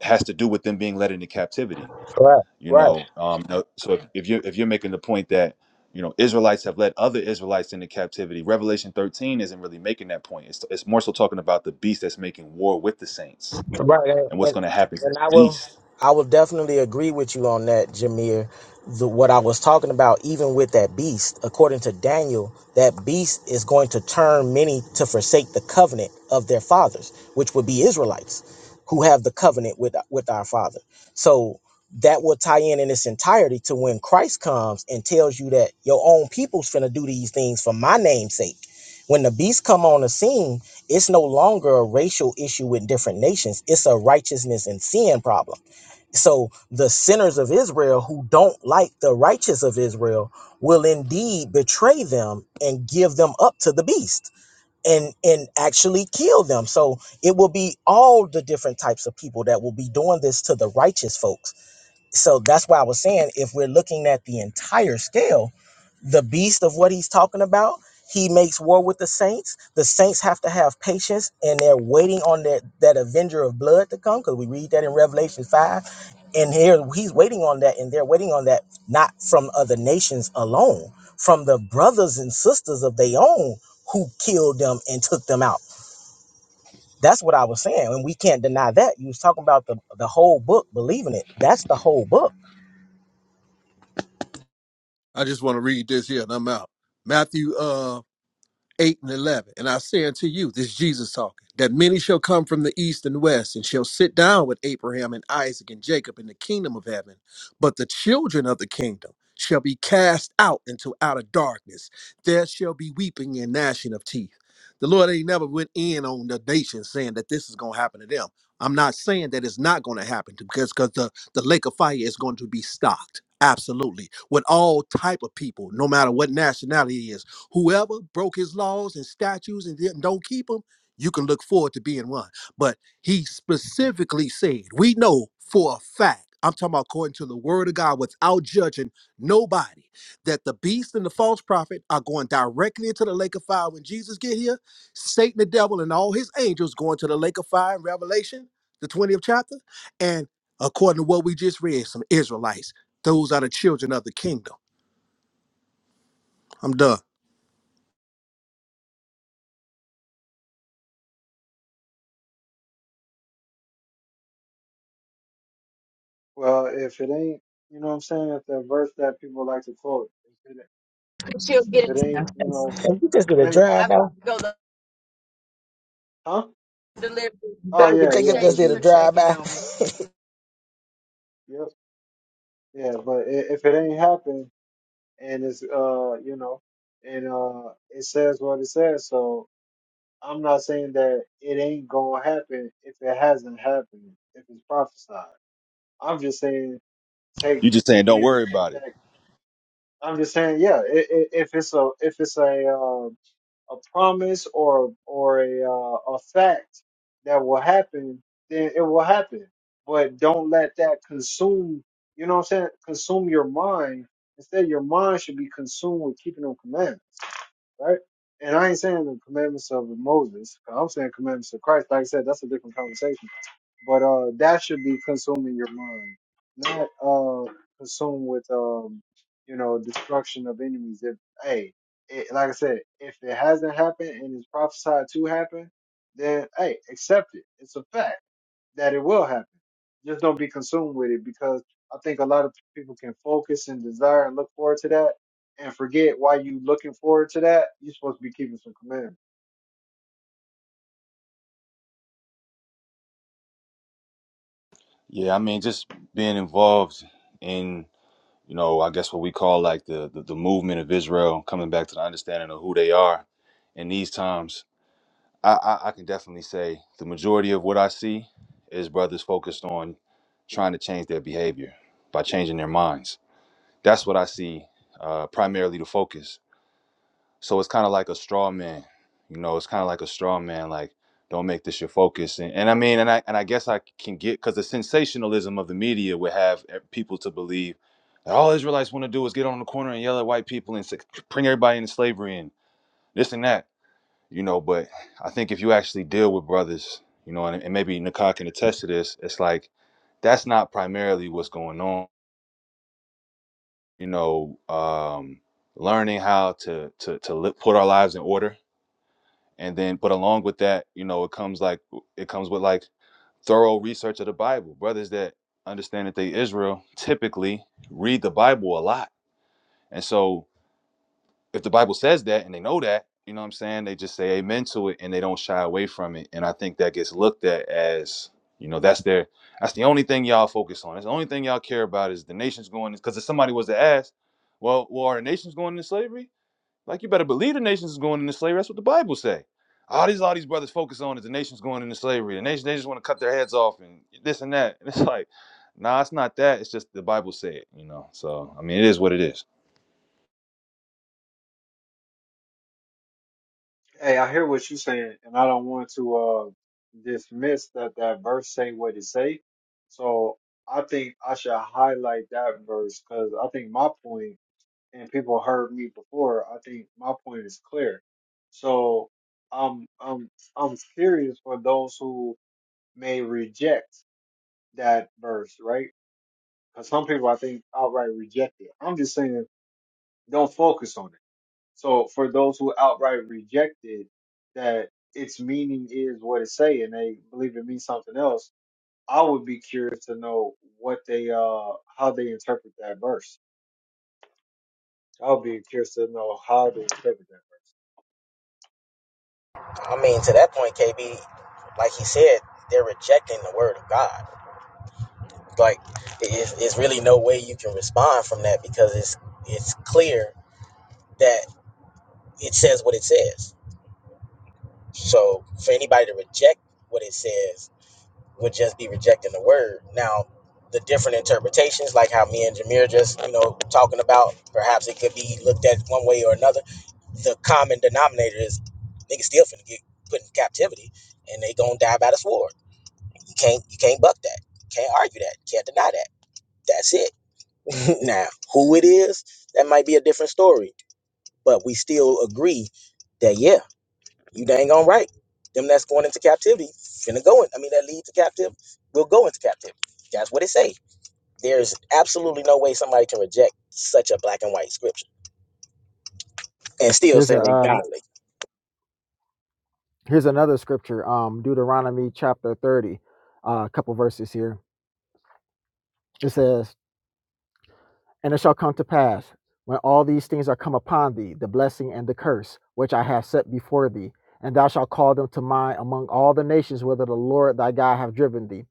Speaker 3: has to do with them being led into captivity
Speaker 6: Right,
Speaker 3: you
Speaker 6: right.
Speaker 3: know um no, so if, if you if you're making the point that you know israelites have led other israelites into captivity revelation 13 isn't really making that point it's, it's more so talking about the beast that's making war with the saints
Speaker 6: Right. And,
Speaker 3: and what's
Speaker 6: and
Speaker 3: going to happen to that
Speaker 6: and I will
Speaker 3: beast
Speaker 6: I will definitely agree with you on that, Jameer. The, what I was talking about, even with that beast, according to Daniel, that beast is going to turn many to forsake the covenant of their fathers, which would be Israelites, who have the covenant with with our Father. So that will tie in in its entirety to when Christ comes and tells you that your own people's finna do these things for my name's sake. When the beast come on the scene, it's no longer a racial issue with different nations. It's a righteousness and sin problem. So the sinners of Israel who don't like the righteous of Israel will indeed betray them and give them up to the beast and and actually kill them. So it will be all the different types of people that will be doing this to the righteous folks. So that's why I was saying if we're looking at the entire scale, the beast of what he's talking about. He makes war with the saints. The saints have to have patience, and they're waiting on that that avenger of blood to come. Because we read that in Revelation five, and here he's waiting on that, and they're waiting on that not from other nations alone, from the brothers and sisters of their own who killed them and took them out. That's what I was saying, and we can't deny that. You was talking about the the whole book, believing it. That's the whole book.
Speaker 7: I just want to read this here and I'm out. Matthew uh 8 and 11. And I say unto you, this is Jesus talking, that many shall come from the east and west and shall sit down with Abraham and Isaac and Jacob in the kingdom of heaven. But the children of the kingdom shall be cast out into outer darkness. There shall be weeping and gnashing of teeth. The Lord ain't never went in on the nation saying that this is going to happen to them. I'm not saying that it's not going to happen to- because because the, the lake of fire is going to be stocked. Absolutely. With all type of people, no matter what nationality it is Whoever broke his laws and statutes and didn't don't keep them, you can look forward to being one. But he specifically said, we know for a fact, I'm talking about according to the word of God, without judging nobody, that the beast and the false prophet are going directly into the lake of fire when Jesus get here. Satan, the devil, and all his angels going to the lake of fire in Revelation, the 20th chapter. And according to what we just read, some Israelites, those are the children of the kingdom. I'm done.
Speaker 1: Well, if it ain't, you know what I'm saying, if the verse that people like to quote, if it,
Speaker 6: She'll get
Speaker 1: if it
Speaker 6: it.
Speaker 1: ain't, you know,
Speaker 6: If you just get
Speaker 1: if it
Speaker 6: a
Speaker 1: ain't,
Speaker 6: drive That's why
Speaker 1: huh?
Speaker 6: delivery.
Speaker 1: Oh
Speaker 6: That I nigga Jacob
Speaker 1: yeah,
Speaker 6: appreciate
Speaker 1: yeah, he
Speaker 6: just you did a for
Speaker 1: did.
Speaker 6: drive checking
Speaker 1: Yep. Yeah, but i- if it ain't happened and it's uh, you know, and uh, it says what it says, so I'm not saying that it ain't gonna happen if it hasn't happened, if it's prophesied. I'm just saying take
Speaker 3: you just saying
Speaker 1: people
Speaker 3: don't
Speaker 1: need to
Speaker 3: worry
Speaker 1: take
Speaker 3: about it
Speaker 1: that. I'm just saying, yeah, i- i- if it's a if it's a uh, a promise or or a uh, a fact that will happen, then it will happen. But don't let that consume. You know what I'm saying? Consume your mind. Instead, your mind should be consumed with keeping them commandments right? And I ain't saying the commandments of Moses. I'm saying commandments of Christ. Like I said, that's a different conversation. But uh, that should be consuming your mind, not uh, consumed with um, you know, destruction of enemies. If hey, it, like I said, if it hasn't happened and it's prophesied to happen, then hey, accept it. It's a fact that it will happen just don't be consumed with it because I think a lot of people can focus and desire and look forward to that and forget why you looking forward to that. You're supposed to be keeping some commandments.
Speaker 3: yeah i mean just being involved in you know i guess what we call like the the, the movement of israel coming back to the understanding of who they are in these times I, I, I can definitely say the majority of what I see is brothers focused on trying to change their behavior by changing their minds. That's what I see uh, primarily the focus. So it's kind of like a straw man, you know. It's kind of like a straw man, like don't make this your focus. And, and I mean, and I and I guess I can get because the sensationalism of the media would have e- people to believe that all Israelites want to do is get on the corner and yell at white people and s- bring everybody into slavery and this and that you know. But I think if you actually deal with brothers, you know, and, and maybe Nakai can attest to this, it's like that's not primarily what's going on. You know, um, learning how to to to li- put our lives in order, and then but along with that, you know, it comes like it comes with like thorough research of the Bible. Brothers that understand that they Israel typically read the Bible a lot, and so. if the Bible says that and they know that, you know what I'm saying? They just say amen to it and they don't shy away from it. And I think that gets looked at as, you know, that's their that's the only thing y'all focus on. That's the only thing y'all care about is the nation's going because if somebody was to ask, well, well, are the nations going into slavery? Like you better believe the nations is going into slavery. That's what the Bible say. All these all these brothers focus on is the nation's going into slavery. The nation they just want to cut their heads off and this and that. And it's like, nah, it's not that. It's just the Bible say it, you know. So I mean it is what it is.
Speaker 1: Hey, I hear what you're saying, and I don't want to uh dismiss that that verse say what it say. So I think I should highlight that verse because I think my point, and people heard me before. I think my point is clear. So I'm I'm I'm serious for those who may reject. that verse, right? Because some people, I think, outright reject it. I'm just saying, don't focus on it. So for those who outright reject it, that its meaning is what it say, and they believe it means something else. I would be curious to know what they, uh, how they interpret that verse. I would be curious to know how they interpret that.
Speaker 6: drive-by. on me. I mean, to that point, KB, like he said, they're rejecting the word of God. Like, it's, it's really no way you can respond from that because it's it's clear that it says what it says. So for anybody to reject what it says would just be rejecting the word. Now, the different interpretations, like how me and Jameer just you know talking about, perhaps it could be looked at one way or another the common denominator is niggas still finna get put in captivity and they gonna die by the sword. You can't you can't buck that. Can't argue that. Can't deny that. That's it. now, who it is, that might be a different story. But we still agree that yeah, you dang on right. Them that's going into captivity finna go in. I mean that lead to captive will go into captivity. That's what it say. There's absolutely no way somebody can reject such a black and white scripture and still
Speaker 5: Here's
Speaker 6: say
Speaker 5: a
Speaker 6: they
Speaker 5: uh,
Speaker 6: godly.
Speaker 5: here's another scripture um deuteronomy chapter 30 uh, a couple verses here it says and it shall come to pass when all these things are come upon thee the blessing and the curse which i have set before thee and thou shalt call them to mind among all the nations whither the lord thy god have driven thee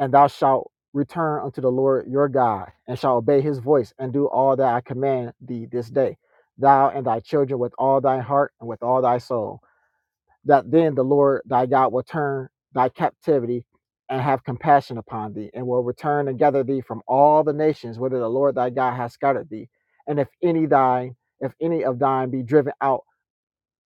Speaker 5: and thou shalt return unto the lord your god and shalt obey his voice and do all that i command thee this day thou and thy children with all thy heart and with all thy soul that then the Lord thy God will turn thy captivity and have compassion upon thee, and will return and gather thee from all the nations whither the Lord thy God hath scattered thee. And if any thine, if any of thine be driven out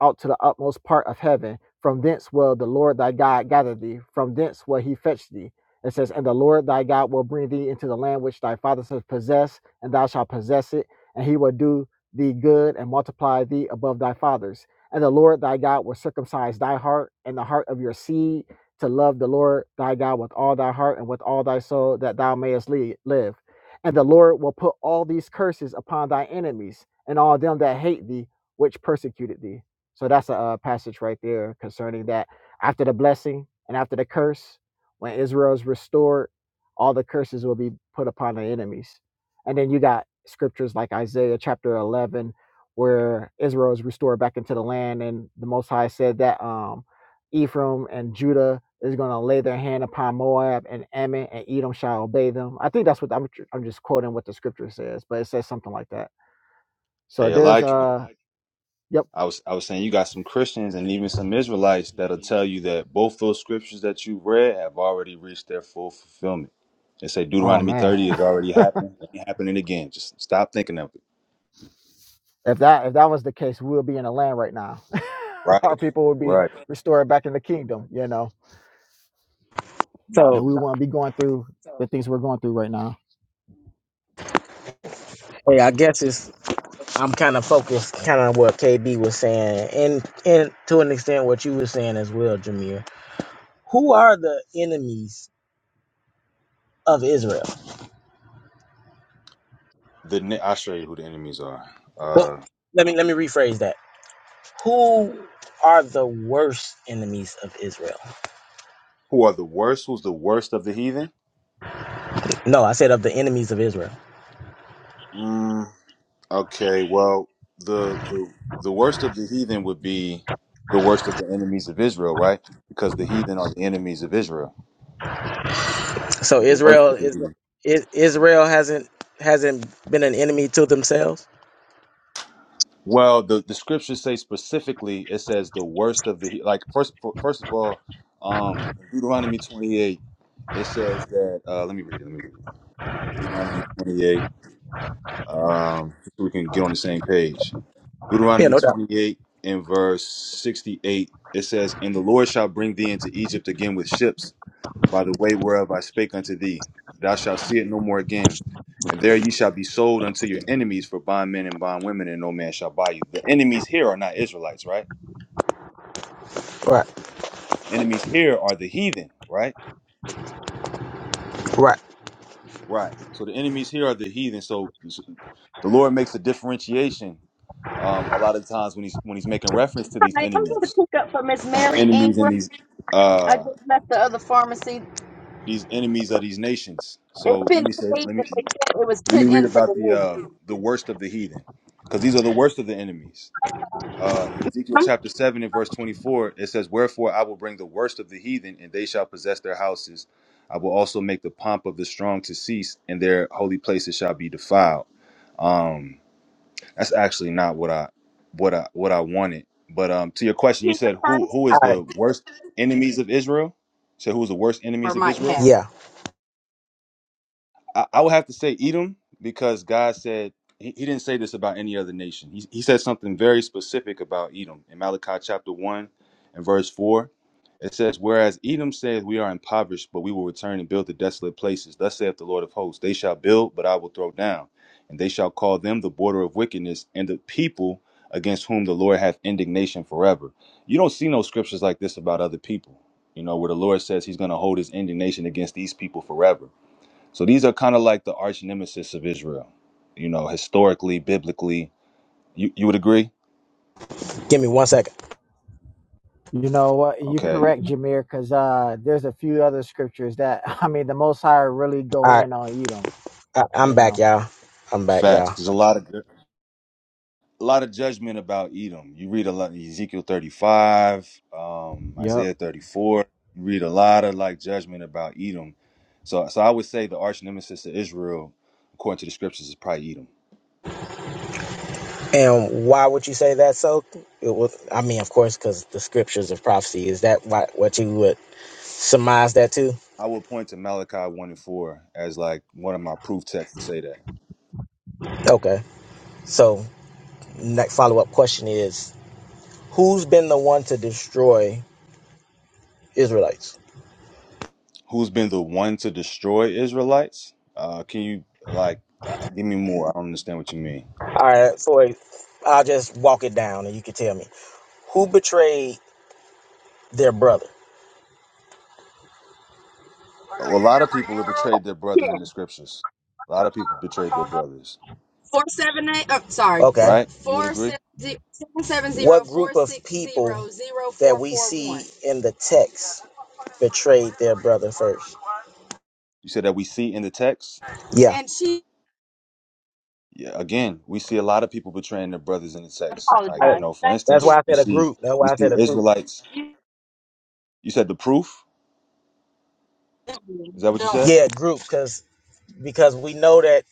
Speaker 5: out to the utmost part of heaven. From thence will the Lord thy God gather thee. From thence will he fetch thee. It says, And the Lord thy God will bring thee into the land which thy fathers have possessed, and thou shalt possess it, and he will do thee good and multiply thee above thy fathers. And the Lord thy God will circumcise thy heart and the heart of your seed to love the Lord thy God with all thy heart and with all thy soul, that thou mayest live. And the Lord will put all these curses upon thy enemies and all them that hate thee, which persecuted thee. So that's a, uh passage right there concerning that. After the blessing and after the curse, when Israel is restored, all the curses will be put upon the enemies. And then you got scriptures like Isaiah chapter 11, where Israel is restored back into the land, and the Most High said that um, Ephraim and Judah is going to lay their hand upon Moab and Ammon, and Edom shall obey them. I think that's what I'm, I'm just quoting what the scripture says, but it says something like that. So
Speaker 3: Hey, a
Speaker 5: there's
Speaker 3: lot
Speaker 5: uh, yep.
Speaker 3: I was I was saying you got some Christians and even some Israelites that'll tell you that both those scriptures that you read have already reached their full fulfillment. They say
Speaker 5: Oh
Speaker 3: Deuteronomy
Speaker 5: man.
Speaker 3: 30 has already happened. It ain't happening again. Just stop thinking of it.
Speaker 5: If that if that was the case, we would be in a land right now. Our
Speaker 3: Right.
Speaker 5: people would be
Speaker 3: Right.
Speaker 5: restored back in the kingdom, you know, and
Speaker 6: So
Speaker 5: we wouldn't be going through the things we're going through right now.
Speaker 6: hey, I guess it's I'm kind of focused, kind of what KB was saying, and and to an extent what you were saying as well, Jameer. Who are the enemies of Israel?
Speaker 3: The ne- I'll show you who the enemies are.
Speaker 6: Well,
Speaker 3: Uh
Speaker 6: let me let me rephrase that. Who are the worst enemies of Israel?
Speaker 3: who are the worst? Who's the worst of the heathen?
Speaker 6: No, I said of the enemies of Israel.
Speaker 3: Mm, okay, well, the the the worst of the heathen would be the worst of the enemies of Israel, right? Because the heathen are the enemies of Israel.
Speaker 6: So
Speaker 3: They're The worst
Speaker 6: Israel
Speaker 3: of the
Speaker 6: is
Speaker 3: heathen.
Speaker 6: is- Israel hasn't hasn't been an enemy to themselves,
Speaker 3: Well, the, the scriptures say specifically, it says the worst of the like first first of all, um Deuteronomy twenty eight, it says that uh let me read it, let me read it. Deuteronomy twenty eight, um so we can get on the same page. Deuteronomy twenty eight and verse sixty eight, it says, And the Lord shall bring thee into Egypt again with ships by the way whereof I spake unto thee. Thou shalt see it no more again. And there ye shall be sold unto your enemies for bondmen and bondwomen, and no man shall buy you. The enemies here are not Israelites, right? Enemies here are the heathen, right?
Speaker 6: right?
Speaker 3: Right. So the enemies here are the heathen. So so the Lord makes a differentiation um, a lot of times when he's when he's making reference to these
Speaker 6: Hi, I'm going to
Speaker 3: enemies,
Speaker 6: pick up for Miss
Speaker 3: these
Speaker 6: Mary
Speaker 3: enemies and
Speaker 6: Ingram.
Speaker 3: these
Speaker 6: I just
Speaker 3: uh,
Speaker 6: left the other pharmacy.
Speaker 3: these enemies of these nations.
Speaker 6: It's
Speaker 3: So
Speaker 6: been
Speaker 3: let me say,
Speaker 6: paid,
Speaker 3: let me.
Speaker 6: but they said it was
Speaker 3: Let me
Speaker 6: put
Speaker 3: read
Speaker 6: in for
Speaker 3: about the
Speaker 6: delivery.
Speaker 3: uh, the worst of the heathen, because these are the worst of the enemies. Uh, in Ezekiel
Speaker 6: I'm
Speaker 3: chapter seven and verse twenty four, it says, "Wherefore I will bring the worst of the heathen, and they shall possess their houses. I will also make the pomp of the strong to cease, and their holy places shall be defiled." Um, that's actually not what I what I what I wanted. But um, to your question, you
Speaker 6: thinking the
Speaker 3: said who
Speaker 6: customer
Speaker 3: who is the worst enemies of Israel? So who is the worst enemies of
Speaker 6: might
Speaker 3: Israel?
Speaker 6: have Yeah,
Speaker 3: I, I would have to say Edom because God said he, he didn't say this about any other nation. He, he said something very specific about Edom in Malachi chapter one and verse four. It says, Whereas Edom says, We are impoverished, but we will return and build the desolate places. Thus saith the Lord of hosts, They shall build, but I will throw down. And they shall call them the border of wickedness and the people against whom the Lord hath indignation forever. You don't see no scriptures like this about other people, you know, where the Lord says he's going to hold his indignation against these people forever so these are kind of like the arch nemesis of Israel, you know, historically, biblically. You you would agree?
Speaker 6: give me one second.
Speaker 5: You know what? You
Speaker 3: Okay,
Speaker 5: correct, Jameer, because uh, there's a few other scriptures that I mean, the Most High really
Speaker 6: All
Speaker 5: go
Speaker 6: right,
Speaker 5: in on Edom.
Speaker 6: I, I'm
Speaker 5: You
Speaker 6: back,
Speaker 5: know.
Speaker 6: y'all. I'm back,
Speaker 3: facts.
Speaker 6: y'all.
Speaker 3: There's a lot of a lot of judgment about Edom. You read a lot Ezekiel 35, um,
Speaker 5: Yep.
Speaker 3: Isaiah 34. You read a lot of like judgment about Edom. So so I would say the arch nemesis of Israel, according to the scriptures, is probably Edom.
Speaker 6: And why would you say that? So, it was, I mean, of course, because the scriptures of prophecy is that why, what you would surmise that to?
Speaker 3: I would point to Malachi 1 and 4 as like one of my proof texts to say that.
Speaker 6: Okay. So, next follow up question is, who's been the one to destroy Israelites?
Speaker 3: who's been the one to destroy Israelites? Uh, can you like uh, give me more? I don't understand what you mean.
Speaker 6: All right, so I'll just walk it down, and you can tell me who betrayed their brother.
Speaker 3: A lot of people have betrayed their brother in the scriptures. A lot of people betrayed their brothers,
Speaker 6: Four seven eight. Oh, sorry. Okay.
Speaker 3: right? You would
Speaker 6: Four
Speaker 3: agree.
Speaker 6: seven zero seven seven zero, What group of people that we see in the text betrayed their brother first?
Speaker 3: You said that we see in the text.
Speaker 6: Yeah. And she
Speaker 3: Yeah, again, we see a lot of people betraying their brothers in the text. Like you
Speaker 6: apologized.
Speaker 3: know, for
Speaker 6: that's
Speaker 3: instance,
Speaker 6: why I
Speaker 3: we
Speaker 6: said a
Speaker 3: see
Speaker 6: group. That's
Speaker 3: we
Speaker 6: why I
Speaker 3: see
Speaker 6: said a group.
Speaker 3: Israelites. You said the proof. Is that what you said?
Speaker 6: Yeah, group, because because we know that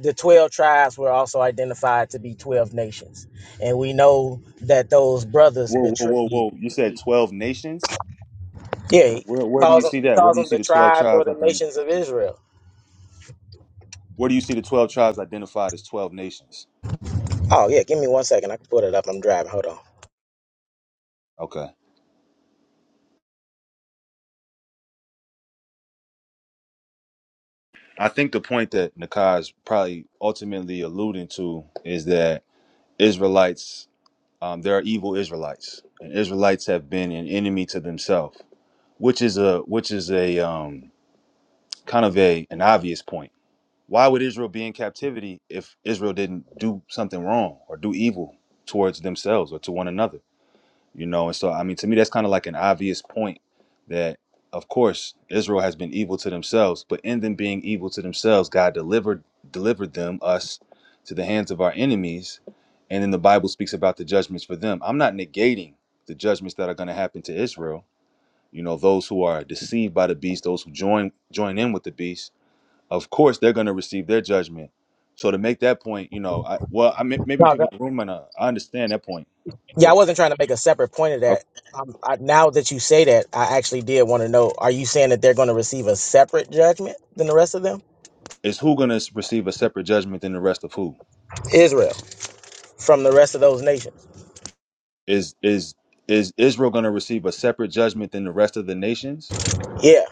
Speaker 6: the twelve tribes were also identified to be twelve nations, and we know that those brothers
Speaker 3: Whoa, whoa, whoa,
Speaker 6: betrayed.
Speaker 3: whoa! You said twelve nations.
Speaker 6: Yeah, he
Speaker 3: Where where do you
Speaker 6: calls them
Speaker 3: see
Speaker 6: he
Speaker 3: that? Where
Speaker 6: calls
Speaker 3: do you
Speaker 6: them
Speaker 3: see
Speaker 6: the
Speaker 3: the twelve
Speaker 6: tribes or
Speaker 3: tribes?
Speaker 6: the
Speaker 3: Like,
Speaker 6: nations of Israel.
Speaker 3: Where do you see the 12 tribes identified as 12 nations?
Speaker 6: Oh yeah, give me one second. I can put it up. I'm driving. Hold on.
Speaker 3: Okay. I think the point that Nakai is probably ultimately alluding to is that Israelites, um, there are evil Israelites, and Israelites have been an enemy to themselves, which is a which is a um, kind of a an obvious point. Why would Israel be in captivity if Israel didn't do something wrong or do evil towards themselves or to one another? you know and so i mean to me that's kind of like an obvious point that of course israel has been evil to themselves but in them being evil to themselves god delivered delivered them us to the hands of our enemies and then the bible speaks about the judgments for them i'm not negating the judgments that are going to happen to israel you know those who are deceived by the beast those who join join in with the beast of course they're going to receive their judgment so to make that point you know I, well i may- maybe
Speaker 6: No,
Speaker 3: people
Speaker 6: that-
Speaker 3: in the room and i understand that point
Speaker 6: yeah, I
Speaker 3: but
Speaker 6: wasn't trying to make a separate point of that. Um, I, now that you say that, I actually did want to know: Are you saying that they're going to receive a separate judgment than the rest of them,
Speaker 3: is who going to receive a separate judgment than the rest of who?
Speaker 6: Israel, from the rest of those nations?
Speaker 3: Is is is Israel going to receive a separate judgment than the rest of the nations?
Speaker 6: Yeah,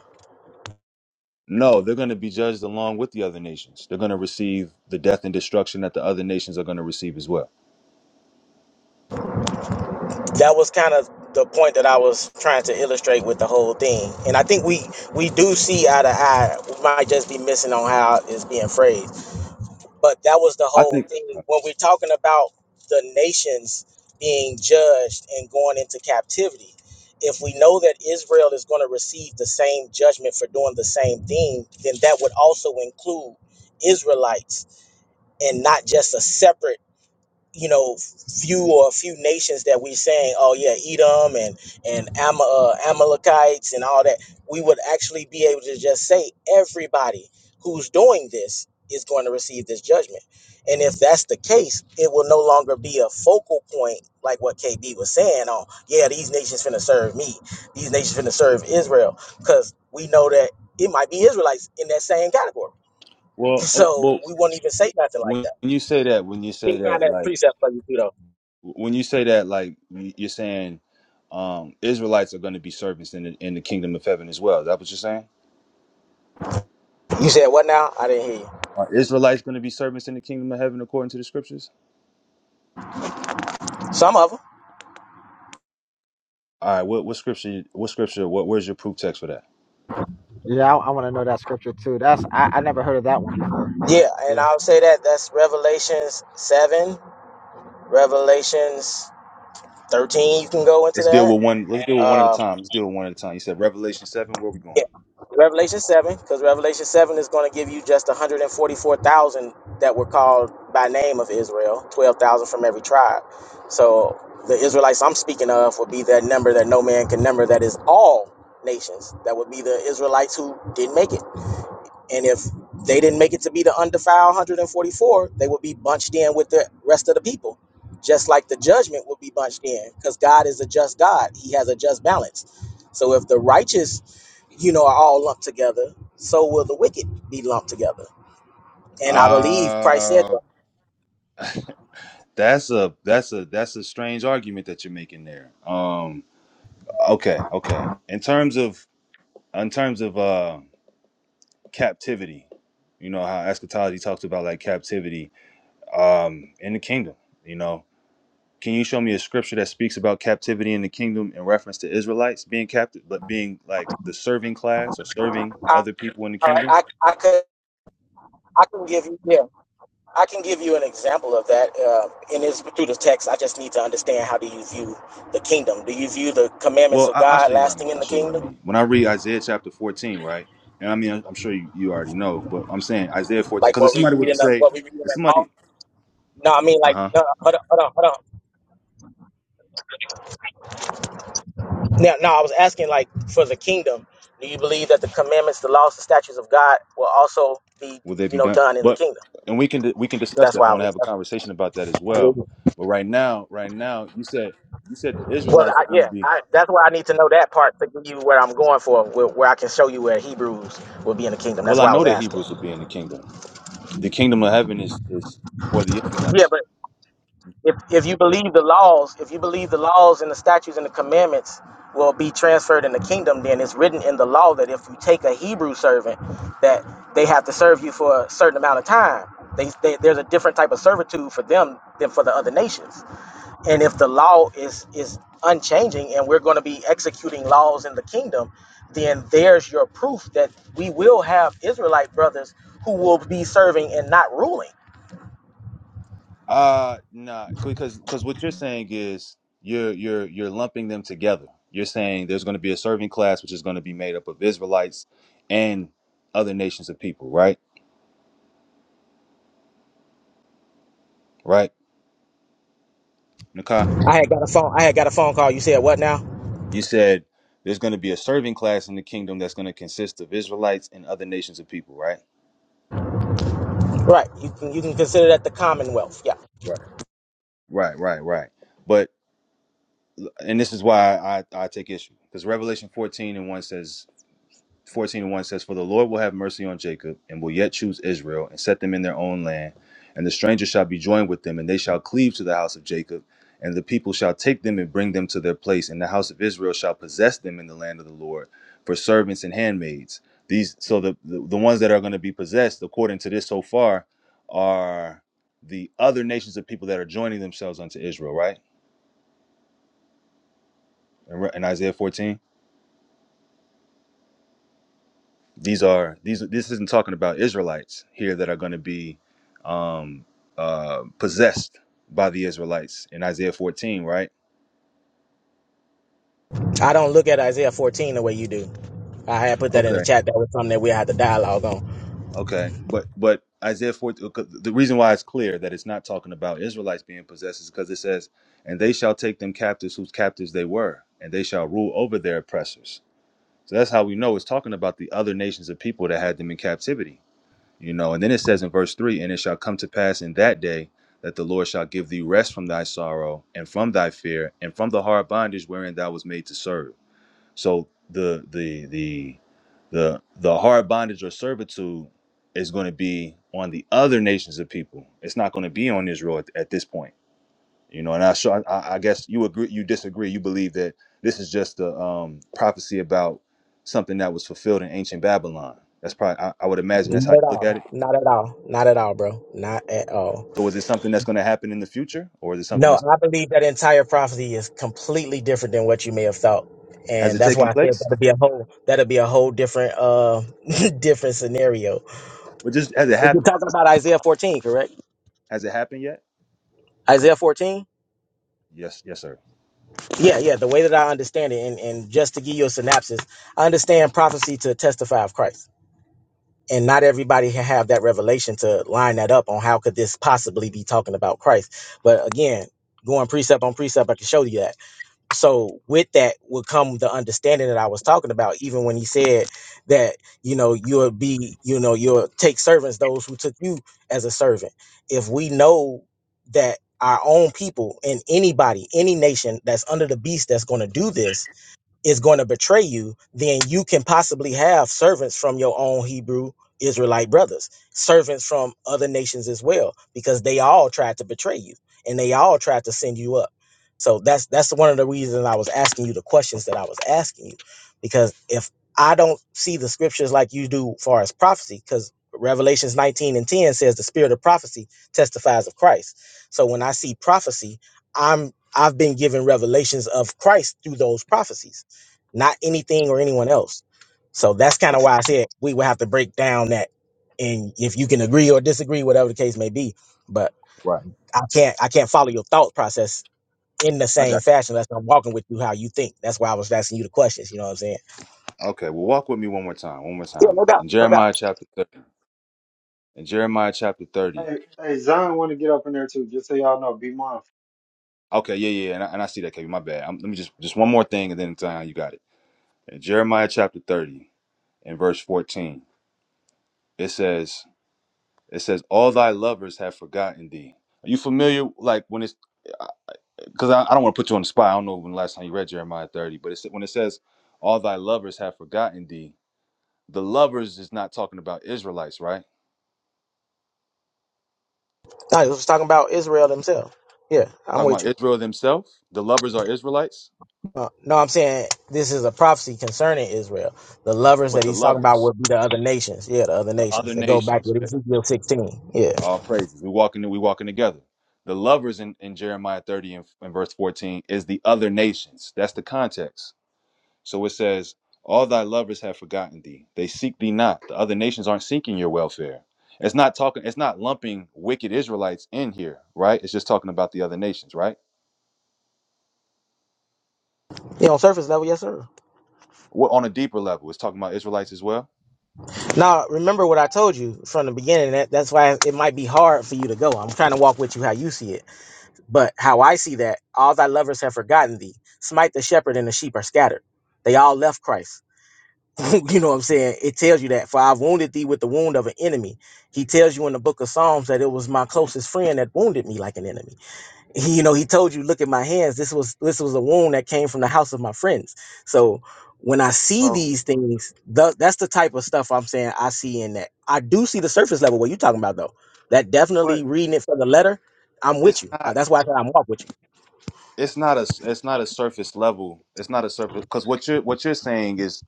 Speaker 3: No, they're going to be judged along with the other nations. They're going to receive the death and destruction that the other nations are going to receive as well.
Speaker 6: that was kind of the point that I was trying to illustrate with the whole thing. And I think we we do see eye to eye. We might just be missing on how it's being phrased. But that was the
Speaker 3: I
Speaker 6: whole
Speaker 3: think.
Speaker 6: thing. When we're talking about the nations being judged and going into captivity, if we know that Israel is going to receive the same judgment for doing the same thing, then that would also include Israelites and not just a separate you know few or a few nations that we saying oh yeah edom and and Ama, uh, amalekites and all that we would actually be able to just say everybody who's doing this is going to receive this judgment and if that's the case it will no longer be a focal point like what kb was saying on yeah these nations finna serve me these nations finna serve israel because we know that it might be israelites in that same category
Speaker 3: Well, oh,
Speaker 6: so
Speaker 3: but
Speaker 6: we won't even say nothing like
Speaker 3: when
Speaker 6: that
Speaker 3: you say that, when you say that, like when you say that, like you're saying, um, Israelites are going to be servants in the, in the kingdom of heaven as well. Is that what you're saying?
Speaker 6: you said what now i didn't hear you
Speaker 3: Are Israelites going to be servants in the kingdom of heaven according to the scriptures?
Speaker 6: some of them.
Speaker 3: All right, what what scripture? What scripture? What where's your proof text for that?
Speaker 5: Yeah, I, I want to know that scripture too. That's I, I never heard of that one before, but
Speaker 6: Yeah, and
Speaker 5: yeah.
Speaker 6: I'll say that that's Revelations seven, Revelations thirteen. You can go into
Speaker 3: Let's deal
Speaker 6: that.
Speaker 3: with one. Let's deal with one at a
Speaker 6: Um,
Speaker 3: time. Let's deal with one at a time. You said Revelation seven. Where we going?
Speaker 6: yeah, Revelation seven, because Revelation seven is going to give you just one hundred and forty-four thousand that were called by name of Israel, twelve thousand from every tribe. So the Israelites I'm speaking of would be that number that no man can number. That is all nations. That would be the Israelites who didn't make it. And if they didn't make it to be the undefiled 144, they would be bunched in with the rest of the people, just like the judgment would be bunched in, because God is a just God. He has a just balance. So if the righteous, you know, are all lumped together, so will the wicked be lumped together. And I believe Christ said,
Speaker 3: Uh
Speaker 6: "Though."
Speaker 3: that's a that's a that's a strange argument that you're making there. Um, okay, okay. In terms of in terms of uh captivity, you know how eschatology talks about like captivity um in the kingdom. You know. Can you show me a scripture that speaks about captivity in the kingdom in reference to Israelites being captive, but being like the serving class or serving
Speaker 6: I,
Speaker 3: other people in the kingdom?
Speaker 6: I, I could, I can give you, yeah, I can give you an example of that. Uh, and it's through the text. I just need to understand how do you view the kingdom? Do you view the commandments
Speaker 3: Well,
Speaker 6: of
Speaker 3: I, I'll
Speaker 6: God
Speaker 3: show you what I
Speaker 6: lasting
Speaker 3: mean.
Speaker 6: in
Speaker 3: I'll
Speaker 6: the
Speaker 3: show you what I
Speaker 6: kingdom?
Speaker 3: mean. When I read Isaiah chapter 14, right? And I mean, I'm I'm sure you, you already know, but I'm saying Isaiah 14,
Speaker 6: Like
Speaker 3: because if
Speaker 6: what we
Speaker 3: somebody were
Speaker 6: read
Speaker 3: to
Speaker 6: in the
Speaker 3: say,
Speaker 6: what we read in the
Speaker 3: if
Speaker 6: law.
Speaker 3: somebody,
Speaker 6: No, I mean
Speaker 3: uh
Speaker 6: like
Speaker 3: huh,
Speaker 6: no, hold on, hold on, hold on. Now, no, I was asking like for the kingdom. Do you believe that the commandments, the laws, the statutes of God will also be
Speaker 3: will they
Speaker 6: you
Speaker 3: be
Speaker 6: know
Speaker 3: done?
Speaker 6: done in the
Speaker 3: But,
Speaker 6: kingdom?
Speaker 3: and we can we can discuss
Speaker 6: That's
Speaker 3: that. I
Speaker 6: why I
Speaker 3: want to
Speaker 6: was.
Speaker 3: have a conversation about that as well.
Speaker 6: Well,
Speaker 3: But right now, right now, you said you said the Israelites are
Speaker 6: I,
Speaker 3: going to
Speaker 6: yeah,
Speaker 3: be.
Speaker 6: I, that's why I need to know that part to give you where I'm going for, where, where I can show you where Hebrews will be in the kingdom. That's
Speaker 3: Well, I
Speaker 6: why I
Speaker 3: know
Speaker 6: was
Speaker 3: that
Speaker 6: asking.
Speaker 3: Hebrews will be in the kingdom. The kingdom of heaven is is for the
Speaker 6: Yeah,
Speaker 3: Israelites.
Speaker 6: but if if you believe the laws, if you believe the laws and the statutes and the commandments will be transferred in the kingdom, then it's written in the law that if you take a Hebrew servant, that they have to serve you for a certain amount of time. They, they, there's a different type of servitude for them than for the other nations. And if the law is is unchanging, and we're going to be executing laws in the kingdom, then there's your proof that we will have Israelite brothers who will be serving and not ruling.
Speaker 3: Uh nah, because because what you're saying is you're you're you're lumping them together. You're saying there's going to be a serving class which is going to be made up of Israelites and other nations of people, right? Right, Nakai?
Speaker 6: I had got a phone. I had got a phone call. You said what now?
Speaker 3: You said there's going to be a serving class in the kingdom that's going to consist of Israelites and other nations of people, right?
Speaker 6: Right. You can you can consider that the Commonwealth. Yeah.
Speaker 3: Right, right, right, right. But and this is why I I take issue because Revelation 14 and one says 14 and 1 says, For the Lord will have mercy on Jacob, and will yet choose Israel, and set them in their own land. And the stranger shall be joined with them, and they shall cleave to the house of Jacob. And the people shall take them and bring them to their place, and the house of Israel shall possess them in the land of the Lord for servants and handmaids. These so the the, the ones that are going to be possessed, according to this so far, are the other nations of people that are joining themselves unto Israel, right? In, Re- in Isaiah 14. these are these this isn't talking about israelites here that are going to be um uh possessed by the israelites in isaiah 14 right
Speaker 6: I don't look at Isaiah 14 the way you do. I had put that in the
Speaker 3: okay
Speaker 6: chat. That was something that we had to dialogue on.
Speaker 3: okay but but isaiah 14 okay, the reason why it's clear that it's not talking about israelites being possessed is because it says and they shall take them captives whose captives they were and they shall rule over their oppressors so that's how we know it's talking about the other nations of people that had them in captivity You know, and then it says in verse 3 And it shall come to pass in that day that the Lord shall give thee rest from thy sorrow and from thy fear and from the hard bondage wherein thou was made to serve. So the the the the the hard bondage or servitude is going to be on the other nations of people. It's not going to be on Israel at, at this point. You know, and I, so I I guess you agree you disagree. You believe that this is just a um, prophecy about something that was fulfilled in ancient Babylon. That's probably I, I would imagine that's how
Speaker 6: Not
Speaker 3: you
Speaker 6: at
Speaker 3: look
Speaker 6: all.
Speaker 3: at it.
Speaker 6: Not at all. Not at all, bro. Not at all.
Speaker 3: So is it something that's going to happen in the future, or is it something
Speaker 6: No,
Speaker 3: that's
Speaker 6: I believe that entire prophecy is completely different than what you may have thought.
Speaker 3: has
Speaker 6: And
Speaker 3: it
Speaker 6: that's
Speaker 3: taken
Speaker 6: why I said
Speaker 3: place?
Speaker 6: that'd be a whole that'd be a whole different uh different scenario.
Speaker 3: But just has it
Speaker 6: You're
Speaker 3: happened?
Speaker 6: talking about Isaiah 14, correct?
Speaker 3: Has it happened yet?
Speaker 6: Isaiah 14?
Speaker 3: Yes, yes, sir.
Speaker 6: Yeah, yeah. The way that I understand it, and, and just to give you a synopsis, I understand prophecy to testify of Christ. and not everybody can have that revelation to line that up on how could this possibly be talking about christ but again going precept on precept i can show you that so with that would come the understanding that i was talking about even when he said that you know you'll be you know you'll take servants those who took you as a servant if we know that our own people and anybody any nation that's under the beast that's going to do this is going to betray you, then you can possibly have servants from your own Hebrew Israelite brothers, servants from other nations as well, because they all tried to betray you and they all tried to send you up. So that's that's one of the reasons I was asking you the questions that I was asking you, because if I don't see the scriptures like you do, far as prophecy, because Revelations 19 and 10 says the spirit of prophecy testifies of Christ. So when I see prophecy, I'm I've been given revelations of Christ through those prophecies not anything or anyone else. So that's kind of
Speaker 3: Okay,
Speaker 6: why I said we would have to break down that, and if you can agree or disagree, whatever the case may be. But
Speaker 3: right.
Speaker 6: I can't I can't follow your thought process in the
Speaker 3: I
Speaker 6: same
Speaker 3: got
Speaker 6: fashion unless I'm walking with you how you think. That's why I was asking you the questions. You know what I'm saying?
Speaker 3: you. Okay, well, walk with me one more time. One more
Speaker 6: No
Speaker 3: time
Speaker 6: doubt,
Speaker 3: in
Speaker 6: no doubt.
Speaker 3: Jeremiah chapter 30, in Jeremiah chapter
Speaker 1: Verse.
Speaker 3: thirty.
Speaker 1: Hey, hey, Zion, want to get up in there too? Just so y'all know, be mindful.
Speaker 3: Okay, yeah, yeah, and I, and I see that, KB. My bad. i let me just just one more thing, and then uh, you got it. In Jeremiah chapter thirty, in verse fourteen, it says, "It says all thy lovers have forgotten thee." Are you familiar? Like when it's because I, I don't want to put you on the spot. I don't know when the last time you read Jeremiah 30, but it's when it says, All thy lovers have forgotten thee, the lovers is not talking about Israelites, right?
Speaker 6: No, I was talking about Israel themselves. Yeah, I'm
Speaker 3: talking
Speaker 6: with
Speaker 3: about
Speaker 6: you.
Speaker 3: Israel themselves. The lovers are Israelites,
Speaker 6: Uh, no, I'm saying this is a prophecy concerning Israel. The lovers that
Speaker 3: but the
Speaker 6: he's talking about
Speaker 3: lovers,
Speaker 6: would be the other nations. Yeah, the other
Speaker 3: the other
Speaker 6: nations that go back
Speaker 3: nations,
Speaker 6: to
Speaker 3: eh,
Speaker 6: Ezekiel 16. Yeah.
Speaker 3: all praises. We walking we walking together. The lovers in, in Jeremiah 30 and, and verse 14 is the other nations. That's the context. So it says, All thy lovers have forgotten thee. They seek thee not. The other nations aren't seeking your welfare. It's not talking, it's not lumping wicked Israelites in here, right? It's just talking about the other nations, right?
Speaker 6: Yeah, on surface level, yes, sir.
Speaker 3: What on a deeper level, it's talking about Israelites as well.
Speaker 6: Now, remember what I told you from the beginning. That, that's why it might be hard for you to go. I'm trying to walk with you how you see it. But how I see that, all thy lovers have forgotten thee. Smite the shepherd and the sheep are scattered. They all left Christ. you know what I'm saying? It tells you that. For I've wounded thee with the wound of an enemy. He tells you in the book of Psalms that it was my closest friend that wounded me like an enemy he, you know, he told you, look at my hands. This was this was a wound that came from the house of my friends. So when I see
Speaker 3: Bro,
Speaker 6: these things, tha- that's the type of stuff I'm saying I see in that. I do see the surface level. What you are talking about though? That
Speaker 3: what?
Speaker 6: definitely reading it for the letter. I'm with
Speaker 3: It's
Speaker 6: you. Uh,
Speaker 3: not
Speaker 6: that's why I said I'm walk with you.
Speaker 3: it's not a it's not a surface level. It's not a surface because what you're what you're saying is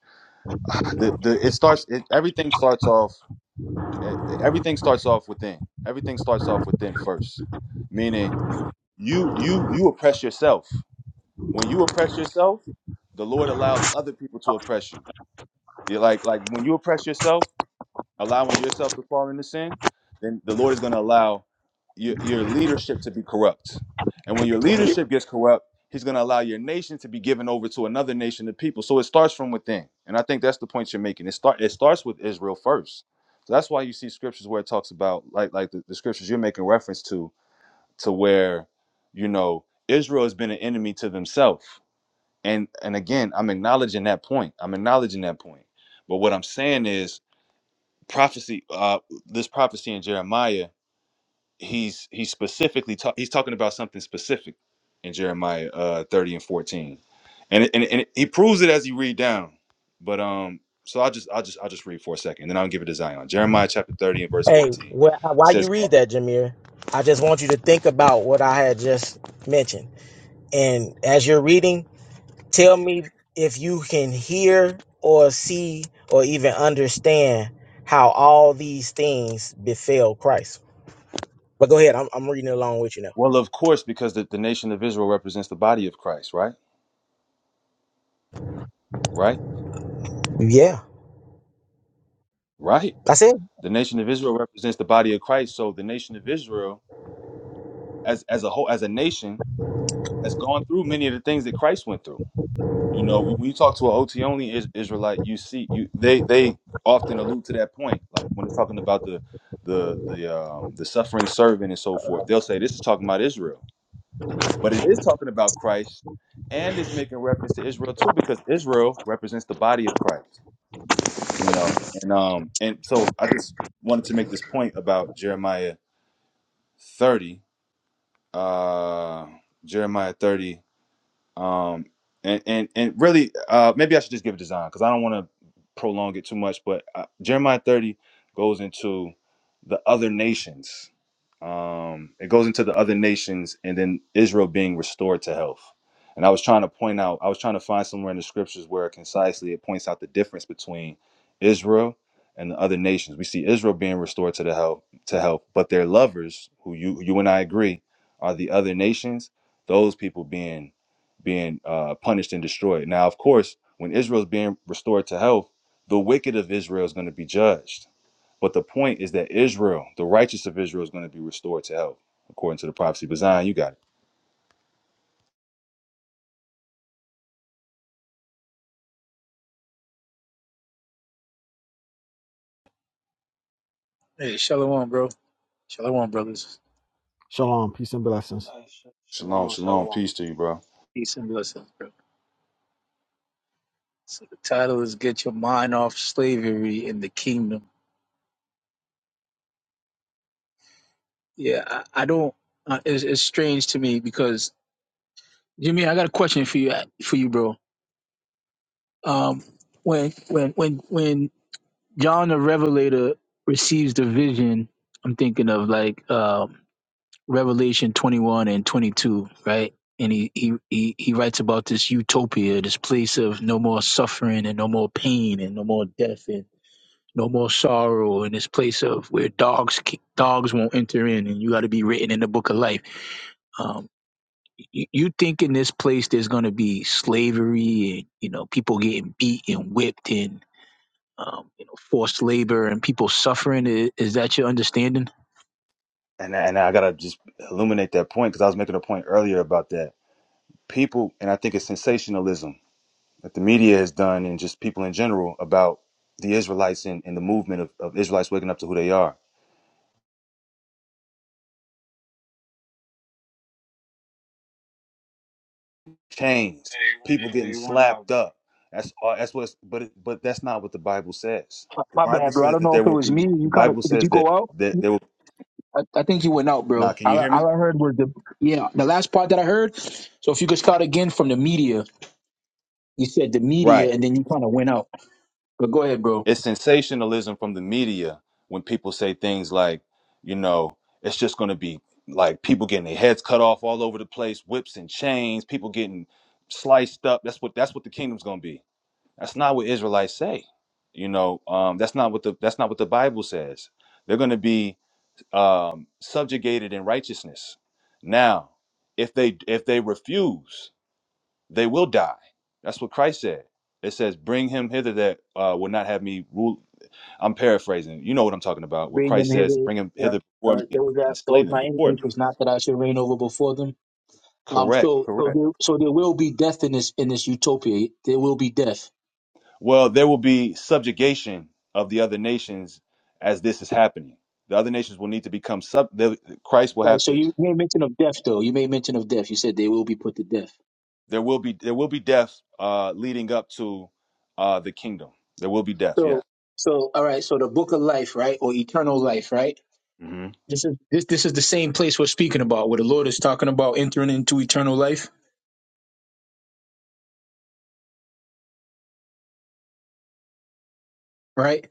Speaker 3: ah, the, the it starts it, everything starts off e- everything starts off within. Everything starts off within first. Meaning you you you oppress yourself. When you oppress yourself, the Lord allows other people to oppress you. You're like like when you oppress yourself, allowing yourself to fall into sin, then the Lord is going to allow your, your leadership to be corrupt. And when your leadership gets corrupt, He's going to allow your nation to be given over to another nation of people. So it starts from within, and I think that's the point you're making. It start it starts with Israel first. So that's why you see scriptures where it talks about like like the, the scriptures you're making reference to to where you know Israel has been an enemy to themselves and and again i'm acknowledging that point i'm acknowledging that point but what i'm saying is prophecy uh this prophecy in jeremiah he's he's specifically talk, he's talking about something specific in jeremiah uh 30 and 14 and, it- and it- and it- he proves it as he read down but um so i'll just i'll just i'll just read for a second and then i'll give it to zion jeremiah chapter 30 and verse
Speaker 6: Hey,
Speaker 3: 14
Speaker 6: wh-
Speaker 3: it
Speaker 6: why you
Speaker 3: says
Speaker 6: read that, Jameer? I just want you to think about what I had just mentioned. And as you're reading, Tell me if you can hear or see or even understand how all these things befell Christ. But go ahead, I'm, I'm reading along with you now.
Speaker 3: well of course because the, the nation of israel represents the body of christ right right
Speaker 6: Yeah,
Speaker 3: right
Speaker 6: that's it.
Speaker 3: The nation of Israel represents the body of Christ. So the nation of Israel, as as a whole, as a nation, has gone through many of the things that Christ went through. You know, when you talk to an OT only Is- Israelite, you see, you they they often allude to that point. Like when it's talking about the the the um the suffering servant and so forth, they'll say this is talking about Israel, but it is talking about Christ, and it's making reference to Israel too because Israel represents the body of Christ. You know, and um and so I just wanted to make this point about Jeremiah thirty uh, Jeremiah 30 um and and and really uh maybe i should just give a design because i don't want to prolong it too much but uh, jeremiah 30 goes into the other nations um it goes into the other nations and then israel being restored to health and i was trying to point out i was trying to find somewhere in the scriptures where concisely it points out the difference between israel and the other nations we see israel being restored to the health to health but their lovers who you you and i agree are the other nations those people being being uh, punished and destroyed. Now, of course, when Israel's being restored to health, the wicked of Israel is going to be judged. But the point is that Israel, the righteous of Israel, is going to be restored to health, according to the prophecy. But Zion, you got it.
Speaker 8: Hey, shalom, bro. Shalom, brothers.
Speaker 5: Shalom, peace and blessings.
Speaker 1: Hey, sh-
Speaker 3: Shalom,
Speaker 1: shalom,
Speaker 3: shalom,
Speaker 1: shalom.
Speaker 3: peace to you, bro.
Speaker 8: Peace and blessings, bro. So the title is "Get Your Mind Off Slavery in the Kingdom." Yeah, I, I don't. Uh, it's, it's strange to me because Jimmy, I got a question for you, uh, for you, bro. Um, when when when when John the Revelator receives the vision, I'm thinking of like um, Revelation 21 and 22, right? And he, he he he writes about this utopia, this place of no more suffering and no more pain and no more death and No more sorrow in this place of where dogs dogs won't enter in, and you got to be written in the book of life. Um, you, you think in this place there's going to be slavery and you know people getting beat and whipped and um, you know forced labor and people suffering? Is, is that your understanding?
Speaker 3: And and I gotta just illuminate that point because I was making a point earlier about that people, and I think it's sensationalism that the media has done, and just people in general about the Israelites and, and the movement of, of Israelites waking up to who they are chains, people
Speaker 1: Hey,
Speaker 3: getting
Speaker 1: you went out,
Speaker 3: slapped
Speaker 1: bro.
Speaker 3: up. That's all. That's what's. But it, but that's not what the Bible says.
Speaker 8: My
Speaker 3: The
Speaker 8: my
Speaker 3: Bible
Speaker 8: bad, bro. I
Speaker 3: says
Speaker 8: don't
Speaker 3: that
Speaker 8: know
Speaker 3: there
Speaker 8: if it
Speaker 3: will
Speaker 8: was me.
Speaker 3: be.
Speaker 8: You
Speaker 3: The
Speaker 8: kind of
Speaker 3: Bible
Speaker 8: did you
Speaker 3: says
Speaker 8: go
Speaker 3: that
Speaker 8: out?
Speaker 3: that there will.
Speaker 8: I, I think you went out,
Speaker 3: Now,
Speaker 8: bro.
Speaker 3: can
Speaker 8: All,
Speaker 3: you
Speaker 8: I-
Speaker 3: hear me?
Speaker 8: all I heard was the yeah, the last part that I heard. So if you could start again from the media, you said the
Speaker 3: Right.
Speaker 8: media, and then you kind of went out. But go ahead, bro.
Speaker 3: It's sensationalism from the media when people say things like, you know, it's just going to be like people getting their heads cut off all over the place, whips and chains, people getting sliced up. That's what that's what the kingdom's going to be. That's not what Israelites say. You know, um, that's not what the that's not what the Bible says. They're going to be um, subjugated in righteousness. Now, if they if they refuse, they will die. That's what Christ said. It says, "Bring him hither that uh, would not have me rule." I'm paraphrasing. You know what I'm talking about. Where
Speaker 8: Bring them
Speaker 3: Christ says,
Speaker 8: hither.
Speaker 3: "Bring him
Speaker 8: Yeah,
Speaker 3: hither before
Speaker 8: Uh,
Speaker 3: me
Speaker 8: those
Speaker 3: and
Speaker 8: that
Speaker 3: slay
Speaker 8: those
Speaker 3: them
Speaker 8: my
Speaker 3: before
Speaker 8: enemies
Speaker 3: me."
Speaker 8: was not that I should reign over before them. Um,
Speaker 3: Correct.
Speaker 8: so so
Speaker 3: Correct.
Speaker 8: there, so there will be death in this in this utopia. There will be death.
Speaker 3: Well, there will be subjugation of the other nations as this is happening. The other nations will need to become sub. they'll- Christ will
Speaker 8: Right.
Speaker 3: have
Speaker 8: So
Speaker 3: to.
Speaker 8: you made mention of death, though. You made mention of death. You said they will be put to death.
Speaker 3: There will be there will be death uh, leading up to uh, the kingdom. There will be death. Yeah.
Speaker 8: So so all right. So the book of life, right, or eternal life, right?
Speaker 3: hmm
Speaker 8: This is this this is the same place we're speaking about, where the Lord is talking about entering into eternal life, right?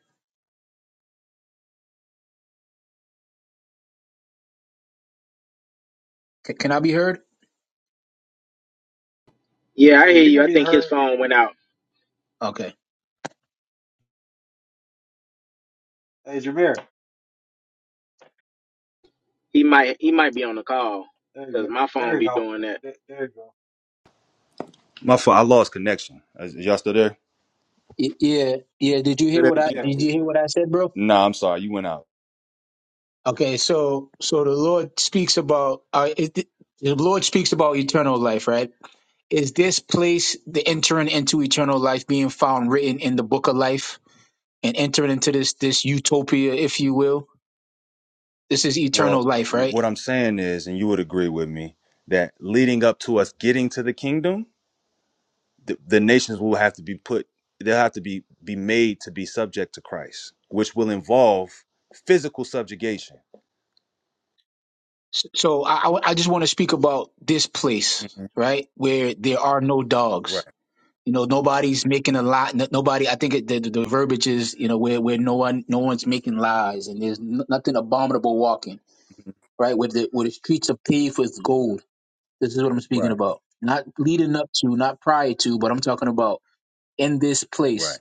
Speaker 8: C- can I be heard?
Speaker 6: Yeah, I
Speaker 1: Yeah,
Speaker 6: hear
Speaker 1: you can
Speaker 6: you. I
Speaker 1: be
Speaker 6: think his
Speaker 1: heard.
Speaker 6: phone went out.
Speaker 8: Okay.
Speaker 1: Hey, Jameer.
Speaker 6: He might he might be on the call
Speaker 1: There you go.
Speaker 6: because my
Speaker 1: There
Speaker 6: phone
Speaker 1: you
Speaker 6: be
Speaker 1: go.
Speaker 6: doing that.
Speaker 1: There, there you go.
Speaker 3: My fault. I lost connection. Is, is y'all still there?
Speaker 8: Y- yeah, yeah. Did you
Speaker 3: Say
Speaker 8: hear
Speaker 3: that
Speaker 8: what I
Speaker 3: again.
Speaker 1: Yeah,
Speaker 8: did?
Speaker 1: we
Speaker 8: You
Speaker 1: said.
Speaker 8: hear what I said, bro?
Speaker 3: No, I'm sorry. You went out.
Speaker 8: Okay. So so the Lord speaks about uh, it, the Lord speaks about eternal life, right? Is this place the entering into eternal life being found written in the book of life and entering into this this utopia, if you will? This is eternal
Speaker 3: Well, uh,
Speaker 8: life,
Speaker 3: w-
Speaker 8: right?
Speaker 3: what I'm saying is, and you would agree with me that leading up to us getting to the kingdom, the, the nations will have to be put. They'll have to be be made to be subject to Christ, which will involve physical subjugation.
Speaker 8: S- So I, I w- I just want to speak about this place,
Speaker 3: Mhm.
Speaker 8: right, where there are no
Speaker 3: Right.
Speaker 8: dogs. You know, nobody's making a lot. n- Nobody. I think it, the, the the verbiage is, you know, where where no one no one's making lies, and there's n- nothing abominable walking,
Speaker 3: Mhm.
Speaker 8: right? Where the where the streets are paved with gold. This is what I'm speaking
Speaker 3: Right.
Speaker 8: about. Not leading up to, not prior to, but I'm talking about in this
Speaker 3: Right.
Speaker 8: place.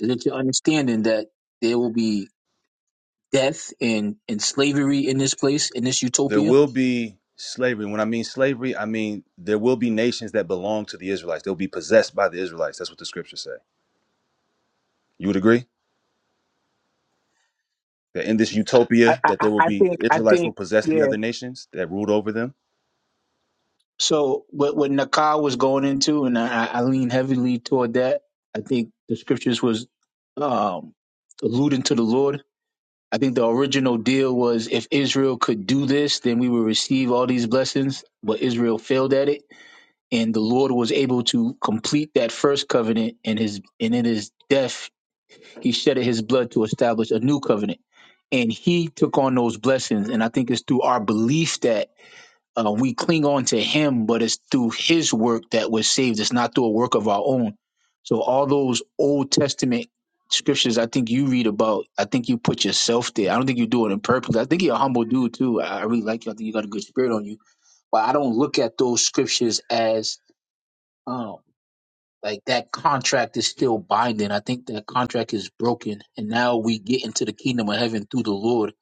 Speaker 8: Is it your understanding that there will be death and, and slavery in this place, in this
Speaker 3: there
Speaker 8: utopia?
Speaker 3: will be slavery. When I mean slavery, I mean there will be nations that belong to the Israelites. They'll be possessed by the Israelites. That's what the scriptures say. You would agree that in this
Speaker 8: I,
Speaker 3: utopia,
Speaker 8: I,
Speaker 3: that
Speaker 8: I
Speaker 3: there will
Speaker 8: I
Speaker 3: be
Speaker 8: think I
Speaker 3: Israelites will
Speaker 8: think
Speaker 3: possess the
Speaker 8: yeah.
Speaker 3: other nations that ruled over them.
Speaker 8: So what what Nakar was going into, and I, I lean heavily toward that. I think the scriptures was um, alluding to the Lord I think the original deal was if Israel could do this, then we would receive all these blessings. But Israel failed at it, and the Lord was able to complete that first covenant. And his and in his death, he shedded his blood to establish a new covenant, and he took on those blessings. And I think it's through our belief that uh, we cling on to Him, but it's through His work that we're saved. It's not through a work of our own. So all those Old Testament scriptures, I think you read about. I think you put yourself there. I don't think you do it on purpose. I think you're a humble dude too. I I really like you. I think you got a good spirit on you. But I don't look at those scriptures as um, like that contract is still binding. I think that contract is broken, and now we get into the kingdom of heaven through the Lord.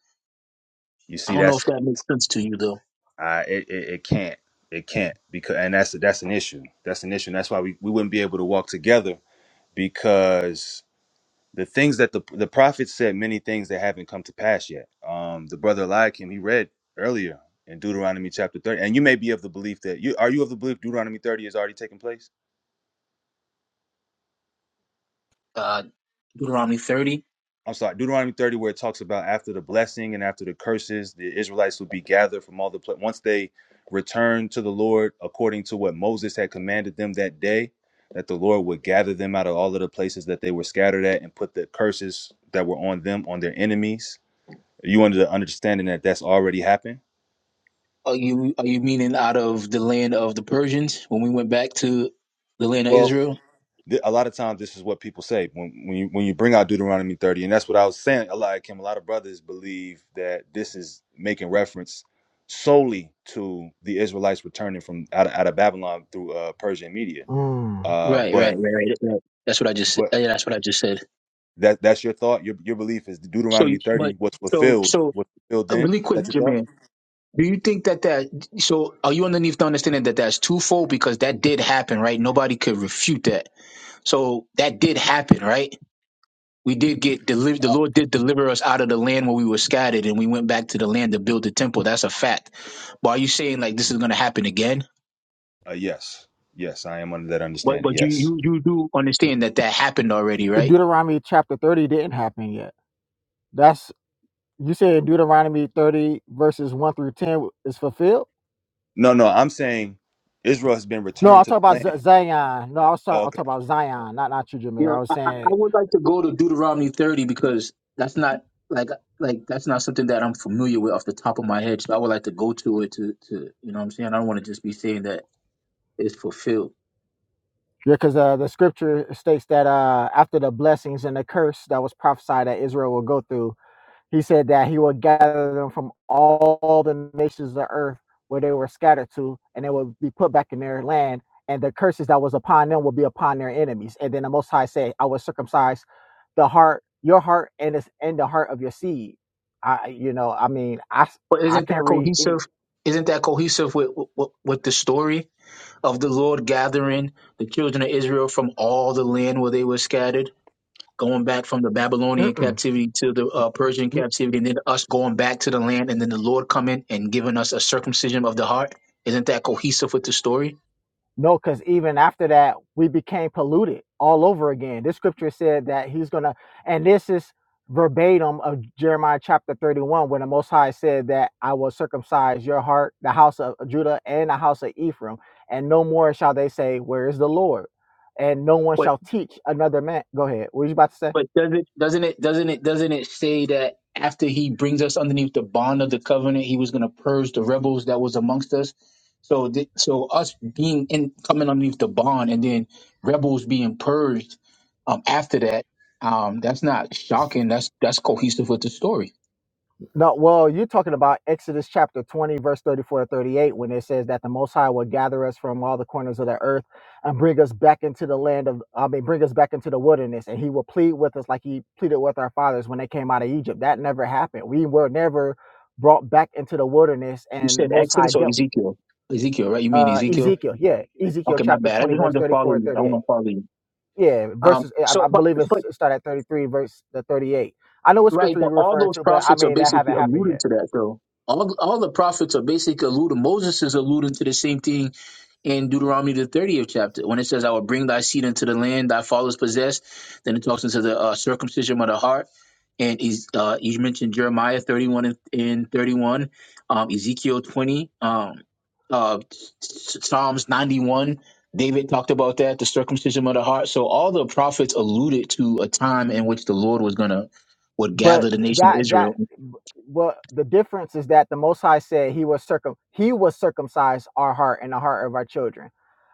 Speaker 3: You
Speaker 8: I
Speaker 3: see,
Speaker 8: don't know if
Speaker 3: that's
Speaker 8: that makes sense to you though.
Speaker 3: uh, it, it. It can't. It can't because, and that's that's an issue. That's an issue. And that's why we, we wouldn't be able to walk together because the things that the the prophets said many things that haven't come to pass yet. Um, the brother Eliakim he read earlier in Deuteronomy chapter thirty, and you may be of the belief that you are you of the belief Deuteronomy thirty has already taken place.
Speaker 8: Uh, Deuteronomy 30.
Speaker 3: I'm sorry, Deuteronomy thirty, where it talks about after the blessing and after the curses, the Israelites would be gathered from all the pla- once they returned to the Lord according to what Moses had commanded them that day, that the Lord would gather them out of all of the places that they were scattered at and put the curses that were on them on their enemies You under the understanding that that's already happened?
Speaker 8: Are you are you meaning out of the land of the Persians when we went back to the land of
Speaker 3: Well,
Speaker 8: Israel?
Speaker 3: Th- A lot of times, this is what people say when when you when you bring out Deuteronomy thirty, and that's what I was saying. A lot, Kim, a lot of brothers believe that this is making reference solely to the Israelites returning from out of, out of Babylon through uh, Persia and Media.
Speaker 5: Mm.
Speaker 3: Uh,
Speaker 8: Right, right,
Speaker 3: but
Speaker 8: right, right. right. That's what I just said.
Speaker 3: but
Speaker 8: Yeah, that's what I just said.
Speaker 3: that that's your thought. Your your belief is
Speaker 8: So,
Speaker 3: Deuteronomy
Speaker 8: you-
Speaker 3: thirty
Speaker 8: but
Speaker 3: was
Speaker 8: so
Speaker 3: fulfilled.
Speaker 8: so
Speaker 3: Was fulfilled
Speaker 8: uh,
Speaker 3: then?
Speaker 8: really
Speaker 3: Is that
Speaker 8: quick,
Speaker 3: your thought?
Speaker 8: Jermaine, do you think that that so are you underneath the understanding that that's twofold because that did happen, right? Nobody could refute that. So that did happen, right? We did get delivered. The Lord did deliver us out of the land where we were scattered, and we went back to the land to build the temple. That's a fact. But are you saying like this is going to happen again?
Speaker 3: Uh, yes, yes, I am under that
Speaker 8: But
Speaker 3: understanding.
Speaker 8: but you
Speaker 3: Yes.
Speaker 8: you you do understand that that happened already, right?
Speaker 5: Deuteronomy chapter thirty didn't happen yet. That's. You said Deuteronomy 30 verses 1 through 10 is fulfilled?
Speaker 3: No, no, I'm saying Israel has been
Speaker 5: No,
Speaker 3: returned
Speaker 5: I'll
Speaker 3: to
Speaker 5: talk
Speaker 3: the
Speaker 5: about Z-
Speaker 3: land.
Speaker 5: Zion. No, I was talking,
Speaker 3: Oh,
Speaker 5: I'll
Speaker 3: okay.
Speaker 5: talk about Zion, not not you,
Speaker 8: You
Speaker 5: Jameer. I
Speaker 8: know,
Speaker 5: was
Speaker 8: I, I I
Speaker 5: saying
Speaker 8: would like to go to Deuteronomy 30 because that's not like like that's not something that I'm familiar with off the top of my head. So I would like to go to it to to you know what I'm saying. I don't want to just be saying that it's fulfilled.
Speaker 5: Yeah, because uh, the scripture states that uh, after the blessings and the curse that was prophesied that Israel will go through, He said that he would gather them from all the nations of the earth where they were scattered to, and they would be put back in their land, and the curses that was upon them will be upon their enemies. And then the Most High said, I will circumcise the heart, your heart, and it's and the heart of your seed. I, you know, I mean, I,
Speaker 8: But
Speaker 5: I
Speaker 8: isn't that
Speaker 5: can't read any.
Speaker 8: cohesive? Isn't that cohesive with, with with the story of the Lord gathering the children of Israel from all the land where they were scattered? going back from the Babylonian
Speaker 5: Mm-mm.
Speaker 8: captivity to the uh, Persian captivity, and then us going back to the land, and then the Lord coming and giving us a circumcision of the heart. Isn't that cohesive with the story?
Speaker 5: No, because even after that, we became polluted all over again. This scripture said that he's going to, and this is verbatim of Jeremiah chapter 31, when the Most High said that I will circumcise your heart, the house of Judah, and the house of Ephraim, and no more shall they say, Where is the Lord? And no one
Speaker 8: Wait,
Speaker 5: shall teach another man. Go ahead. What were you about to say?
Speaker 8: But does it doesn't it doesn't it doesn't it say that after he brings us underneath the bond of the covenant, he was going to purge the rebels that was amongst us. So th- so us being in coming underneath the bond and then rebels being purged um, after that, um, that's not shocking. That's that's cohesive with the story.
Speaker 5: No, well, you're talking about Exodus chapter 20, verse 34 to 38, when it says that the Most High will gather us from all the corners of the earth and bring us back into the land of, I mean, bring us back into the wilderness, and He will plead with us like He pleaded with our fathers when they came out of Egypt. That never happened. We were never brought back into the wilderness,
Speaker 8: You
Speaker 5: and the
Speaker 8: said
Speaker 5: Most High
Speaker 8: Exodus or
Speaker 5: dealt.
Speaker 8: Ezekiel? Ezekiel, right? You mean
Speaker 5: Uh,
Speaker 8: Ezekiel?
Speaker 5: Ezekiel, yeah, Ezekiel
Speaker 8: Okay, my
Speaker 5: chapter
Speaker 8: bad. I
Speaker 5: 20,
Speaker 8: just
Speaker 5: verse
Speaker 8: wanted to follow
Speaker 5: 34 and
Speaker 8: you. I
Speaker 5: 38.
Speaker 8: want to follow you.
Speaker 5: Yeah,
Speaker 8: Um,
Speaker 5: verses, I,
Speaker 8: so,
Speaker 5: I
Speaker 8: but
Speaker 5: believe
Speaker 8: but
Speaker 5: it's it start at 33, verse the 38. I know what
Speaker 8: Right,
Speaker 5: scripture you're
Speaker 8: but all
Speaker 5: referring
Speaker 8: those
Speaker 5: to, but I
Speaker 8: prophets are
Speaker 5: mean, that
Speaker 8: basically
Speaker 5: haven't happened yet.
Speaker 8: alluding to that, though. All all the prophets are basically alluding. Moses is alluding to the same thing in Deuteronomy the thirtieth chapter when it says, "I will bring thy seed into the land thy fathers possessed." Then it talks into the uh, circumcision of the heart, and he's uh, he mentioned Jeremiah thirty one and, and thirty one, um, Ezekiel twenty, um, uh, Psalms ninety one. David talked about that, the circumcision of the heart. So all the prophets alluded to a time in which the Lord was going to would
Speaker 5: but
Speaker 8: gather the nation of
Speaker 5: that that
Speaker 8: Israel.
Speaker 5: well the difference is that the most high said he was circum he was circumcised our heart and the heart of our children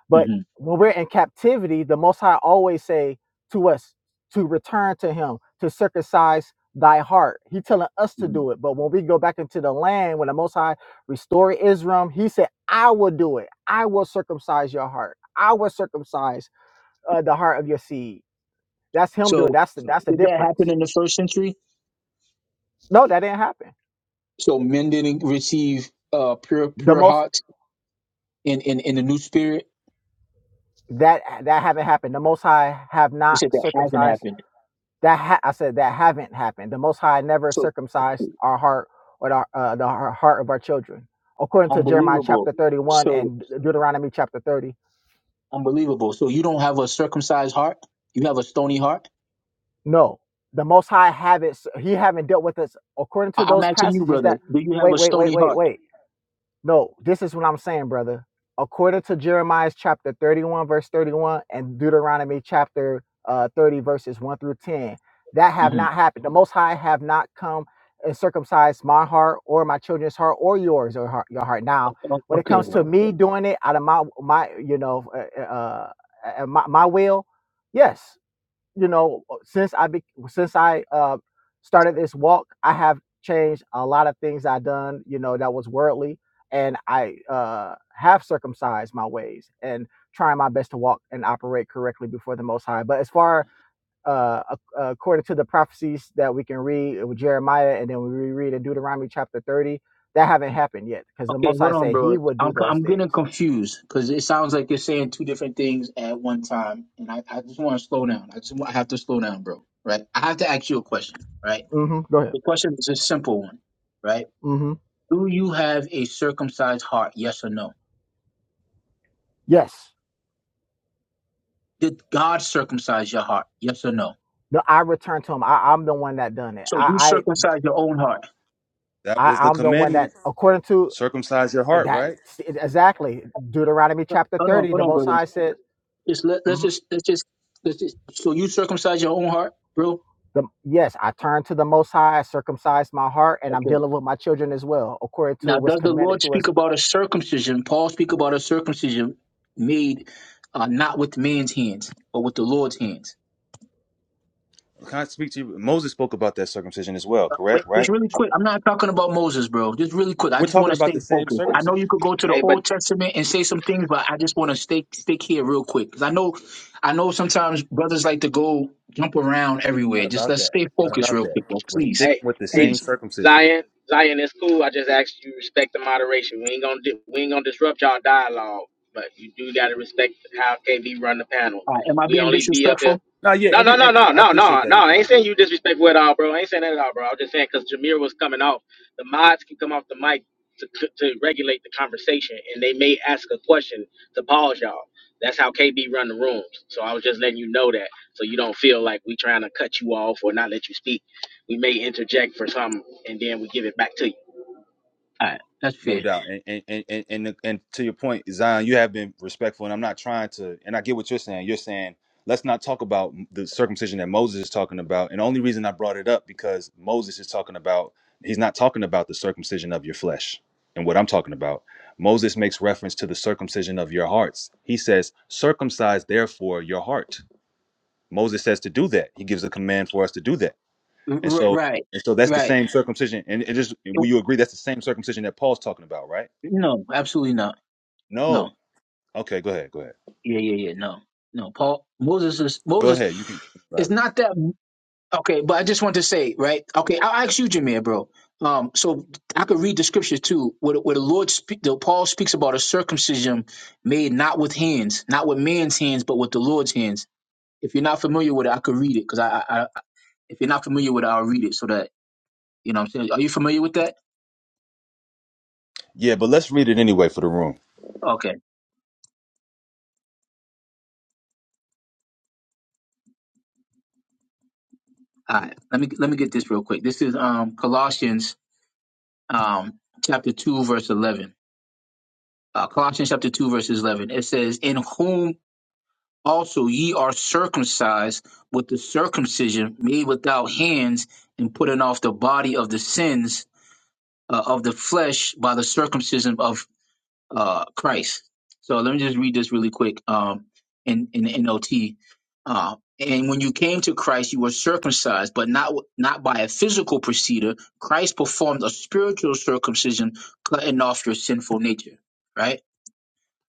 Speaker 5: but
Speaker 8: Mhm.
Speaker 5: when we're in captivity the most high always say to us to return to him to circumcise thy heart he telling us to
Speaker 8: Mhm.
Speaker 5: do it but when we go back into the land when the most high restore israel he said i will do it i will circumcise your heart i will circumcise uh, the heart of your seed that's him
Speaker 8: So
Speaker 5: doing that's the that's the
Speaker 8: did that
Speaker 5: difference
Speaker 8: happen in the first century?
Speaker 5: no that didn't happen
Speaker 8: So men didn't receive uh, pure
Speaker 5: the
Speaker 8: pure
Speaker 5: most
Speaker 8: hearts in, in, in the new spirit.
Speaker 5: that that haven't happened the most high have
Speaker 8: You
Speaker 5: not
Speaker 8: said that hasn't
Speaker 5: circumcised
Speaker 8: happened.
Speaker 5: that ha- i said that haven't happened the most high never
Speaker 8: So
Speaker 5: circumcised our heart or the, uh, the heart of our children according to jeremiah
Speaker 8: unbelievable.
Speaker 5: chapter 31
Speaker 8: So
Speaker 5: and deuteronomy chapter 30
Speaker 8: unbelievable. So you don't have a circumcised heart. You have a stony heart.
Speaker 5: no the most high have not he haven't dealt with us according to
Speaker 8: I- I'm
Speaker 5: those
Speaker 8: asking you,
Speaker 5: passages
Speaker 8: brother.
Speaker 5: that
Speaker 8: Do you have
Speaker 5: wait
Speaker 8: a
Speaker 5: wait wait
Speaker 8: stony
Speaker 5: wait
Speaker 8: heart?
Speaker 5: wait No, this is what I'm saying, brother. According to Jeremiah chapter 31, verse 31, and Deuteronomy chapter uh, 30, verses 1 through 10, that have
Speaker 8: hmm
Speaker 5: not happened. The Most High have not come and circumcised my heart or my children's heart or yours or heart, your heart. Now,
Speaker 8: O-
Speaker 5: when it comes
Speaker 8: Okay,
Speaker 5: to me doing it out of my, my you know, uh, uh, uh, uh, my, my will, yes, you know uh, since i be, since i uh started this walk i have changed a lot of things i done you know that was worldly and i uh have circumcised my ways and trying my best to walk and operate correctly before the most high but as far uh according to the prophecies that we can read uh, with jeremiah and then we read in deuteronomy chapter 30 that haven't happened yet because the
Speaker 8: Okay,
Speaker 5: most high
Speaker 8: hold on,
Speaker 5: said he
Speaker 8: bro.
Speaker 5: would do
Speaker 8: I'm co-
Speaker 5: those
Speaker 8: I'm getting
Speaker 5: things
Speaker 8: confused because it sounds like you're saying two different things at one time, and I, I just want to slow down. I just want, I have to slow down, bro. Right? I have to ask you a question. Right?
Speaker 5: hmm go ahead
Speaker 8: The question is a simple one. Right?
Speaker 5: hmm
Speaker 8: Do you have a circumcised heart? Yes or no?
Speaker 5: yes
Speaker 8: Did God circumcise your heart? Yes or no?
Speaker 5: no i returned to him I, i'm the one that done it
Speaker 8: So you
Speaker 5: i
Speaker 8: circumcised your own heart.
Speaker 3: That was
Speaker 5: I,
Speaker 3: the
Speaker 5: I'm the one that,
Speaker 3: commandment.
Speaker 5: according to
Speaker 3: Circumcise your
Speaker 5: uh,
Speaker 3: heart,
Speaker 5: that,
Speaker 3: right?
Speaker 5: exactly Deuteronomy chapter
Speaker 8: Hold on,
Speaker 5: 30,
Speaker 8: hold
Speaker 5: the
Speaker 8: on,
Speaker 5: Most
Speaker 8: brother.
Speaker 5: High said,
Speaker 8: Just let, let's
Speaker 5: mhm,
Speaker 8: just let's just let's just. So you circumcised your own heart, bro?
Speaker 5: the, Yes, I turned to the Most High, I circumcised my heart, and I'm
Speaker 8: Okay.
Speaker 5: dealing with my children as well, according to
Speaker 8: Now,
Speaker 5: what's
Speaker 8: does the
Speaker 5: commanded
Speaker 8: Lord
Speaker 5: to us
Speaker 8: speak about a circumcision? Paul speak about a circumcision made uh, not with man's hands, but with the Lord's hands.
Speaker 3: Can I speak to you? Moses spoke about that circumcision as well,
Speaker 8: Wait,
Speaker 3: correct?
Speaker 8: just
Speaker 3: Right?
Speaker 8: really quick. I'm not talking about Moses, bro. Just really quick. I
Speaker 3: We're
Speaker 8: just
Speaker 3: talking
Speaker 8: want to
Speaker 3: about
Speaker 8: stay
Speaker 3: the same
Speaker 8: focused. I know you
Speaker 3: circumcision.
Speaker 8: could go to the
Speaker 6: Hey, but.
Speaker 8: Old Testament and say some things, but I just want to stay stick here real quick because I know, I know sometimes brothers like to go jump around
Speaker 3: Not
Speaker 8: everywhere. Just
Speaker 3: about
Speaker 8: let's
Speaker 3: that.
Speaker 8: stay
Speaker 3: Not
Speaker 8: focused
Speaker 3: about
Speaker 8: real
Speaker 3: that.
Speaker 8: quick, bro.
Speaker 3: We're
Speaker 8: Please,
Speaker 3: sticking
Speaker 6: Hey,
Speaker 3: with the
Speaker 6: hey,
Speaker 3: same
Speaker 8: please.
Speaker 3: circumcision.
Speaker 6: Zion, Zion, it's cool. I just asked you to respect the moderation. We ain't gonna di- we ain't gonna disrupt y'all dialogue, but you do gotta respect how KB run the panel.
Speaker 8: All right, am I
Speaker 6: We
Speaker 8: being
Speaker 6: only be up here.
Speaker 8: disrespectful?
Speaker 3: Now, yeah,
Speaker 6: No,
Speaker 3: and
Speaker 6: no,
Speaker 3: we.
Speaker 6: no,
Speaker 3: and
Speaker 6: no,
Speaker 3: I
Speaker 6: no,
Speaker 3: appreciate
Speaker 6: no,
Speaker 3: that,
Speaker 6: no. I
Speaker 3: Nikai.
Speaker 6: ain't saying you disrespectful at all, bro. I ain't saying that at all, bro. I was just saying because Jameer was coming off. The mods can come off the mic to, to to regulate the conversation, and they may ask a question to pause y'all. That's how KB run the rooms. So I was just letting you know that, so you don't feel like we trying to cut you off or not let you speak we may interject for some, and then we give it back to you.
Speaker 8: All right, that's
Speaker 3: No
Speaker 8: fair.
Speaker 3: doubt, and and and and, and to your point, Zion, you have been respectful, and I'm not trying to. And I get what you're saying. You're saying let's not talk about the circumcision that Moses is talking about. And the only reason I brought it up because Moses is talking about he's not talking about the circumcision of your flesh and what I'm talking about. Moses makes reference to the circumcision of your hearts. He says, "Circumcise therefore your heart." Moses says to do that. He gives a command for us to do that,
Speaker 8: R-
Speaker 3: and
Speaker 8: r-
Speaker 3: so
Speaker 8: right,
Speaker 3: and so that's the
Speaker 8: right.
Speaker 3: same circumcision. And it is. Will you agree that's the same circumcision that Paul's talking about, right?
Speaker 8: No, absolutely not. No.
Speaker 3: No. Okay, go ahead. Go ahead.
Speaker 8: Yeah, yeah, yeah. No, no. Paul Moses is
Speaker 3: Go
Speaker 8: Moses.
Speaker 3: ahead. You can.
Speaker 8: It's not that okay, but I just want to say, right? Okay, I'll ask you, Jameer, bro. Um, so I could read the scripture too, where, where the Lord, speak, the Paul speaks about a circumcision made not with hands, not with man's hands, but with the Lord's hands. If you're not familiar with it, I could read it because I, I, I, if you're not familiar with it, I'll read it so that you know. what I'm saying, are you familiar with that?
Speaker 3: Yeah, but let's read it anyway for the room,
Speaker 8: Okay, all right. Let me let me get this real quick. This is um Colossians um chapter two verse eleven. uh, Colossians chapter 2, verses 11. It says, In whom also ye are circumcised with the circumcision made without hands, and putting off the body of the sins uh, of the flesh by the circumcision of uh, Christ. So let me just read this really quick um, in, in the NLT. Uh, and when you came to Christ, you were circumcised, but not not by a physical procedure. Christ performed a spiritual circumcision, cutting off your sinful nature. Right.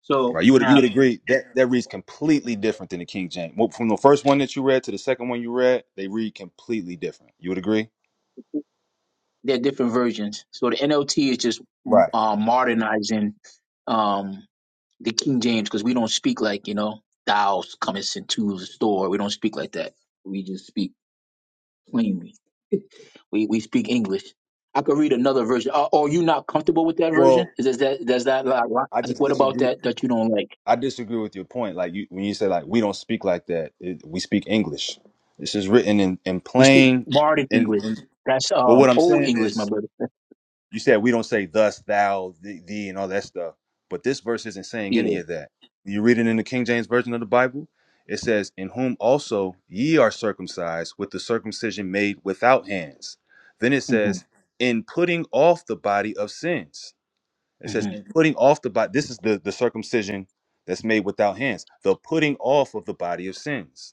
Speaker 8: So
Speaker 3: right? You would you
Speaker 8: now
Speaker 3: would agree that that reads completely different than the King James. Well, From the first one that you read to the second one you read, they read completely different. You would agree?
Speaker 8: they are different versions. So the NLT is just
Speaker 3: Right.
Speaker 8: uh, modernizing um, the King James because we don't speak like you know thou's comest into the store. We don't speak like that. We just speak plainly. We we speak English. I could read another version. Are, are you not comfortable with that
Speaker 3: Well,
Speaker 8: version? Is, is that does that like,
Speaker 3: I
Speaker 8: like
Speaker 3: just
Speaker 8: what about
Speaker 3: disagree.
Speaker 8: that that you don't like?
Speaker 3: I disagree with your point. Like you, when you say like we don't speak like that, it, we speak English. This is written in in
Speaker 8: We speak
Speaker 3: plain.
Speaker 8: modern
Speaker 3: And,
Speaker 8: English.
Speaker 3: and
Speaker 8: That's
Speaker 3: well, what
Speaker 8: um
Speaker 3: I'm
Speaker 8: old
Speaker 3: saying
Speaker 8: English,
Speaker 3: is
Speaker 8: my brother.
Speaker 3: You said we don't say thus, thou, thee, thee, and all that stuff. But this verse isn't saying
Speaker 8: Yeah.
Speaker 3: any of that. You read it in the King James Version of the Bible. It says, In whom also ye are circumcised with the circumcision made without hands. Then it
Speaker 8: hmm
Speaker 3: says, In putting off the body of sins. It says,
Speaker 8: hmm
Speaker 3: In putting off the body. This is the, the circumcision that's made without hands, the putting off of the body of sins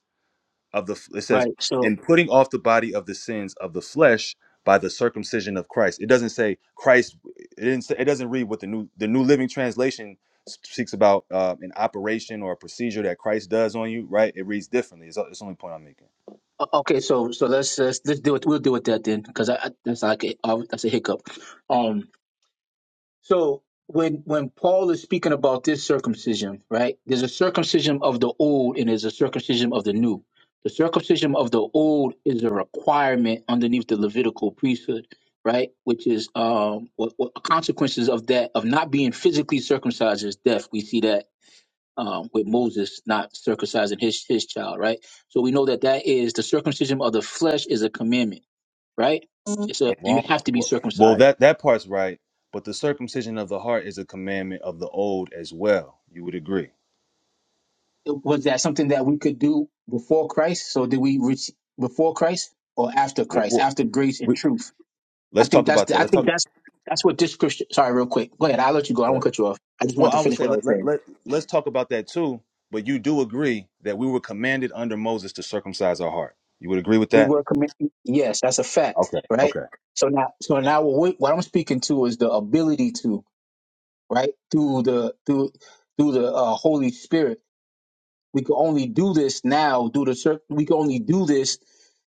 Speaker 3: of the it says
Speaker 8: Right. So
Speaker 3: in putting off the body of the sins of the flesh by the circumcision of Christ. It doesn't say Christ. It didn't. Say, it doesn't read what the new the New Living Translation speaks about uh, an operation or a procedure that Christ does on you. Right? It reads differently. It's, it's the only point I'm making.
Speaker 8: O- Okay, so so let's let's, let's do it. We'll deal with that then, because I, I, that's like a, uh, that's a hiccup. Um, so when when Paul is speaking about this circumcision, right? There's a circumcision of the old, and there's a circumcision of the new. The circumcision of the old is a requirement underneath the Levitical priesthood, right? Which is um, what, what consequences of that of not being physically circumcised is death. We see that um, with Moses not circumcising his his child, right? So we know that that is the circumcision of the flesh is a commandment, right? Mhm. It's
Speaker 3: Uh,
Speaker 8: a you
Speaker 3: Wrong.
Speaker 8: have to be
Speaker 3: Well, well,
Speaker 8: circumcised.
Speaker 3: that that part's right, but the circumcision of the heart is a commandment of the old as well. You would agree.
Speaker 8: Was that something that we could do before Christ? So did we reach before Christ or after
Speaker 3: Well,
Speaker 8: Christ?
Speaker 3: well,
Speaker 8: After grace and
Speaker 3: we,
Speaker 8: truth? I
Speaker 3: let's
Speaker 8: think
Speaker 3: talk
Speaker 8: that's
Speaker 3: about
Speaker 8: the,
Speaker 3: that.
Speaker 8: I
Speaker 3: Let's
Speaker 8: think that's
Speaker 3: talk.
Speaker 8: that's what this Christian. Sorry, real quick. Go ahead. I'll let you go. I won't cut you off. I just
Speaker 3: Well,
Speaker 8: wanted
Speaker 3: I
Speaker 8: to
Speaker 3: would
Speaker 8: finish
Speaker 3: say
Speaker 8: what I
Speaker 3: let,
Speaker 8: was
Speaker 3: let,
Speaker 8: saying.
Speaker 3: let, let's talk about that too, but you do agree that we were commanded under Moses to circumcise our heart. You would agree with
Speaker 8: We
Speaker 3: that?
Speaker 8: were commit. Yes, that's a fact,
Speaker 3: Okay,
Speaker 8: right?
Speaker 3: okay.
Speaker 8: So now, so now, what, what I'm speaking to is the ability to right? Through the through through the uh, Holy Spirit. We can only do this now. Do the cer- we can only do this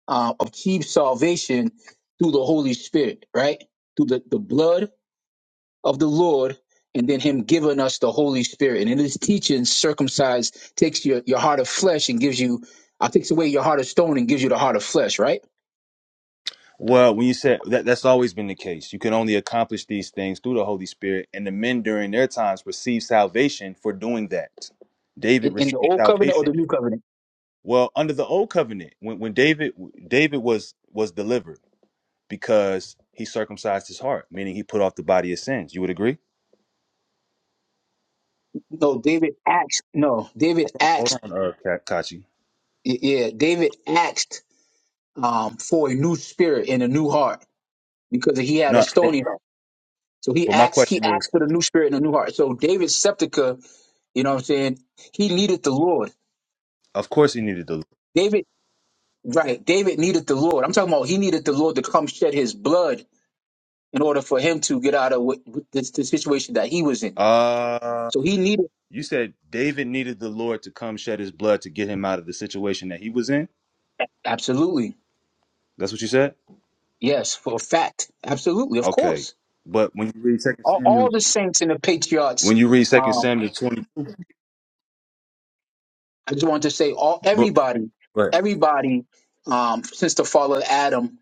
Speaker 8: uh, achieve salvation through the Holy Spirit, right? Through the, the blood of the Lord and then him giving us the Holy Spirit. And in his teaching, circumcised takes your, your heart of flesh and gives you, uh, takes away your heart of stone and gives you the heart of flesh, right?
Speaker 3: Well, when you said that, that's always been the case. You can only accomplish these things through the Holy Spirit, and the men during their times received salvation for doing that.
Speaker 8: In,
Speaker 3: David
Speaker 8: in the
Speaker 3: received
Speaker 8: old covenant or
Speaker 3: salvation.
Speaker 8: the new covenant?
Speaker 3: Well, under the old covenant, when, when David David was was delivered because he circumcised his heart, meaning he put off the body of sins. You would agree?
Speaker 8: No, David asked, no, David
Speaker 3: Hold
Speaker 8: asked,
Speaker 3: on, uh, Ka- Kachi.
Speaker 8: y- yeah, David asked um, for a new spirit and a new heart because he had a
Speaker 3: No,
Speaker 8: stony heart. So he
Speaker 3: but my
Speaker 8: asked, he
Speaker 3: question is.
Speaker 8: asked for the new spirit and a new heart. So David Septica, you know what I'm saying? He needed the Lord.
Speaker 3: Of course, he needed the. Lord.
Speaker 8: David, right. David needed the Lord. I'm talking about he needed the Lord to come shed his blood in order for him to get out of what, this, the situation that he was in.
Speaker 3: Uh,
Speaker 8: So he needed,
Speaker 3: you said David needed the Lord to come shed his blood to get him out of the situation that he was in.
Speaker 8: absolutely.
Speaker 3: That's what you said.
Speaker 8: Yes, for a fact. Absolutely. Of
Speaker 3: Okay,
Speaker 8: course.
Speaker 3: but when you read Second
Speaker 8: All,
Speaker 3: Samuel,
Speaker 8: all the saints and the patriarchs.
Speaker 3: when you read Second
Speaker 8: um,
Speaker 3: Samuel twenty,
Speaker 8: I just want to say all
Speaker 3: but
Speaker 8: everybody,
Speaker 3: but
Speaker 8: everybody, um, since the fall of Adam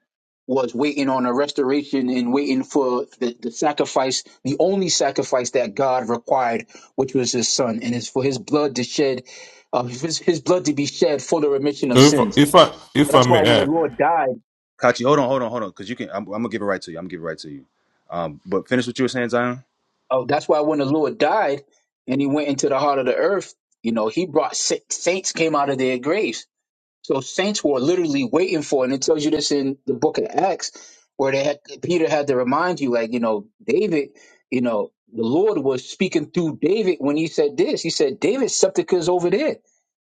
Speaker 8: was waiting on a restoration and waiting for the, the sacrifice, the only sacrifice that God required, which was his son, and it's for his blood to shed, uh, his, his blood to be shed for the remission
Speaker 9: So
Speaker 8: of
Speaker 9: if
Speaker 8: sins.
Speaker 9: if I
Speaker 8: So
Speaker 9: if I
Speaker 8: that's why
Speaker 9: may
Speaker 8: when the
Speaker 9: add,
Speaker 8: Lord died,
Speaker 3: Kachi, hold on, hold on, hold on, because you can. I'm, I'm gonna give it right to you. I'm gonna give it right to you. Um, but finish what you were saying, Zion.
Speaker 8: uh, that's why when the Lord died and he went into the heart of the earth, you know, he brought sa- saints came out of their graves So saints were literally waiting for, and it tells you this in the book of Acts, where they had Peter had to remind you, like you know, David, you know, the Lord was speaking through David when he said this. He said, "David's sepulchre is over there."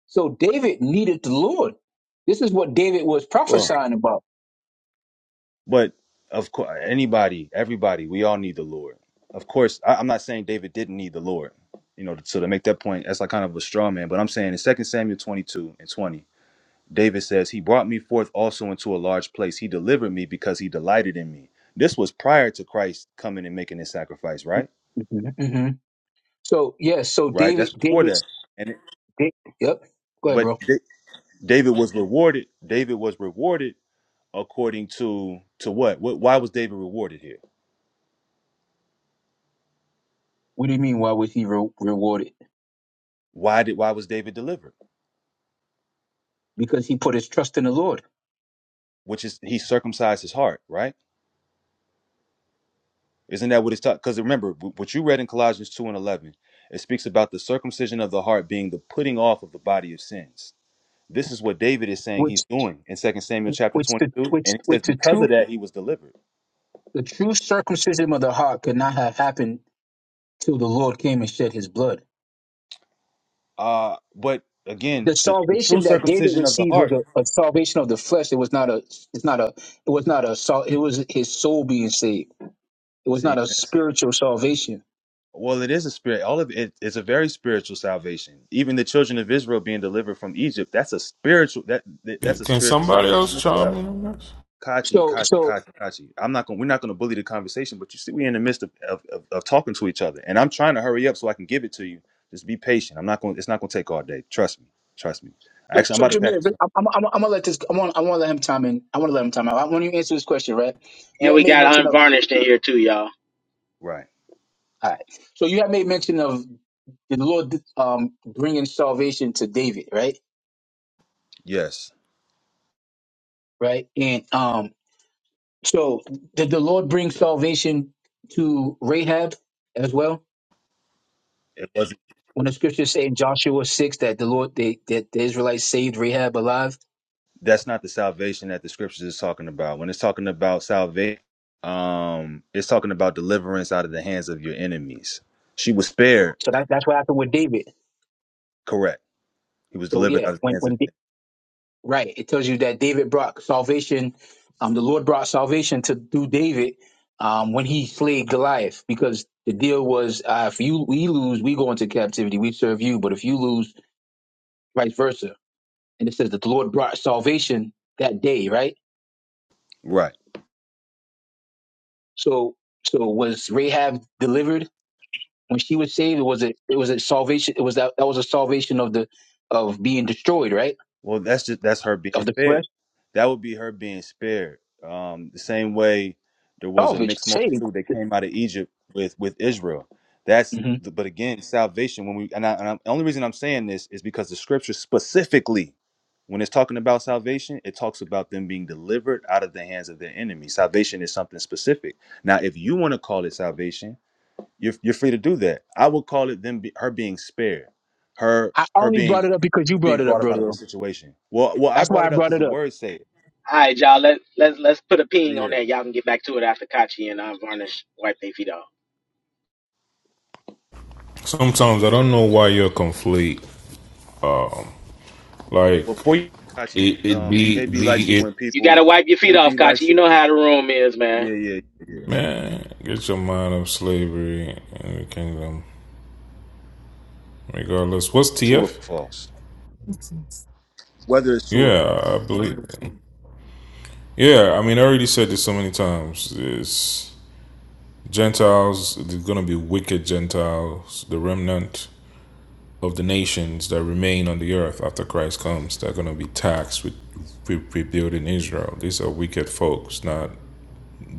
Speaker 8: So David needed the Lord. This is what David was
Speaker 3: Well,
Speaker 8: prophesying about.
Speaker 3: but of course, anybody, everybody, we all need the Lord. Of course, I, I'm not saying David didn't need the Lord. You know, so to make that point, that's like kind of a straw man. But I'm saying in Second Samuel 22 and 20. David says, He brought me forth also into a large place. He delivered me because he delighted in me. This was prior to Christ coming and making his sacrifice, right?
Speaker 8: Mhm, mhm. So yes, so
Speaker 3: Right?
Speaker 8: David,
Speaker 3: That's before that.
Speaker 8: David's,
Speaker 3: And it,
Speaker 8: Da- yep. Go ahead,
Speaker 3: but
Speaker 8: bro.
Speaker 3: Da- David was rewarded. David was rewarded according to to what? what? Why was David rewarded here?
Speaker 8: What do you mean? Why was he re- rewarded?
Speaker 3: Why did why was David delivered?
Speaker 8: Because he put his trust in the Lord,
Speaker 3: Which is he circumcised his heart, right? Isn't that what it's taught? Because remember w- what you read in Colossians two and eleven. It speaks about the circumcision of the heart being the putting off of the body of sins This is what David is saying he's
Speaker 8: which,
Speaker 3: doing in Second Samuel chapter
Speaker 8: which, the,
Speaker 3: 22.
Speaker 8: which,
Speaker 3: And he
Speaker 8: which
Speaker 3: says,
Speaker 8: the true
Speaker 3: because of that, he was delivered.
Speaker 8: The true circumcision of the heart could not have happened till the Lord came and shed his blood.
Speaker 3: Uh, but again,
Speaker 8: The
Speaker 3: the, the true
Speaker 8: salvation that David
Speaker 3: circumcision of the
Speaker 8: received was
Speaker 3: heart.
Speaker 8: a, a salvation of the flesh. It was not a it's not a it was not a sal- it was his soul being saved. It was not
Speaker 3: See,
Speaker 8: a
Speaker 3: that's-
Speaker 8: spiritual salvation.
Speaker 3: well, it is a spirit. All of it is a very spiritual salvation. Even the children of Israel being delivered from Egypt, that's a spiritual that that-
Speaker 9: can
Speaker 3: that's a
Speaker 9: can
Speaker 3: spiritual
Speaker 9: somebody
Speaker 3: salvation
Speaker 9: else
Speaker 3: as
Speaker 9: chime
Speaker 3: well.
Speaker 9: in on this?
Speaker 3: Kachi,
Speaker 8: So
Speaker 3: Kachi,
Speaker 8: so
Speaker 3: Kachi, Kachi. I'm not going. We're not going to bully the conversation, but you see, we're in the midst of, of, of, of talking to each other, and I'm trying to hurry up so I can give it to you. Just be patient. I'm not going. It's not going to take all day. Trust me. Trust me.
Speaker 8: so,
Speaker 3: Actually, I'm
Speaker 8: so
Speaker 3: about to pack
Speaker 8: Jameer,
Speaker 3: this.
Speaker 8: but I'm, I'm, I'm, I'm gonna let this I want I want to let him time in. I want to let him time out. I want you to answer this question, right? You
Speaker 6: And
Speaker 8: had
Speaker 6: we
Speaker 8: made
Speaker 6: got
Speaker 8: mention of
Speaker 6: unvarnished in here too, y'all.
Speaker 3: Right.
Speaker 8: all right. So you had made mention of the Lord um bringing salvation to David, right?
Speaker 3: Yes.
Speaker 8: Right? And um So did the Lord bring salvation to Rahab as well?
Speaker 3: It wasn't.
Speaker 8: When the scriptures say in Joshua six that the Lord they, that the Israelites saved Rahab alive,
Speaker 3: That's not the salvation that the scriptures is talking about. When it's talking about salvation, um, it's talking about deliverance out of the hands of your enemies. She was spared.
Speaker 8: so that, that's what happened with David.
Speaker 3: Correct. He was
Speaker 8: So
Speaker 3: delivered
Speaker 8: yeah,
Speaker 3: out of the
Speaker 8: when
Speaker 3: hands of.
Speaker 8: when Da- right, it tells you that David brought salvation. Um, the Lord brought salvation to through David um, when he slayed Goliath because the deal was uh, if you we lose, we go into captivity, we serve you, but if you lose, vice versa. And it says that the Lord brought salvation that day, right?
Speaker 3: Right.
Speaker 8: So so was Rahab delivered when she was saved? Was it it was a salvation? It was that that was a salvation of the of being destroyed, right?
Speaker 3: Well, that's just that's her being
Speaker 8: Of the flesh,
Speaker 3: spared. That would be her being spared. Um, the same way there was a
Speaker 8: salvaged,
Speaker 3: mixed
Speaker 8: saved.
Speaker 3: multitude that came out of Egypt with with Israel. That's
Speaker 8: hmm
Speaker 3: the, but again, salvation. When we and, I, and I'm, the only reason I'm saying this is because the scripture specifically, when it's talking about salvation, it talks about them being delivered out of the hands of their enemies. Salvation is something specific. Now, if you want to call it salvation, you're you're free to do that. I would call it them be, her being spared, her
Speaker 8: I
Speaker 3: her
Speaker 8: only
Speaker 3: being
Speaker 8: brought it up because you
Speaker 3: being
Speaker 8: brought it up,
Speaker 3: brought up out of
Speaker 8: brother.
Speaker 3: a situation. Well, well, I
Speaker 8: That's
Speaker 3: brought
Speaker 8: why I
Speaker 3: it up
Speaker 8: brought
Speaker 3: because
Speaker 8: it
Speaker 3: the
Speaker 8: up.
Speaker 3: words say it.
Speaker 6: All right, y'all. Let let's let's put a
Speaker 3: But
Speaker 6: ping on
Speaker 3: yeah,
Speaker 6: that. Y'all can get back to it after Kachi and unvarnished wipe their feet off.
Speaker 9: Sometimes I don't know why you're complete. Like
Speaker 3: before you, Kachi,
Speaker 9: it, it
Speaker 3: um,
Speaker 9: be
Speaker 3: KB likes
Speaker 9: be
Speaker 3: it
Speaker 9: it
Speaker 3: when
Speaker 6: You
Speaker 3: people.
Speaker 6: gotta wipe your feet off,
Speaker 3: KB
Speaker 6: Kachi.
Speaker 3: likes
Speaker 6: You
Speaker 3: it.
Speaker 6: know how the room is,
Speaker 3: Yeah,
Speaker 6: man.
Speaker 3: yeah, yeah. yeah.
Speaker 9: man, get your mind off slavery and the kingdom. Regardless, what's
Speaker 3: True or
Speaker 9: TF?
Speaker 3: false? Whether it's true or false.
Speaker 9: Yeah, I believe. Yeah, I mean, I already said this so many times. It's Gentiles. They're gonna be wicked Gentiles, the remnant. of the nations that remain on the earth after Christ comes. They're going to be taxed with rebuilding Israel. These are wicked folks, not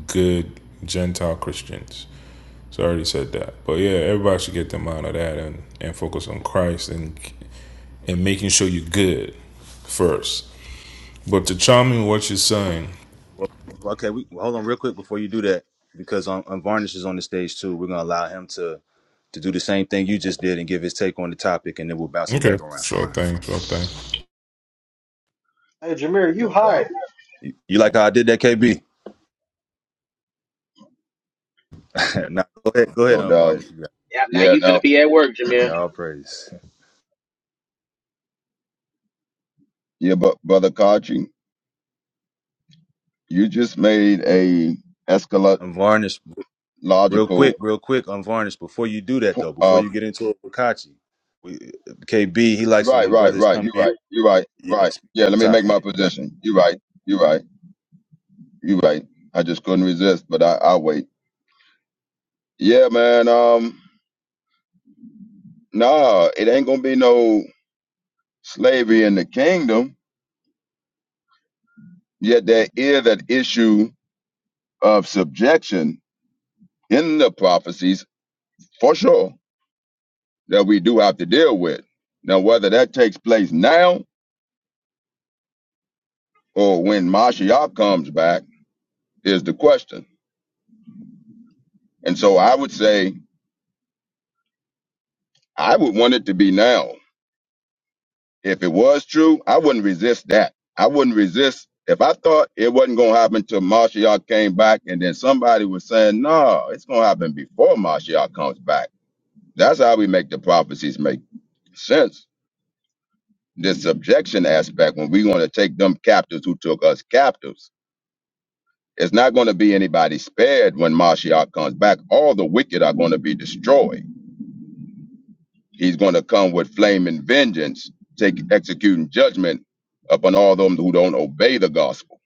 Speaker 9: good Gentile Christians. So I already said that. But yeah, everybody should get them out of that and, and focus on Christ and and making sure you're good first. But to chime in what you're saying.
Speaker 3: Well, well, okay. We well, hold on real quick before you do that because um, um, Varnish is on the stage too. We're gonna allow him to to do the same thing you just did and give his take on the topic, and then we'll bounce it
Speaker 9: Okay.
Speaker 3: back around.
Speaker 9: Sure thing, sure thing.
Speaker 1: Hey, Jameer, you
Speaker 10: No doubt.
Speaker 1: hired.
Speaker 3: You like how I did that, KB? now go ahead, go ahead,
Speaker 10: No doubt.
Speaker 3: Unvarnished. You got
Speaker 6: Yeah, now
Speaker 10: Yeah,
Speaker 6: you
Speaker 10: no.
Speaker 6: finna be at work,
Speaker 3: it. Hey,
Speaker 6: Jameer.
Speaker 3: all praise.
Speaker 10: Yeah, but brother Kachi, you just made a
Speaker 3: Unvarnished Real
Speaker 10: eschatological
Speaker 3: quick, real quick, unvarnished. Before you do that, though, before
Speaker 10: uh
Speaker 3: you get into it with Kachi, we, KB, he likes it
Speaker 10: right,
Speaker 3: when
Speaker 10: right,
Speaker 3: brothers
Speaker 10: right.
Speaker 3: come
Speaker 10: You're
Speaker 3: in.
Speaker 10: right. You're right.
Speaker 3: Yeah,
Speaker 10: Right.
Speaker 3: speak to
Speaker 10: Yeah,
Speaker 3: the
Speaker 10: let me
Speaker 3: top.
Speaker 10: make my
Speaker 3: Yeah, you got.
Speaker 10: position. You're right. You're right. You're right. I just couldn't resist, but I I wait. Yeah, man. Um nah, it ain't gonna be no slavery in the kingdom. Yet there is that issue of subjection in the prophecies for sure that we do have to deal with. Now, whether that takes place now or when Mashiach comes back is the question. And so I would say I would want it to be now. If it was true, I wouldn't resist that. I wouldn't resist if I thought it wasn't going to happen till Mashiach came back and then somebody was saying, no, it's going to happen before Mashiach comes back. That's how we make the prophecies make sense. This subjection aspect when we want to take them captives who took us captives It's not going to be anybody spared when Mashiach comes back. All the wicked are going to be destroyed. He's going to come with flaming vengeance, take executing judgment upon all them who don't obey the gospel.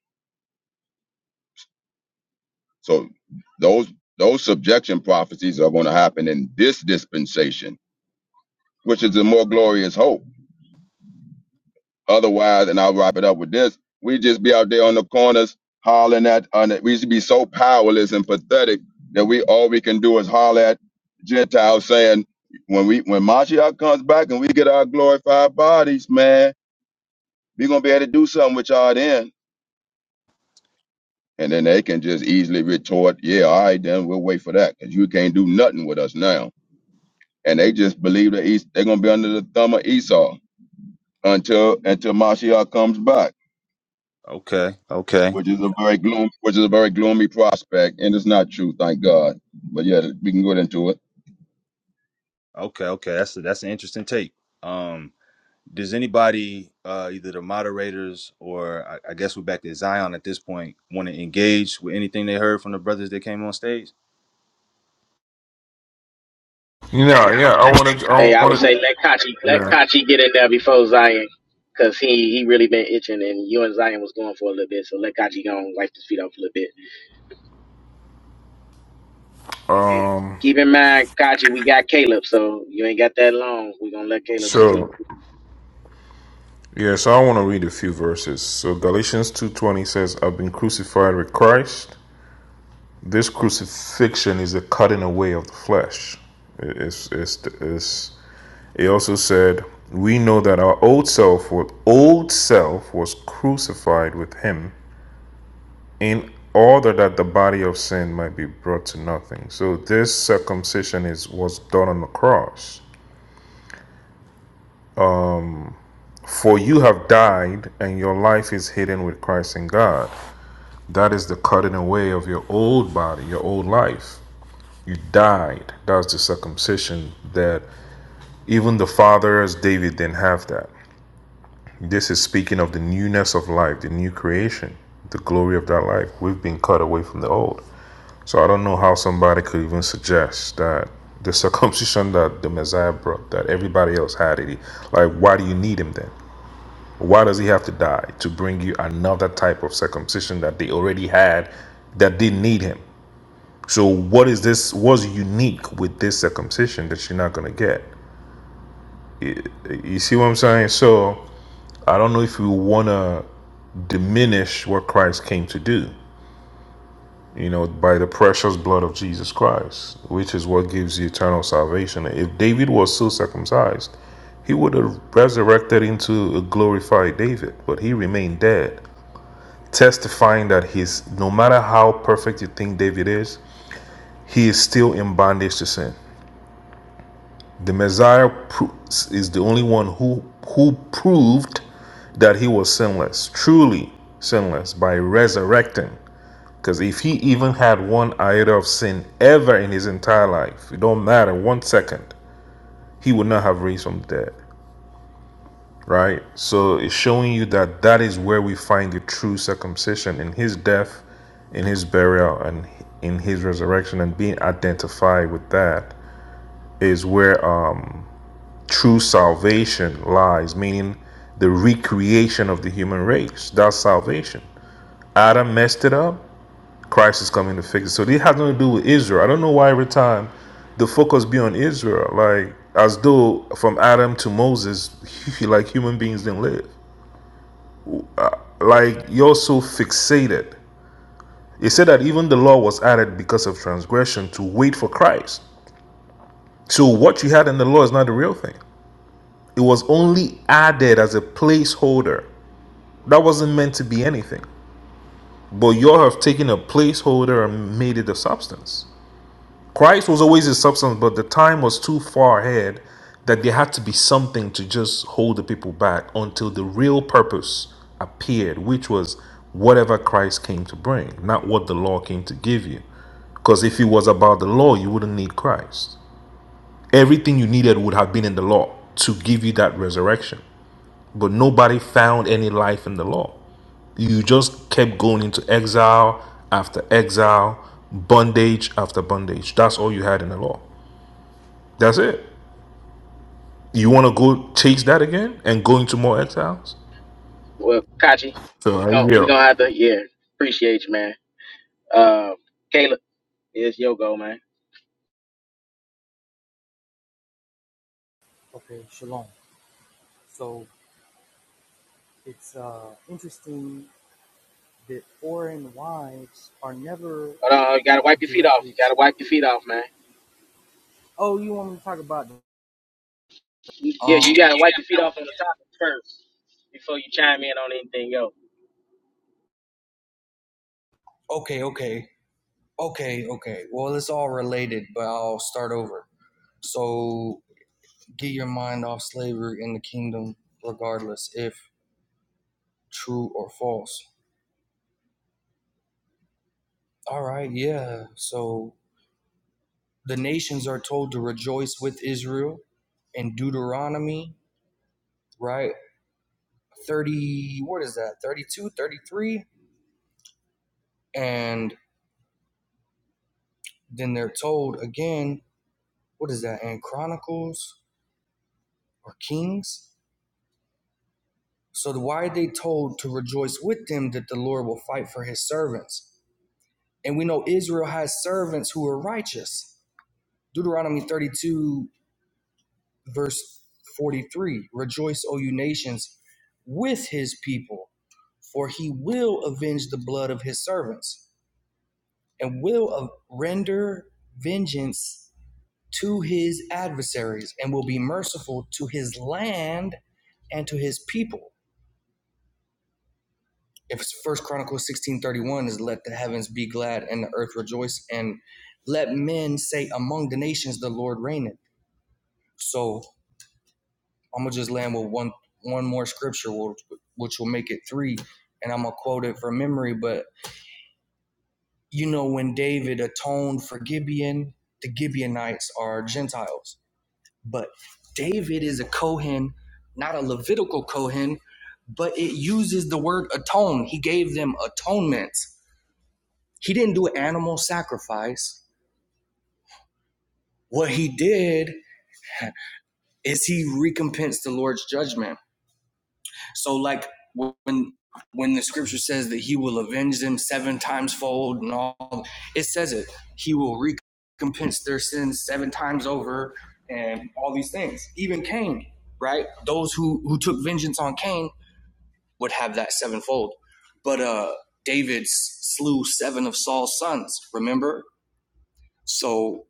Speaker 10: So those those subjection prophecies are going to happen in this dispensation, which is a more glorious hope. Otherwise, and I'll wrap it up with this: we just be out there on the corners hollering at. On it. We should be so powerless and pathetic that we all we can do is holler at Gentiles, saying, "When we when Mashiach comes back and we get our glorified bodies, man, we gonna be able to do something with y'all then." And then they can just easily retort, "Yeah, all right, then we'll wait for that because you can't do nothing with us now." And they just believe that Es- they're gonna be under the thumb of Esau until until Mashiach comes back.
Speaker 3: It. Okay, okay,
Speaker 10: which is a very gloom, which is a very gloomy prospect, and it's not true, thank God. But yeah, we can go into it.
Speaker 3: okay, okay. That's a, that's an interesting take. Um, does anybody, uh, either the moderators or I, I guess we're back to Zion at this point, want to engage with anything they heard from the brothers that came on stage?
Speaker 9: Yeah, yeah. I wanted
Speaker 6: Hey,
Speaker 9: I
Speaker 6: I would
Speaker 9: wanted
Speaker 6: say let Kachi let
Speaker 9: yeah.
Speaker 6: Kachi get in there before Zion, cause he he really been itching, and you and Zion was going for a little bit. So let Kachi go and wipe his feet off a little bit. And
Speaker 9: Um
Speaker 6: keep in mind, Kachi, we got Caleb, so you ain't got that long. We are gonna let Caleb speak.
Speaker 9: sure. Yeah, so I want to read a few verses. So Galatians 2:20 says, "I've been crucified with Christ. This crucifixion is the cutting away of the flesh." It- It's, it's, it's, it also said, "We know that our old self, old self, was crucified with Him in order that the body of sin might be brought to nothing." So this circumcision is was done on the cross. For you have died, and your life is hidden with Christ in God. That is the cutting away of your old body, your old life. You died. That's the circumcision that even the fathers, David, didn't have that. This is speaking of the newness of life, the new creation, the glory of that life. We've been cut away from the old. So I don't know how somebody could even suggest that the circumcision that the Messiah brought, that everybody else had it. Like, why do you need him then? Why does he have to die to bring you another type of circumcision that they already had that didn't need him? So what is this? What's unique with this circumcision that you're not gonna get? You, see what I'm saying? So I don't know if you wanna diminish what Christ came to do. You know, by the precious blood of Jesus Christ, which is what gives you eternal salvation. If David was so circumcised, he would have resurrected into a glorified David, but he remained dead, testifying that he's no matter how perfect you think David is, he is still in bondage to sin. The Messiah is the only one who who proved that he was sinless, truly sinless, by resurrecting. Because if he even had one iota of sin ever in his entire life, it don't matter one second, he would not have raised from the dead, right? So it's showing you that that is where we find the true circumcision in his death, in his burial, and in his resurrection, and being identified with that is where True salvation lies, meaning the recreation of the human race. That's salvation. Adam messed it up. Christ is coming to fix it. So this has nothing to do with Israel. I don't know why every time the focus be on Israel, like as though from Adam to Moses, like human beings didn't live. Like you're so fixated. It said that even the law was added because of transgression to wait for Christ. So what you had in the law is not the real thing. It was only added as a placeholder That wasn't meant to be anything. But you have taken a placeholder and made it a substance. Christ was always a substance, but the time was too far ahead that there had to be something to just hold the people back until the real purpose appeared, which was whatever Christ came to bring, not what the law came to give you. Because if it was about the law, you wouldn't need Christ. Everything you needed would have been in the law to give you that resurrection. But nobody found any life in the law. You just kept going into exile after exile, bondage after bondage. That's all you had in the law. That's it. You want to go chase that again and go into more exiles?
Speaker 6: Well, Kachi,
Speaker 9: So
Speaker 6: we're
Speaker 9: I
Speaker 6: gonna, we
Speaker 9: yeah.
Speaker 6: gonna have to, yeah, appreciate you, man. Uh, Caleb, it's your go, man.
Speaker 11: Okay, shalom. So it's uh, interesting that foreign wives are never
Speaker 6: Hold on, you gotta wipe your feet off.
Speaker 11: directly.
Speaker 6: You
Speaker 11: Ex-
Speaker 6: gotta wipe your feet off, man.
Speaker 11: oh, you want me to talk about?
Speaker 6: Yeah,
Speaker 11: Um,
Speaker 6: you gotta wipe your feet off on the topic first before you chime in on anything else.
Speaker 11: okay, okay, okay, okay. Well, it's all related, but I'll start over. So get your mind off slavery in the kingdom, regardless if true or false. All right, yeah. So the nations are told to rejoice with Israel in Deuteronomy, right? 30, what is that, 32, 33, And then they're told again, what is that, in Chronicles or Kings? So why are they told to rejoice with them that the Lord will fight for his servants? And we know Israel has servants who are righteous. Deuteronomy 32, verse 43 Rejoice, O you nations, with his people, for he will avenge the blood of his servants and will render vengeance to his adversaries and will be merciful to his land and to his people. If it's First Chronicles sixteen thirty one is let the heavens be glad and the earth rejoice and let men say among the nations the Lord reigneth. So I'm gonna just land with one one more scripture which, which will make it three, and I'm gonna quote it from memory. But you know when David atoned for Gibeon, the Gibeonites are Gentiles But David is a Kohen, not a Levitical Kohen, but it uses the word atone. He gave them atonements. He didn't do an animal sacrifice. What he did is he recompensed the Lord's judgment. So, like when when the scripture says that he will avenge them seven times fold and all, it says it. He will recompense their sins seven times over and all these things. Even Cain, right? Those who who took vengeance on Cain, would have that sevenfold. But uh, David slew seven of Saul's sons, remember? So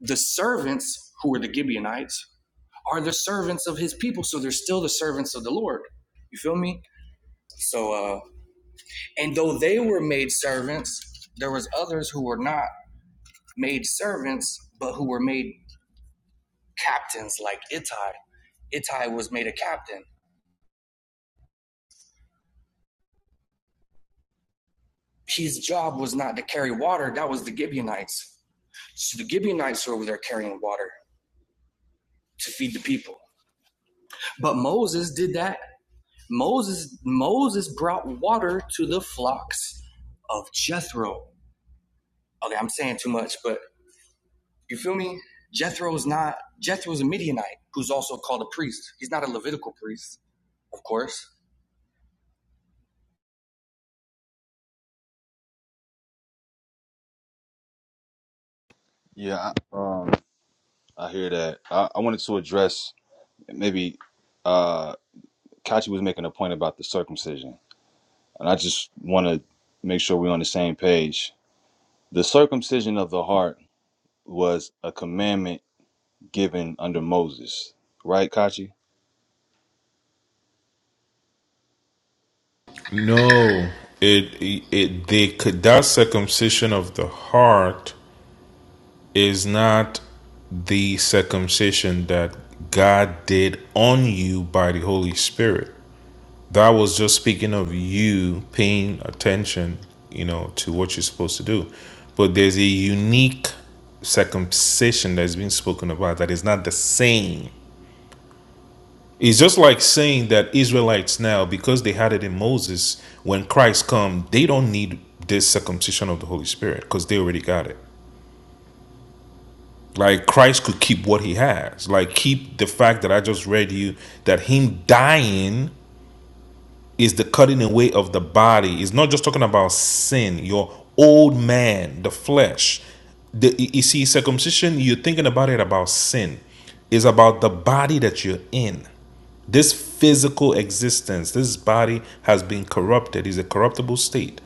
Speaker 11: the servants, who were the Gibeonites, are the servants of his people. So they're still the servants of the Lord. You feel me? So, uh, and though they were made servants, there was others who were not made servants, but who were made captains like Ittai. Ittai was made a captain. His job was not to carry water. That was the Gibeonites. So the Gibeonites were over there carrying water. to feed the people. But Moses did that. Moses Moses brought water to the flocks of Jethro. Okay, I'm saying too much, but you feel me? Jethro's not Jethro's a Midianite who's also called a priest. He's not a Levitical priest, of course.
Speaker 3: Yeah, I, um, I hear that. I, I wanted to address maybe uh, Kachi was making a point about the circumcision And I just want to make sure we're on the same page. The circumcision of the heart was a commandment given under Moses, right, Kachi?
Speaker 9: No, it it it- they could that circumcision of the heart is not the circumcision that God did on you by the Holy Spirit. That was just speaking of you paying attention, you know, to what you're supposed to do. But there's a unique circumcision has been spoken about that is not the same. It's just like saying that Israelites now, because they had it in Moses, when Christ come, they don't need this circumcision of the Holy Spirit because they already got it. Like Christ could keep what he has. Like keep the fact that I just read you that him dying is the cutting away of the body. It's not just talking about sin, your old man, the flesh. The, you see, circumcision, you're thinking about it about sin. It's about the body that you're in. This physical existence, this body has been corrupted, is a corruptible state.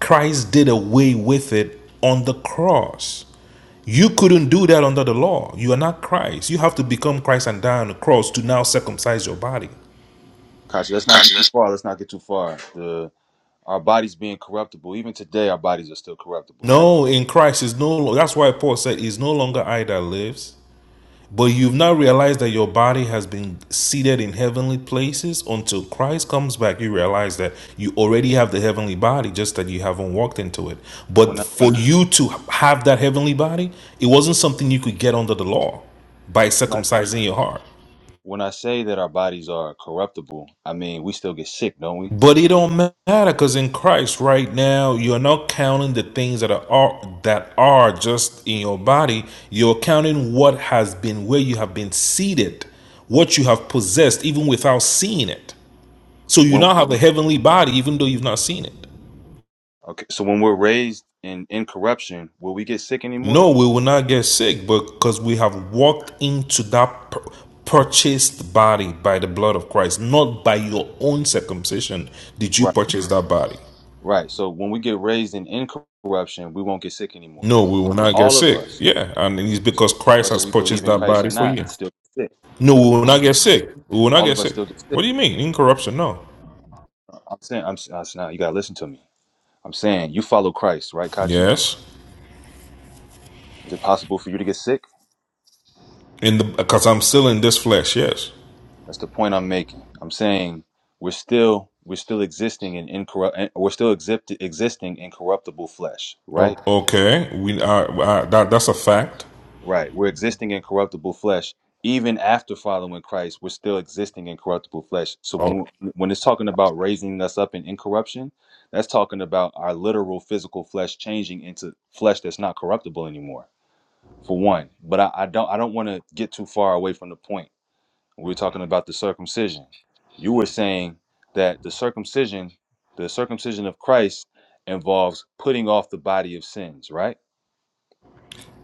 Speaker 9: Christ did away with it on the cross. You couldn't do that under the law. You are not Christ. You have to become Christ and die on the cross to now circumcise your body.
Speaker 3: Kachi, let's not get too far. Let's not get too far. The our bodies being corruptible, even today, our bodies are still corruptible, right?
Speaker 9: No, in Christ is no. lo- That's why Paul said, "Is no longer I that lives, but you've now realized that your body has been seated in heavenly places until Christ comes back. You realize that you already have the heavenly body, just that you haven't walked into it. But
Speaker 3: When I,
Speaker 9: for you to have that heavenly body, it wasn't something you could get under the law by
Speaker 3: when I
Speaker 9: circumcising your heart.
Speaker 3: when I say that our bodies are corruptible, I mean we still get sick, don't we?
Speaker 9: But it don't matter because in Christ right now, you're not counting the things that are that are just in your body. You're counting what has been where you have been seated, what you have possessed, even without seeing it. So you
Speaker 3: When
Speaker 9: now have a heavenly body, even though you've not seen it.
Speaker 3: okay, so when we're raised in incorruption, will we get sick anymore?
Speaker 9: No, we will not get sick but because we have walked into that pur- purchased body by the blood of Christ, not by your own circumcision did you
Speaker 3: Right,
Speaker 9: purchase that body.
Speaker 3: right. So when we get raised in incorruption, we won't get sick anymore
Speaker 9: No, we will not get
Speaker 3: All of
Speaker 9: sick.
Speaker 3: us,
Speaker 9: Yeah, and it's because Christ
Speaker 3: whether
Speaker 9: has
Speaker 3: we
Speaker 9: purchased
Speaker 3: believe in
Speaker 9: that
Speaker 3: Christ or
Speaker 9: body for
Speaker 3: not,
Speaker 9: you.
Speaker 3: still get sick.
Speaker 9: No, we will not get sick. We will not
Speaker 3: All
Speaker 9: get
Speaker 3: of us
Speaker 9: sick.
Speaker 3: still get sick.
Speaker 9: What do you mean? Incorruption? No.
Speaker 3: I'm saying, I'm, I'm now you gotta listen to me. I'm saying you follow Christ, right, Kachi?
Speaker 9: Yes.
Speaker 3: Is it possible for you to get sick?
Speaker 9: In the because I'm still in this flesh. Yes.
Speaker 3: That's the point I'm making. I'm saying we're still we're still existing in incorrupt we're still exist, existing in corruptible flesh, right?
Speaker 9: O- Okay. We are uh, that. That's a fact.
Speaker 3: Right. We're existing in corruptible flesh. Even after following Christ, we're still existing in corruptible flesh. So
Speaker 9: Oh,
Speaker 3: when when it's talking about raising us up in incorruption, that's talking about our literal physical flesh changing into flesh that's not corruptible anymore. For one, but I, I don't I don't want to get too far away from the point. We were talking about the circumcision. You were saying that the circumcision, the circumcision of Christ, involves putting off the body of sins, right?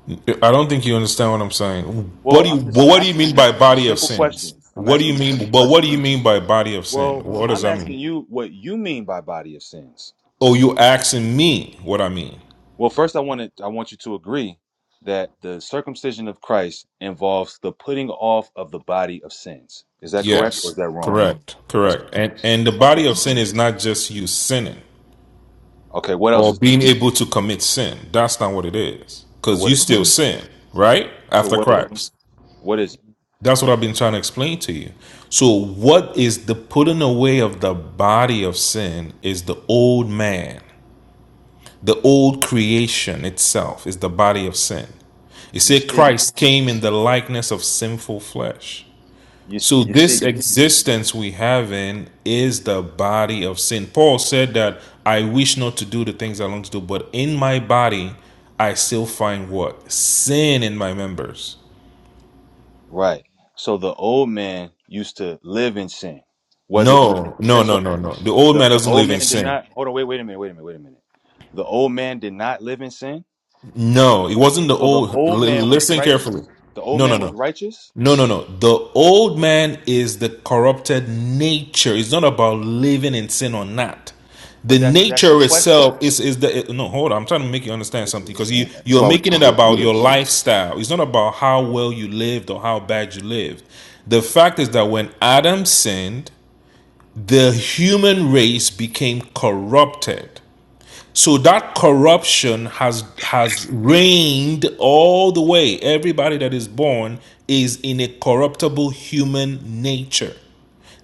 Speaker 9: I don't think you understand what I'm saying. What
Speaker 3: Well,
Speaker 9: do you?
Speaker 3: I'm
Speaker 9: But
Speaker 3: just
Speaker 9: what do you
Speaker 3: asking
Speaker 9: mean
Speaker 3: you
Speaker 9: by body of
Speaker 3: simple
Speaker 9: sins?
Speaker 3: questions. I'm
Speaker 9: What do
Speaker 3: asking
Speaker 9: you
Speaker 3: you
Speaker 9: mean?
Speaker 3: simple
Speaker 9: But what do
Speaker 3: questions.
Speaker 9: you mean by body of sin?
Speaker 3: Well,
Speaker 9: What does
Speaker 3: I'm
Speaker 9: that mean?
Speaker 3: asking you what you mean by body of sins.
Speaker 9: Oh, you asking me what I mean?
Speaker 3: Well, first I wanted I want you to agree that the circumcision of Christ involves the putting off of the body of sins. Is that correct or
Speaker 9: Yes,
Speaker 3: is that wrong?
Speaker 9: correct,
Speaker 3: That's correct.
Speaker 9: correct. And and the body
Speaker 3: Okay.
Speaker 9: of sin is not just you sinning
Speaker 3: Okay, what else
Speaker 9: or
Speaker 3: is the,
Speaker 9: being able to commit sin. That's not what it is.
Speaker 3: So
Speaker 9: Because
Speaker 3: what
Speaker 9: you
Speaker 3: is it?
Speaker 9: still sin, right?
Speaker 3: So
Speaker 9: After
Speaker 3: what is it?
Speaker 9: Christ.
Speaker 3: What is it?
Speaker 9: That's what I've been trying to explain to you. So what is the putting away of the body of sin is the old man. The old creation itself is the body of sin. You
Speaker 3: You
Speaker 9: see,
Speaker 3: see
Speaker 9: Christ came in the likeness of sinful flesh.
Speaker 3: you s-
Speaker 9: So
Speaker 3: you see
Speaker 9: this existence we have in is the body of sin. Paul said that I wish not to do the things I long to do, but in my body I still find what? Sin in my members.
Speaker 3: right. So the old man used to live in sin, whether through
Speaker 9: No, no,
Speaker 3: ignorance or
Speaker 9: no, no, no. The old
Speaker 3: The,
Speaker 9: man
Speaker 3: the
Speaker 9: doesn't
Speaker 3: old
Speaker 9: live in
Speaker 3: man did
Speaker 9: sin.
Speaker 3: not. Hold on. Wait. Wait a minute. Wait a minute. Wait a minute. The old man did not live in sin.
Speaker 9: No, it wasn't the
Speaker 3: So the
Speaker 9: old. L-
Speaker 3: old man was
Speaker 9: listen carefully.
Speaker 3: righteous. The old
Speaker 9: No, no,
Speaker 3: man was
Speaker 9: no.
Speaker 3: righteous.
Speaker 9: No, no, no. The old man is the corrupted nature. It's not about living in sin or not. The
Speaker 3: But that's that's the
Speaker 9: nature
Speaker 3: question.
Speaker 9: itself is is the no. Hold on, I'm trying to make you understand
Speaker 3: This
Speaker 9: something
Speaker 3: is
Speaker 9: because you
Speaker 3: man, that's
Speaker 9: you're
Speaker 3: why we're not
Speaker 9: making
Speaker 3: gonna
Speaker 9: it
Speaker 3: be able to do
Speaker 9: about your
Speaker 3: this.
Speaker 9: lifestyle. It's not about how well you lived or how bad you lived. The fact is that when Adam sinned, the human race became corrupted. So that corruption has has reigned all the way. Everybody that is born is in a corruptible human nature.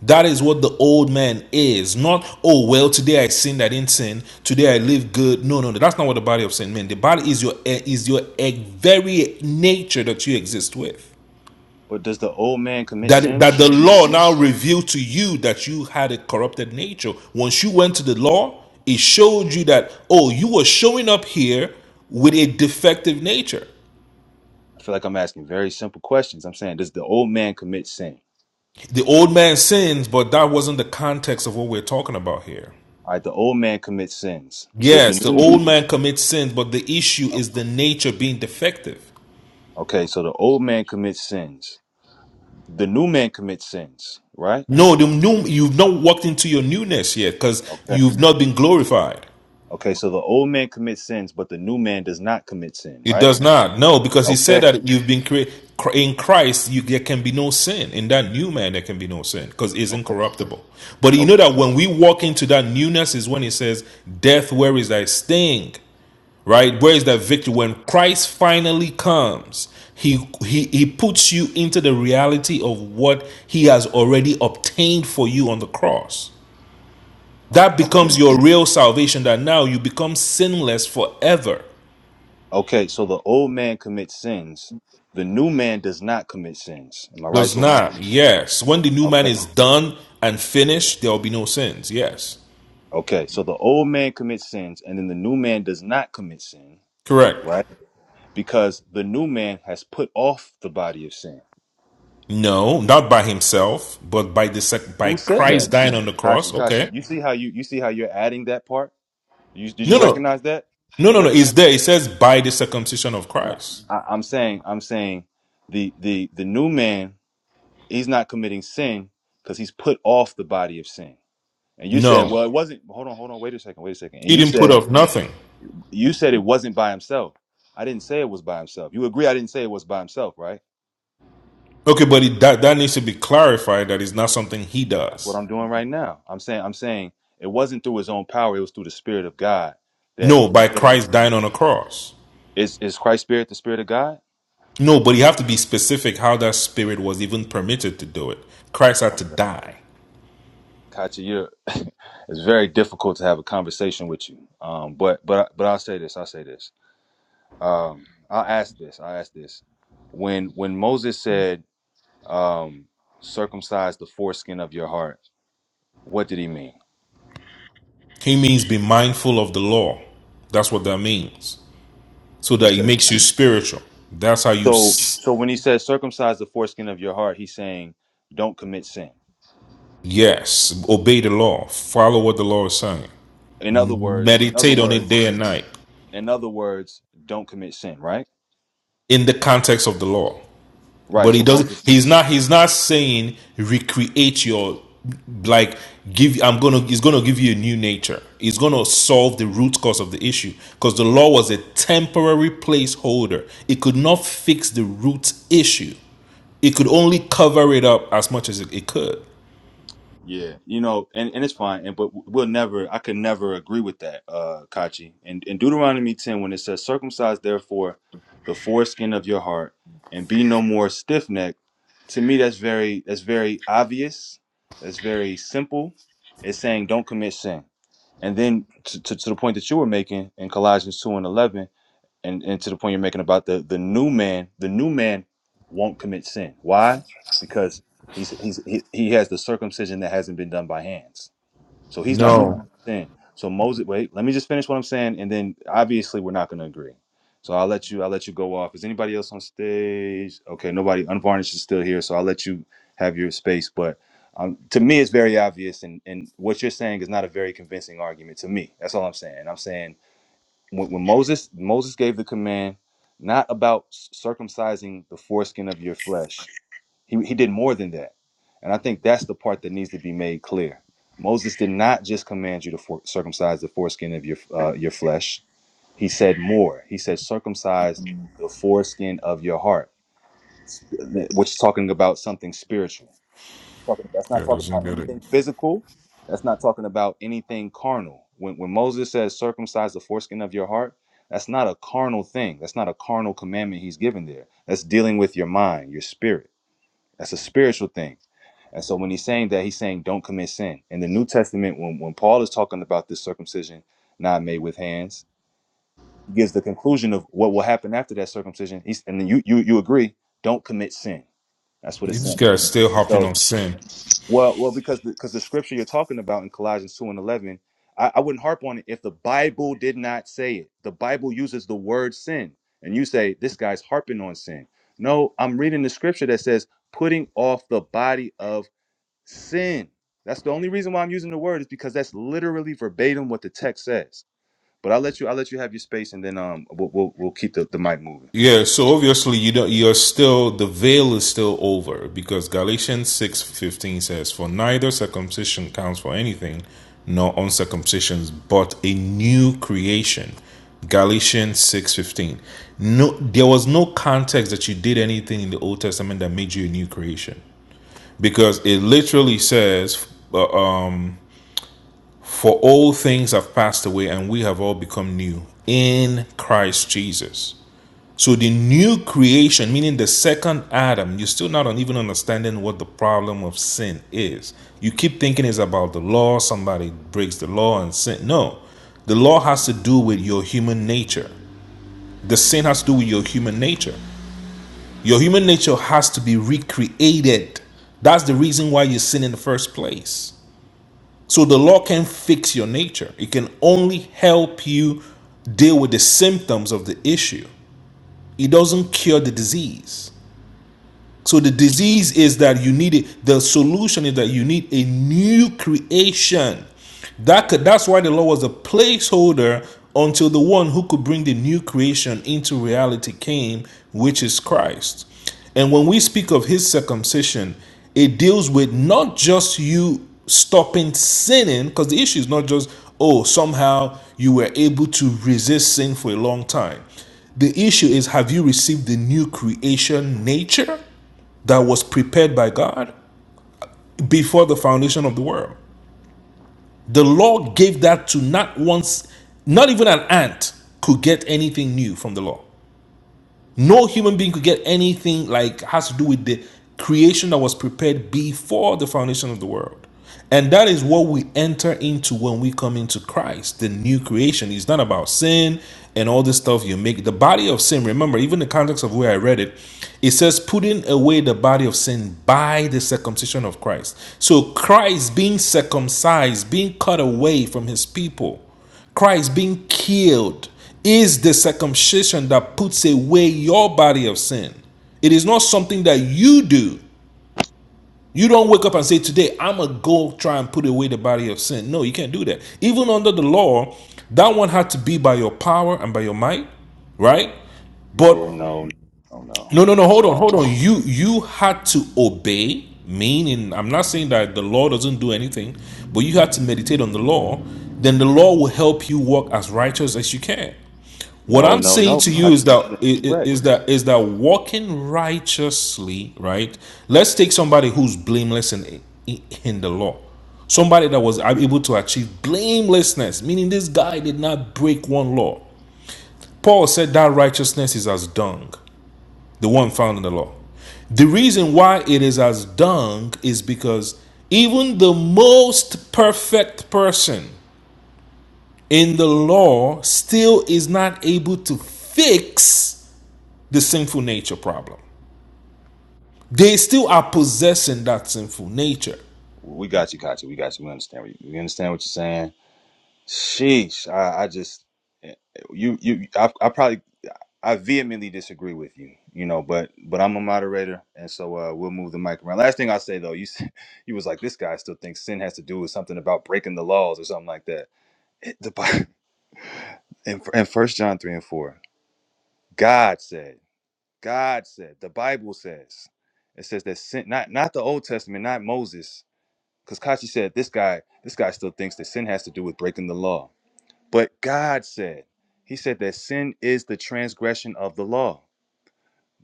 Speaker 9: That is what the old man is. Not, oh well, today I sinned, I didn't sin. Today I live good. No, no, no. That's not what the body of sin meant. The body is your is your eh, very nature that you exist with
Speaker 3: But does the old man commit
Speaker 9: that that
Speaker 3: sins?
Speaker 9: the law now revealed to you that you had a corrupted nature once you went to the law it showed you that oh you were showing up here with a defective nature
Speaker 3: I feel like I'm asking very simple questions. I'm saying, does the old man commit sin?
Speaker 9: the old man sins but that wasn't the context of what we're talking about here
Speaker 3: All right. The old man commits sins. Does the
Speaker 9: yes the
Speaker 3: new?
Speaker 9: old man commits sins but the issue
Speaker 3: oh,
Speaker 9: is the nature being defective
Speaker 3: Okay. So the old man commits sins. The new man commits sins. Right.
Speaker 9: no the new you've not walked into your newness yet because
Speaker 3: Okay.
Speaker 9: you've not been glorified
Speaker 3: Okay. So the old man commits sins, but the new man does not commit sin.
Speaker 9: It
Speaker 3: Right.
Speaker 9: does not. No, because he said
Speaker 3: Okay.
Speaker 9: that you've been created in Christ. You, there can be no sin in that new man. There can be no sin because it's
Speaker 3: Okay.
Speaker 9: incorruptible. But you know
Speaker 3: Okay.
Speaker 9: that when we walk into that newness is when it says, "Death, where is thy sting?" Right? Where is that victory? When Christ finally comes, he he he puts you into the reality of what he has already obtained for you on the cross.
Speaker 3: Okay.
Speaker 9: That
Speaker 3: Okay.
Speaker 9: becomes your real salvation. That now you become sinless forever.
Speaker 3: Okay. So the old man commits sins. The new man does not commit sins. Am I right
Speaker 9: Does
Speaker 3: so far?
Speaker 9: not. Yes. When the new man
Speaker 3: Okay.
Speaker 9: is done and finished, there will be no sins. Yes.
Speaker 3: Okay. So the old man commits sins and then the new man does not commit sin,
Speaker 9: Correct.
Speaker 3: right? Because the new man has put off the body of sin.
Speaker 9: No, not by himself, but by the sec- by
Speaker 3: Who said
Speaker 9: Christ
Speaker 3: that?
Speaker 9: dying on the cross.
Speaker 3: Kachi, Kachi.
Speaker 9: Okay.
Speaker 3: You see how you you see how you're adding that part? You did you
Speaker 9: No, no,
Speaker 3: recognize that? Do
Speaker 9: no,
Speaker 3: you
Speaker 9: no, no. It's
Speaker 3: recognize?
Speaker 9: there. It says by the circumcision of
Speaker 3: No.
Speaker 9: Christ.
Speaker 3: I, I'm saying I'm saying the the the new man He's not committing sin because he's put off the body of sin. And you said,
Speaker 9: No,
Speaker 3: well, it wasn't. Hold on, hold on. Wait a second. Wait a second. And
Speaker 9: he
Speaker 3: you
Speaker 9: didn't put
Speaker 3: said,
Speaker 9: off nothing.
Speaker 3: you said it wasn't by himself. I didn't say it was by himself. You agree? I didn't say it was by himself, right?
Speaker 9: Okay, but it, that that needs to be clarified. That is not something he
Speaker 3: That's what
Speaker 9: does.
Speaker 3: I'm doing right now. I'm saying, I'm saying it wasn't through his own power. It was through the Spirit of God that
Speaker 9: No,
Speaker 3: he
Speaker 9: by
Speaker 3: said, "Well,
Speaker 9: Christ dying on a cross.
Speaker 3: is is Christ's Spirit the Spirit of God?
Speaker 9: No, but you have to be specific how that spirit was even permitted to do it. Christ had to
Speaker 3: Okay,
Speaker 9: die.
Speaker 3: Katya, you're, it's very difficult to have a conversation with you. Um, but but but I'll say this. I'll say this um i'll ask this i'll ask this when when moses said um circumcise the foreskin of your heart what did he mean
Speaker 9: He means be mindful of the law. That's what that means. So
Speaker 3: he
Speaker 9: that it
Speaker 3: said
Speaker 9: makes you spiritual. That's how you,
Speaker 3: so so when he says circumcise the foreskin of your heart he's saying don't commit sin
Speaker 9: yes, obey the law. Follow what the law is saying.
Speaker 3: in other words in other
Speaker 9: Meditate on it
Speaker 3: words
Speaker 9: day and night
Speaker 3: in other words don't commit sin right
Speaker 9: in the context of the law.
Speaker 3: right
Speaker 9: But he
Speaker 3: so
Speaker 9: doesn't.
Speaker 3: moses
Speaker 9: He's not. He's not saying recreate your like give. I'm gonna. He's gonna give you a new nature. He's gonna solve the root cause of the issue because the law was a temporary placeholder. It could not fix the root issue. it could only cover it up as much as it, it could.
Speaker 3: Yeah, you know, and, and it's fine, and but we'll never, I could never agree with that, uh, Kachi. And in in Deuteronomy ten, when it says, "Circumcise therefore the foreskin of your heart, and be no more stiff necked," to me that's very that's very obvious. That's very simple. It's saying don't commit sin. And then to, to, to the point that you were making in Colossians two and eleven, and, and to the point you're making about the the new man, the new man won't commit sin. Why? Because he's he's he, he has the circumcision that hasn't been done by hands, so he's not going to sin. So Moses, wait, let me just finish what I'm saying, and then obviously we're not going to agree. So I'll let you I'll let you go off. Is anybody else on stage? Okay, nobody. Unvarnished is still here, so I'll let you have your space. But um, to me, it's very obvious, and and what you're saying is not a very convincing argument to me. That's all I'm saying. I'm saying when, when Moses Moses gave the command not about circumcising the foreskin of your flesh. He he did more than that. And I think that's the part that needs to be made clear. Moses did not just command you to for, circumcise the foreskin of your uh, your flesh. He said more. He said circumcise the foreskin of your heart, which is talking about something spiritual talking about. That's not
Speaker 9: Yeah,
Speaker 3: talking
Speaker 9: doesn't
Speaker 3: about
Speaker 9: get it.
Speaker 3: anything physical. That's not talking about anything carnal. When when Moses says circumcise the foreskin of your heart, that's not a carnal thing. That's not a carnal commandment he's given there. That's dealing with your mind, your spirit. That's a spiritual thing. And so when he's saying that, he's saying don't commit sin. In the New Testament, when, when Paul is talking about this circumcision not made with hands, he gives the conclusion of what will happen after that circumcision. He's, and then you, you you agree, don't commit sin. That's what it's
Speaker 9: These
Speaker 3: saying.
Speaker 9: guys still
Speaker 3: And
Speaker 9: hopping
Speaker 3: so
Speaker 9: on sin.
Speaker 3: well, well, because because the scripture you're talking about in Colossians two and eleven, I, I wouldn't harp on it if the Bible did not say it. The Bible uses the word sin, and you say this guy's harping on sin. No, I'm reading the scripture that says putting off the body of sin. That's the only reason why I'm using the word is because that's literally verbatim what the text says. But I'll let you I'll let you have your space, and then um we'll we'll, we'll keep the, the mic moving.
Speaker 9: Yeah, so obviously you don't you're still the veil is still over because Galatians six fifteen says, For neither circumcision counts for anything, nor uncircumcisions, but a new creation. Galatians six fifteen. No there was no context that you did anything in the Old Testament that made you a new creation. Because it literally says uh, um. For all things have passed away, and we have all become new in Christ Jesus. So the new creation, meaning the second Adam, you're still not even understanding what the problem of sin is. You keep thinking it's about the law, somebody breaks the law and sin. No, the law has to do with your human nature. The sin has to do with your human nature. Your human nature has to be recreated. That's the reason why you sin in the first place. So the law can't fix your nature. It can only help you deal with the symptoms of the issue. It doesn't cure the disease. So the disease is that you need it. The solution is that you need a new creation. That could, that's why the law was a placeholder until the one who could bring the new creation into reality came, which is Christ. And when we speak of his circumcision, it deals with not just you stopping sinning, because the issue is not just, oh, somehow you were able to resist sin for a long time. The issue is, have you received the new creation nature? that was prepared by God before the foundation of the world. The law gave that to not once, not even an ant could get anything new from the law. No human being could get anything like has to do with the creation that was prepared before the foundation of the world. And that is what we enter into when we come into Christ, the new creation. is not about sin and all this stuff you make. The body of sin, remember, even the context of where I read it, it says, putting away the body of sin by the circumcision of Christ. So Christ being circumcised, being cut away from his people. Christ being killed is the circumcision that puts away your body of sin. It is not something that you do. You don't wake up and say, Today, I'm going to go try and put away the body of sin. No, you can't do that. Even under the law, that one had to be by your power and by your might, right? But
Speaker 3: No, no, no, no,
Speaker 9: no, no, no,
Speaker 3: that's
Speaker 9: hold on,
Speaker 3: wrong.
Speaker 9: hold on. You you had to obey, meaning I'm not saying that the law doesn't do anything, but you had to meditate on the law, then the law will help you walk as righteous as you can. What
Speaker 3: No,
Speaker 9: I'm
Speaker 3: no,
Speaker 9: saying
Speaker 3: no.
Speaker 9: to you
Speaker 3: got
Speaker 9: is that is
Speaker 3: you.
Speaker 9: that is that walking righteously, right? Let's take somebody who's blameless in in the law. Somebody that was able to achieve blamelessness, meaning this guy did not break one law. Paul said that righteousness is as dung, the one found in the law. The reason why it is as dung is because even the most perfect person in the law still is not able to fix the sinful nature problem. They still are possessing that sinful nature.
Speaker 3: We got you, Kachi. We got you. We understand. what We understand what you're saying. Sheesh. I, I just you you I, I probably I vehemently disagree with you. You know, but but I'm a moderator, and so uh, we'll move the mic around. Last thing I'll say though, you said- you was like this guy still thinks sin has to do with something about breaking the laws or something like that. It, the Bi- in in First John three and four, God said, God said, the Bible says, it says that sin, not not the Old Testament, not Moses. Because Kachi said, this guy, this guy still thinks that sin has to do with breaking the law. But God said, He said that sin is the transgression of the law.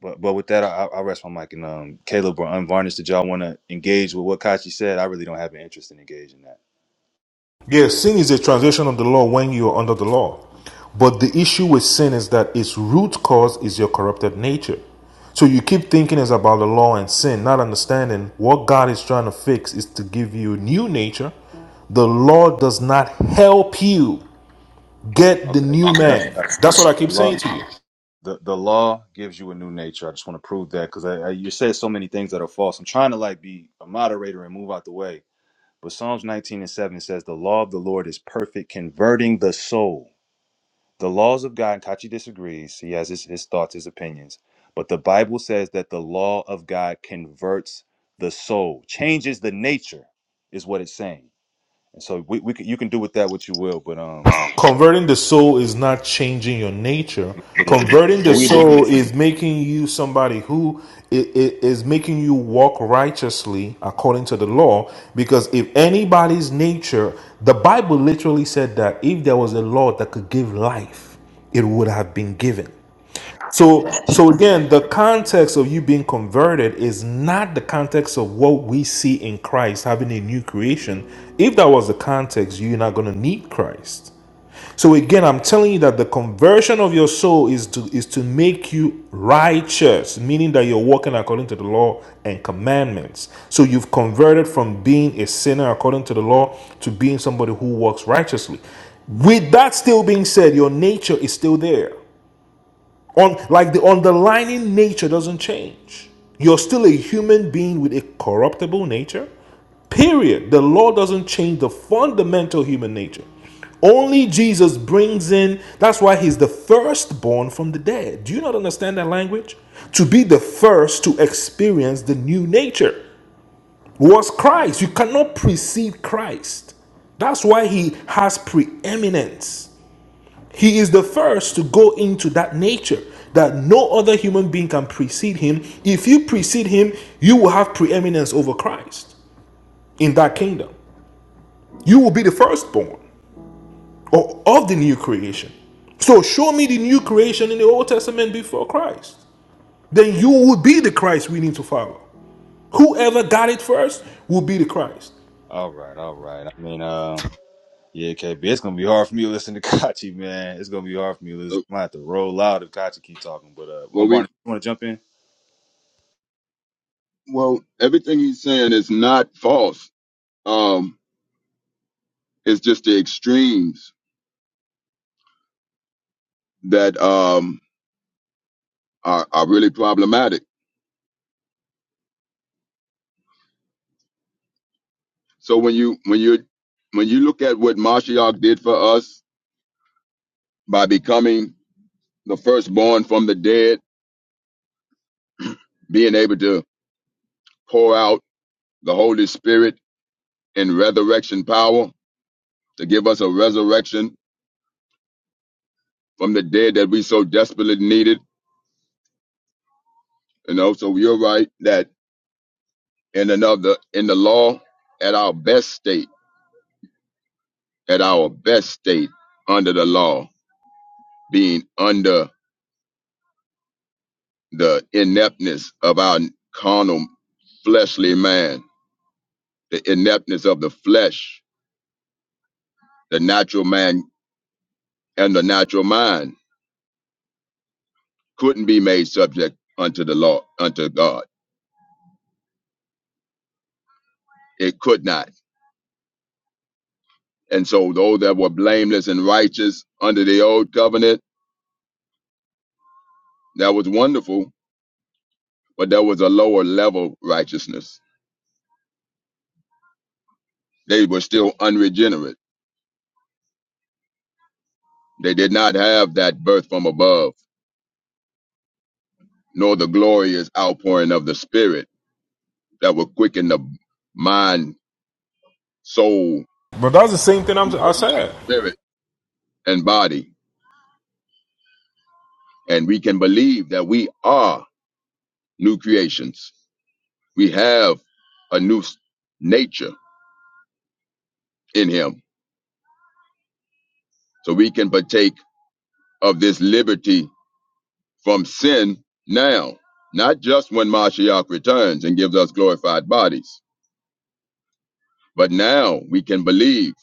Speaker 3: But but with that, I, I rest my mic. And um, Caleb or Unvarnished, did y'all want to engage with what Kachi said? I really don't have an interest in engaging that.
Speaker 9: Yes, sin is a transgression of the law when you are under the law. But the issue with sin is that its root cause is your corrupted nature. So you keep thinking it's about the law and sin, not understanding what God is trying to fix is to give you a new nature. The law does not help you get the
Speaker 3: Okay.
Speaker 9: new
Speaker 3: Got you,
Speaker 9: man.
Speaker 3: Kachi.
Speaker 9: That's what I
Speaker 3: The
Speaker 9: keep
Speaker 3: law,
Speaker 9: saying to you.
Speaker 3: the, the law gives you a new nature. I just want to prove that because I, I, you said so many things that are false. I'm trying to like be a moderator and move out the way. But Psalms 19 and 7 says, The law of the Lord is perfect, converting the soul. The laws of God, and Kachi disagrees, he has his, his thoughts, his opinions, but the Bible says that the law of God converts the soul, changes the nature, is what it's saying. And so we, we can, you can do with that what you will, but um,
Speaker 9: Converting the soul is not changing your nature.
Speaker 3: yes, it is.
Speaker 9: Converting
Speaker 3: But
Speaker 9: the
Speaker 3: we disagree.
Speaker 9: soul is making you somebody who is making you walk righteously according to the law. Because if anybody's nature, the Bible literally said that if there was a law that could give life, it would have been given. So, so again, the context of you being converted is not the context of what we see in Christ having a new creation. If that was the context, you're not going to need Christ. So again, I'm telling you that the conversion of your soul is to is to make you righteous, meaning that you're walking according to the law and commandments. So you've converted from being a sinner according to the law to being somebody who walks righteously. With that still being said, your nature is still there. On like the underlying nature doesn't change. You're still a human being with a corruptible nature. Period. The law doesn't change the fundamental human nature. Only Jesus brings in, that's why he's the firstborn from the dead. Do you not understand that language? To be the first to experience the new nature was Christ. You cannot precede Christ. That's why he has preeminence. He is the first to go into that nature that no other human being can precede him. If you precede him, you will have preeminence over Christ in that kingdom. You will be the firstborn or of the new creation. So show me the new creation in the Old Testament before Christ. Then you will be the Christ we need to follow. Whoever got it first will be the Christ.
Speaker 3: All right, all right. I mean, uh, yeah, KB, it's gonna be hard for me to listen to Kachi, man. It's gonna be hard for me to listen.
Speaker 10: So,
Speaker 3: I might have to roll out if Kachi keep talking, but uh, I'm
Speaker 10: well,
Speaker 3: going
Speaker 10: we,
Speaker 3: to jump in.
Speaker 10: well, everything he's saying is not false. Um, it's just the extremes that um are, are really problematic. So when you when you when you look at what Mashiach did for us by becoming the firstborn from the dead, being able to pour out the Holy Spirit in resurrection power to give us a resurrection from the dead that we so desperately needed. You know, so you're right that in another in the law, at our best state, at our best state under the law, being under the ineptness of our carnal fleshly man, the ineptness of the flesh, the natural man and the natural mind couldn't be made subject unto the law, unto God. It could not. And so those that were blameless and righteous under the old covenant, that was wonderful but there was a lower level righteousness. They were still unregenerate. They did not have that birth from above, nor the glorious outpouring of the Spirit that will quicken the mind, soul,
Speaker 9: But that's the same thing I'm, I said.
Speaker 10: spirit, and body. And we can believe that we are new creations. We have a new s- nature in Him. So we can partake of this liberty from sin now, not just when Mashiach returns and gives us glorified bodies But now we can believe.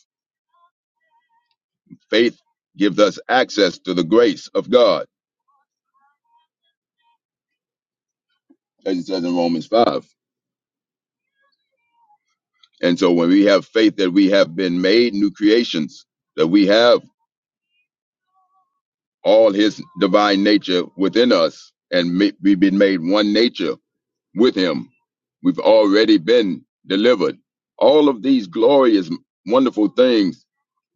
Speaker 10: Faith gives us access to the grace of God, as it says in Romans 5. And so when we have faith that we have been made new creations, that we have all his divine nature within us, and ma- we've been made one nature with him, we've already been delivered. All of these glorious, wonderful things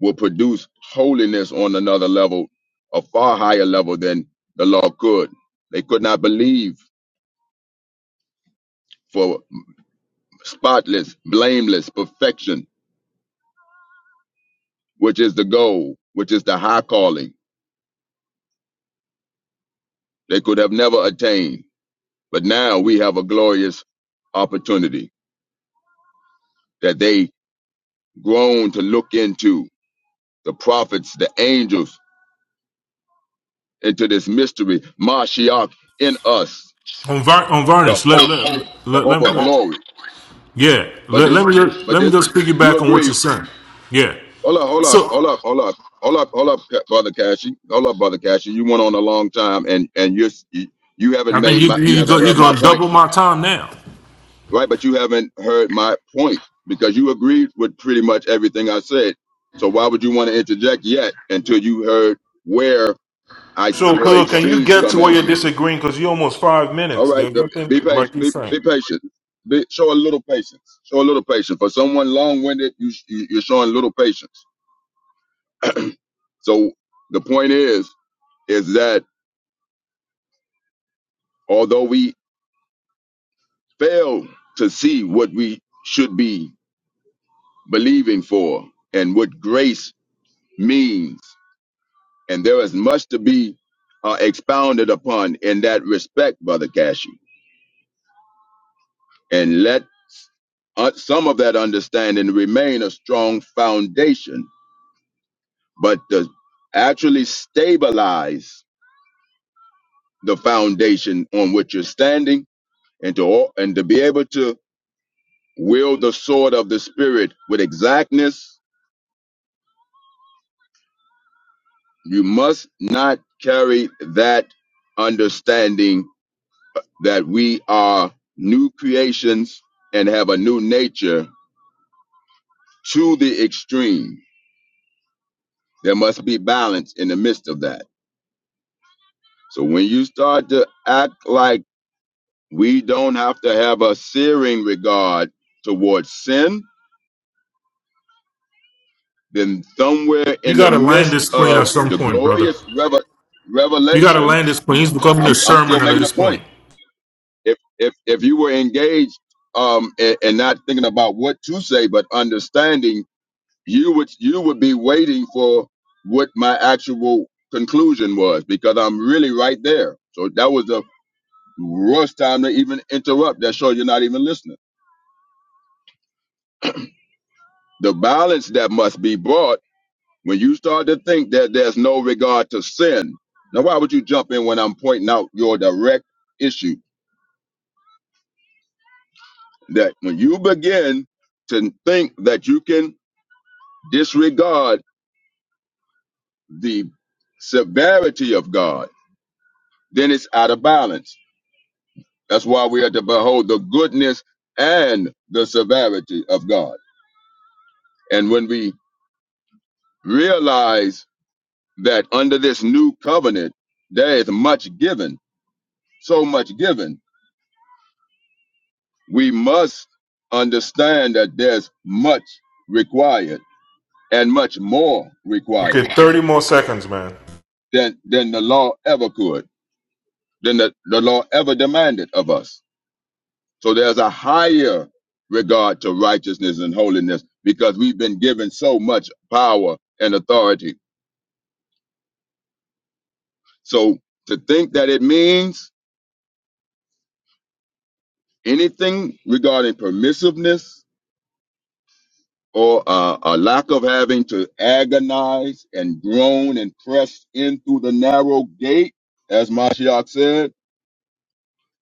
Speaker 10: will produce holiness on another level, a far higher level than the law could. They could not believe for spotless, blameless perfection, which is the goal, which is the high calling they could have never attained. But now we have a glorious opportunity that they groan to look into the prophets, the angels, into this mystery, Mashiach in us,
Speaker 9: Unvar-
Speaker 10: the
Speaker 9: unvarnished. Let,
Speaker 10: hope,
Speaker 9: let,
Speaker 10: the
Speaker 9: let,
Speaker 10: hope
Speaker 9: let,
Speaker 10: of
Speaker 9: let,
Speaker 10: glory.
Speaker 9: Yeah,
Speaker 10: But
Speaker 9: let, let
Speaker 10: this,
Speaker 9: me just,
Speaker 10: but
Speaker 9: let me
Speaker 10: this,
Speaker 9: just
Speaker 10: you
Speaker 9: piggyback on what
Speaker 10: agree,
Speaker 9: you're saying. Yeah,
Speaker 10: Hold up, hold up, hold
Speaker 9: so
Speaker 10: up, hold up, hold up, hold up, Ca- brother Cashy. Hold up, brother Cashy. You went on a long time, and and you're s- you you
Speaker 9: I
Speaker 10: haven't
Speaker 9: think
Speaker 10: made
Speaker 9: you
Speaker 10: my you
Speaker 9: you go,
Speaker 10: haven't
Speaker 9: you're
Speaker 10: heard my
Speaker 9: gonna
Speaker 10: point,
Speaker 9: double my time now.
Speaker 10: right? But you haven't heard my point because you agreed with pretty much everything I said. So why would you want to interject yet until you heard where I s-
Speaker 9: So,
Speaker 10: your
Speaker 9: Khalil, can you
Speaker 10: extremes
Speaker 9: get to
Speaker 10: come
Speaker 9: where
Speaker 10: in?
Speaker 9: you're disagreeing? Because you're almost five
Speaker 10: All
Speaker 9: minutes.
Speaker 10: right,
Speaker 9: There's
Speaker 10: the- be
Speaker 9: nothing like
Speaker 10: patient.
Speaker 9: he's
Speaker 10: Be,
Speaker 9: saying.
Speaker 10: be patient. Be, show a little patience. Show a little patience. For someone long-winded, you, you you're showing little patience. so the point is. is that although we fail to see what we should be believing for and what grace means, and there is much to be uh, expounded upon in that respect, Brother Cashew, and let uh, some of that understanding remain a strong foundation, but to actually stabilize the foundation on which you're standing and to, and to be able to wield the sword of the Spirit with exactness You must not carry that understanding that we are new creations and have a new nature to the extreme. There must be balance in the midst of that. So when you start to act like we don't have to have a searing regard towards sin, then somewhere
Speaker 9: You
Speaker 10: in the
Speaker 9: gotta land
Speaker 10: midst
Speaker 9: this plane
Speaker 10: of
Speaker 9: at some
Speaker 10: the
Speaker 9: point, brother.
Speaker 10: glorious revel-
Speaker 9: You gotta
Speaker 10: revelation,
Speaker 9: land this plane. He's
Speaker 10: I-
Speaker 9: becoming a
Speaker 10: I'm, I'm
Speaker 9: Sherman
Speaker 10: still
Speaker 9: at
Speaker 10: making a
Speaker 9: this
Speaker 10: point
Speaker 9: point.
Speaker 10: if if if you were engaged um and, and not thinking about what to say but understanding you would you would be waiting for what my actual conclusion was because i'm really right there so that was the worst time to even interrupt that shows you're not even listening the balance that must be brought when you start to think that there's no regard to sin now why would you jump in when i'm pointing out your direct issue that when you begin to think that you can disregard the severity of God, then it's out of balance. That's why we have to behold the goodness and the severity of God. And when we realize that under this new covenant, there is much given, so much given, we must understand that there's much required and much more required
Speaker 9: Okay, thirty more seconds, man.
Speaker 10: than, than the law ever could, than the, the law ever demanded of us So there's a higher regard to righteousness and holiness because we've been given so much power and authority. So to think that it means anything regarding permissiveness or uh, a lack of having to agonize and groan and press in through the narrow gate, as Mashiach said,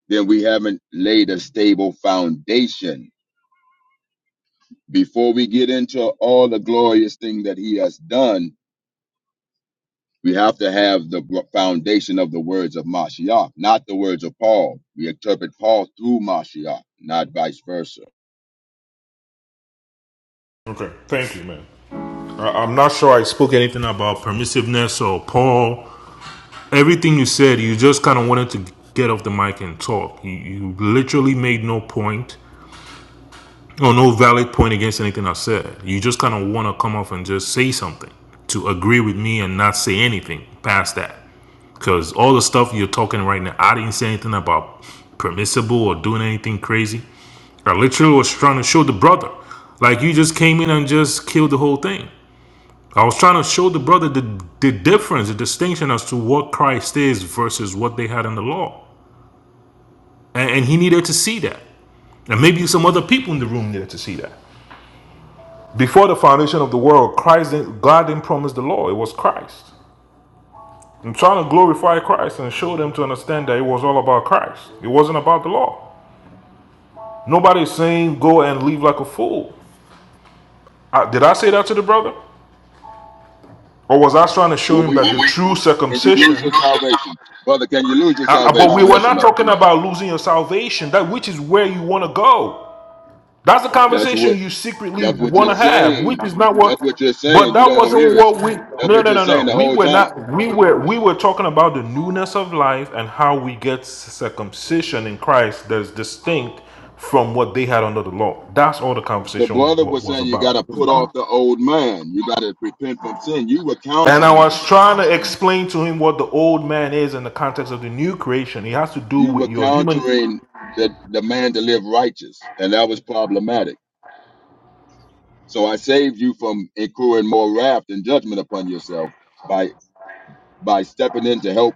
Speaker 10: then we haven't laid a stable foundation. Before we get into all the glorious thing that he has done, We have to have the bro- foundation of the words of Mashiach, not the words of Paul. We interpret Paul through Mashiach, not vice versa.
Speaker 9: Okay, thank you, man. I- am not sure I spoke anything about permissiveness or Paul. Everything you said, you just kind of wanted to get off the mic and talk. You, you literally made no point or no valid point against anything I said. You just kind of want to come off and just say something to agree with me and not say anything past that. Because all the stuff you're talking right now, I didn't say anything about permissible or doing anything crazy. I literally was trying to show the brother. Like you just came in and just killed the whole thing. I was trying to show the brother the, the difference, the distinction as to what Christ is versus what they had in the law. And, and he needed to see that. And maybe some other people in the room needed to see that. Before the foundation of the world, Christ didn't, God didn't promise the law, it was Christ. I'm trying to glorify Christ and show them to understand that it was all about Christ. It wasn't about the law. Nobody's saying go and live like a fool. I, did I say that to the brother? Or was I trying to show
Speaker 10: Will
Speaker 9: him
Speaker 10: we?
Speaker 9: that the true
Speaker 10: Can you lose
Speaker 9: circumcision
Speaker 10: your salvation, brother? Can you lose your
Speaker 9: Uh, uh, but we
Speaker 10: salvation?
Speaker 9: were
Speaker 10: Yes or
Speaker 9: not
Speaker 10: no?
Speaker 9: talking about losing your salvation, that which is where you want to go. That's the
Speaker 10: That's
Speaker 9: conversation
Speaker 10: what.
Speaker 9: you secretly
Speaker 10: That's what you're
Speaker 9: want to have, which
Speaker 10: saying.
Speaker 9: is not what.
Speaker 10: That's what you're
Speaker 9: But
Speaker 10: saying. You
Speaker 9: that
Speaker 10: don't
Speaker 9: wasn't
Speaker 10: hear it.
Speaker 9: what we.
Speaker 10: That's
Speaker 9: No,
Speaker 10: what
Speaker 9: no,
Speaker 10: you're
Speaker 9: no,
Speaker 10: saying
Speaker 9: no.
Speaker 10: the
Speaker 9: We
Speaker 10: whole
Speaker 9: were
Speaker 10: time.
Speaker 9: not. We were. We were talking about the newness of life and how we get circumcision in Christ that is distinct from what they had under the law. That's all the
Speaker 10: The
Speaker 9: conversation
Speaker 10: brother
Speaker 9: wa-
Speaker 10: was
Speaker 9: was
Speaker 10: saying you got to
Speaker 9: about.
Speaker 10: put off the old man. You got to repent from sin. You were
Speaker 9: And I
Speaker 10: countering
Speaker 9: was
Speaker 10: that.
Speaker 9: trying to explain to him what the old man is in the context of the new creation. It has to do
Speaker 10: You
Speaker 9: with
Speaker 10: were
Speaker 9: your human
Speaker 10: countering the, the man to live righteous, and that was problematic So I saved you from incurring more wrath and judgment upon yourself by by stepping in to help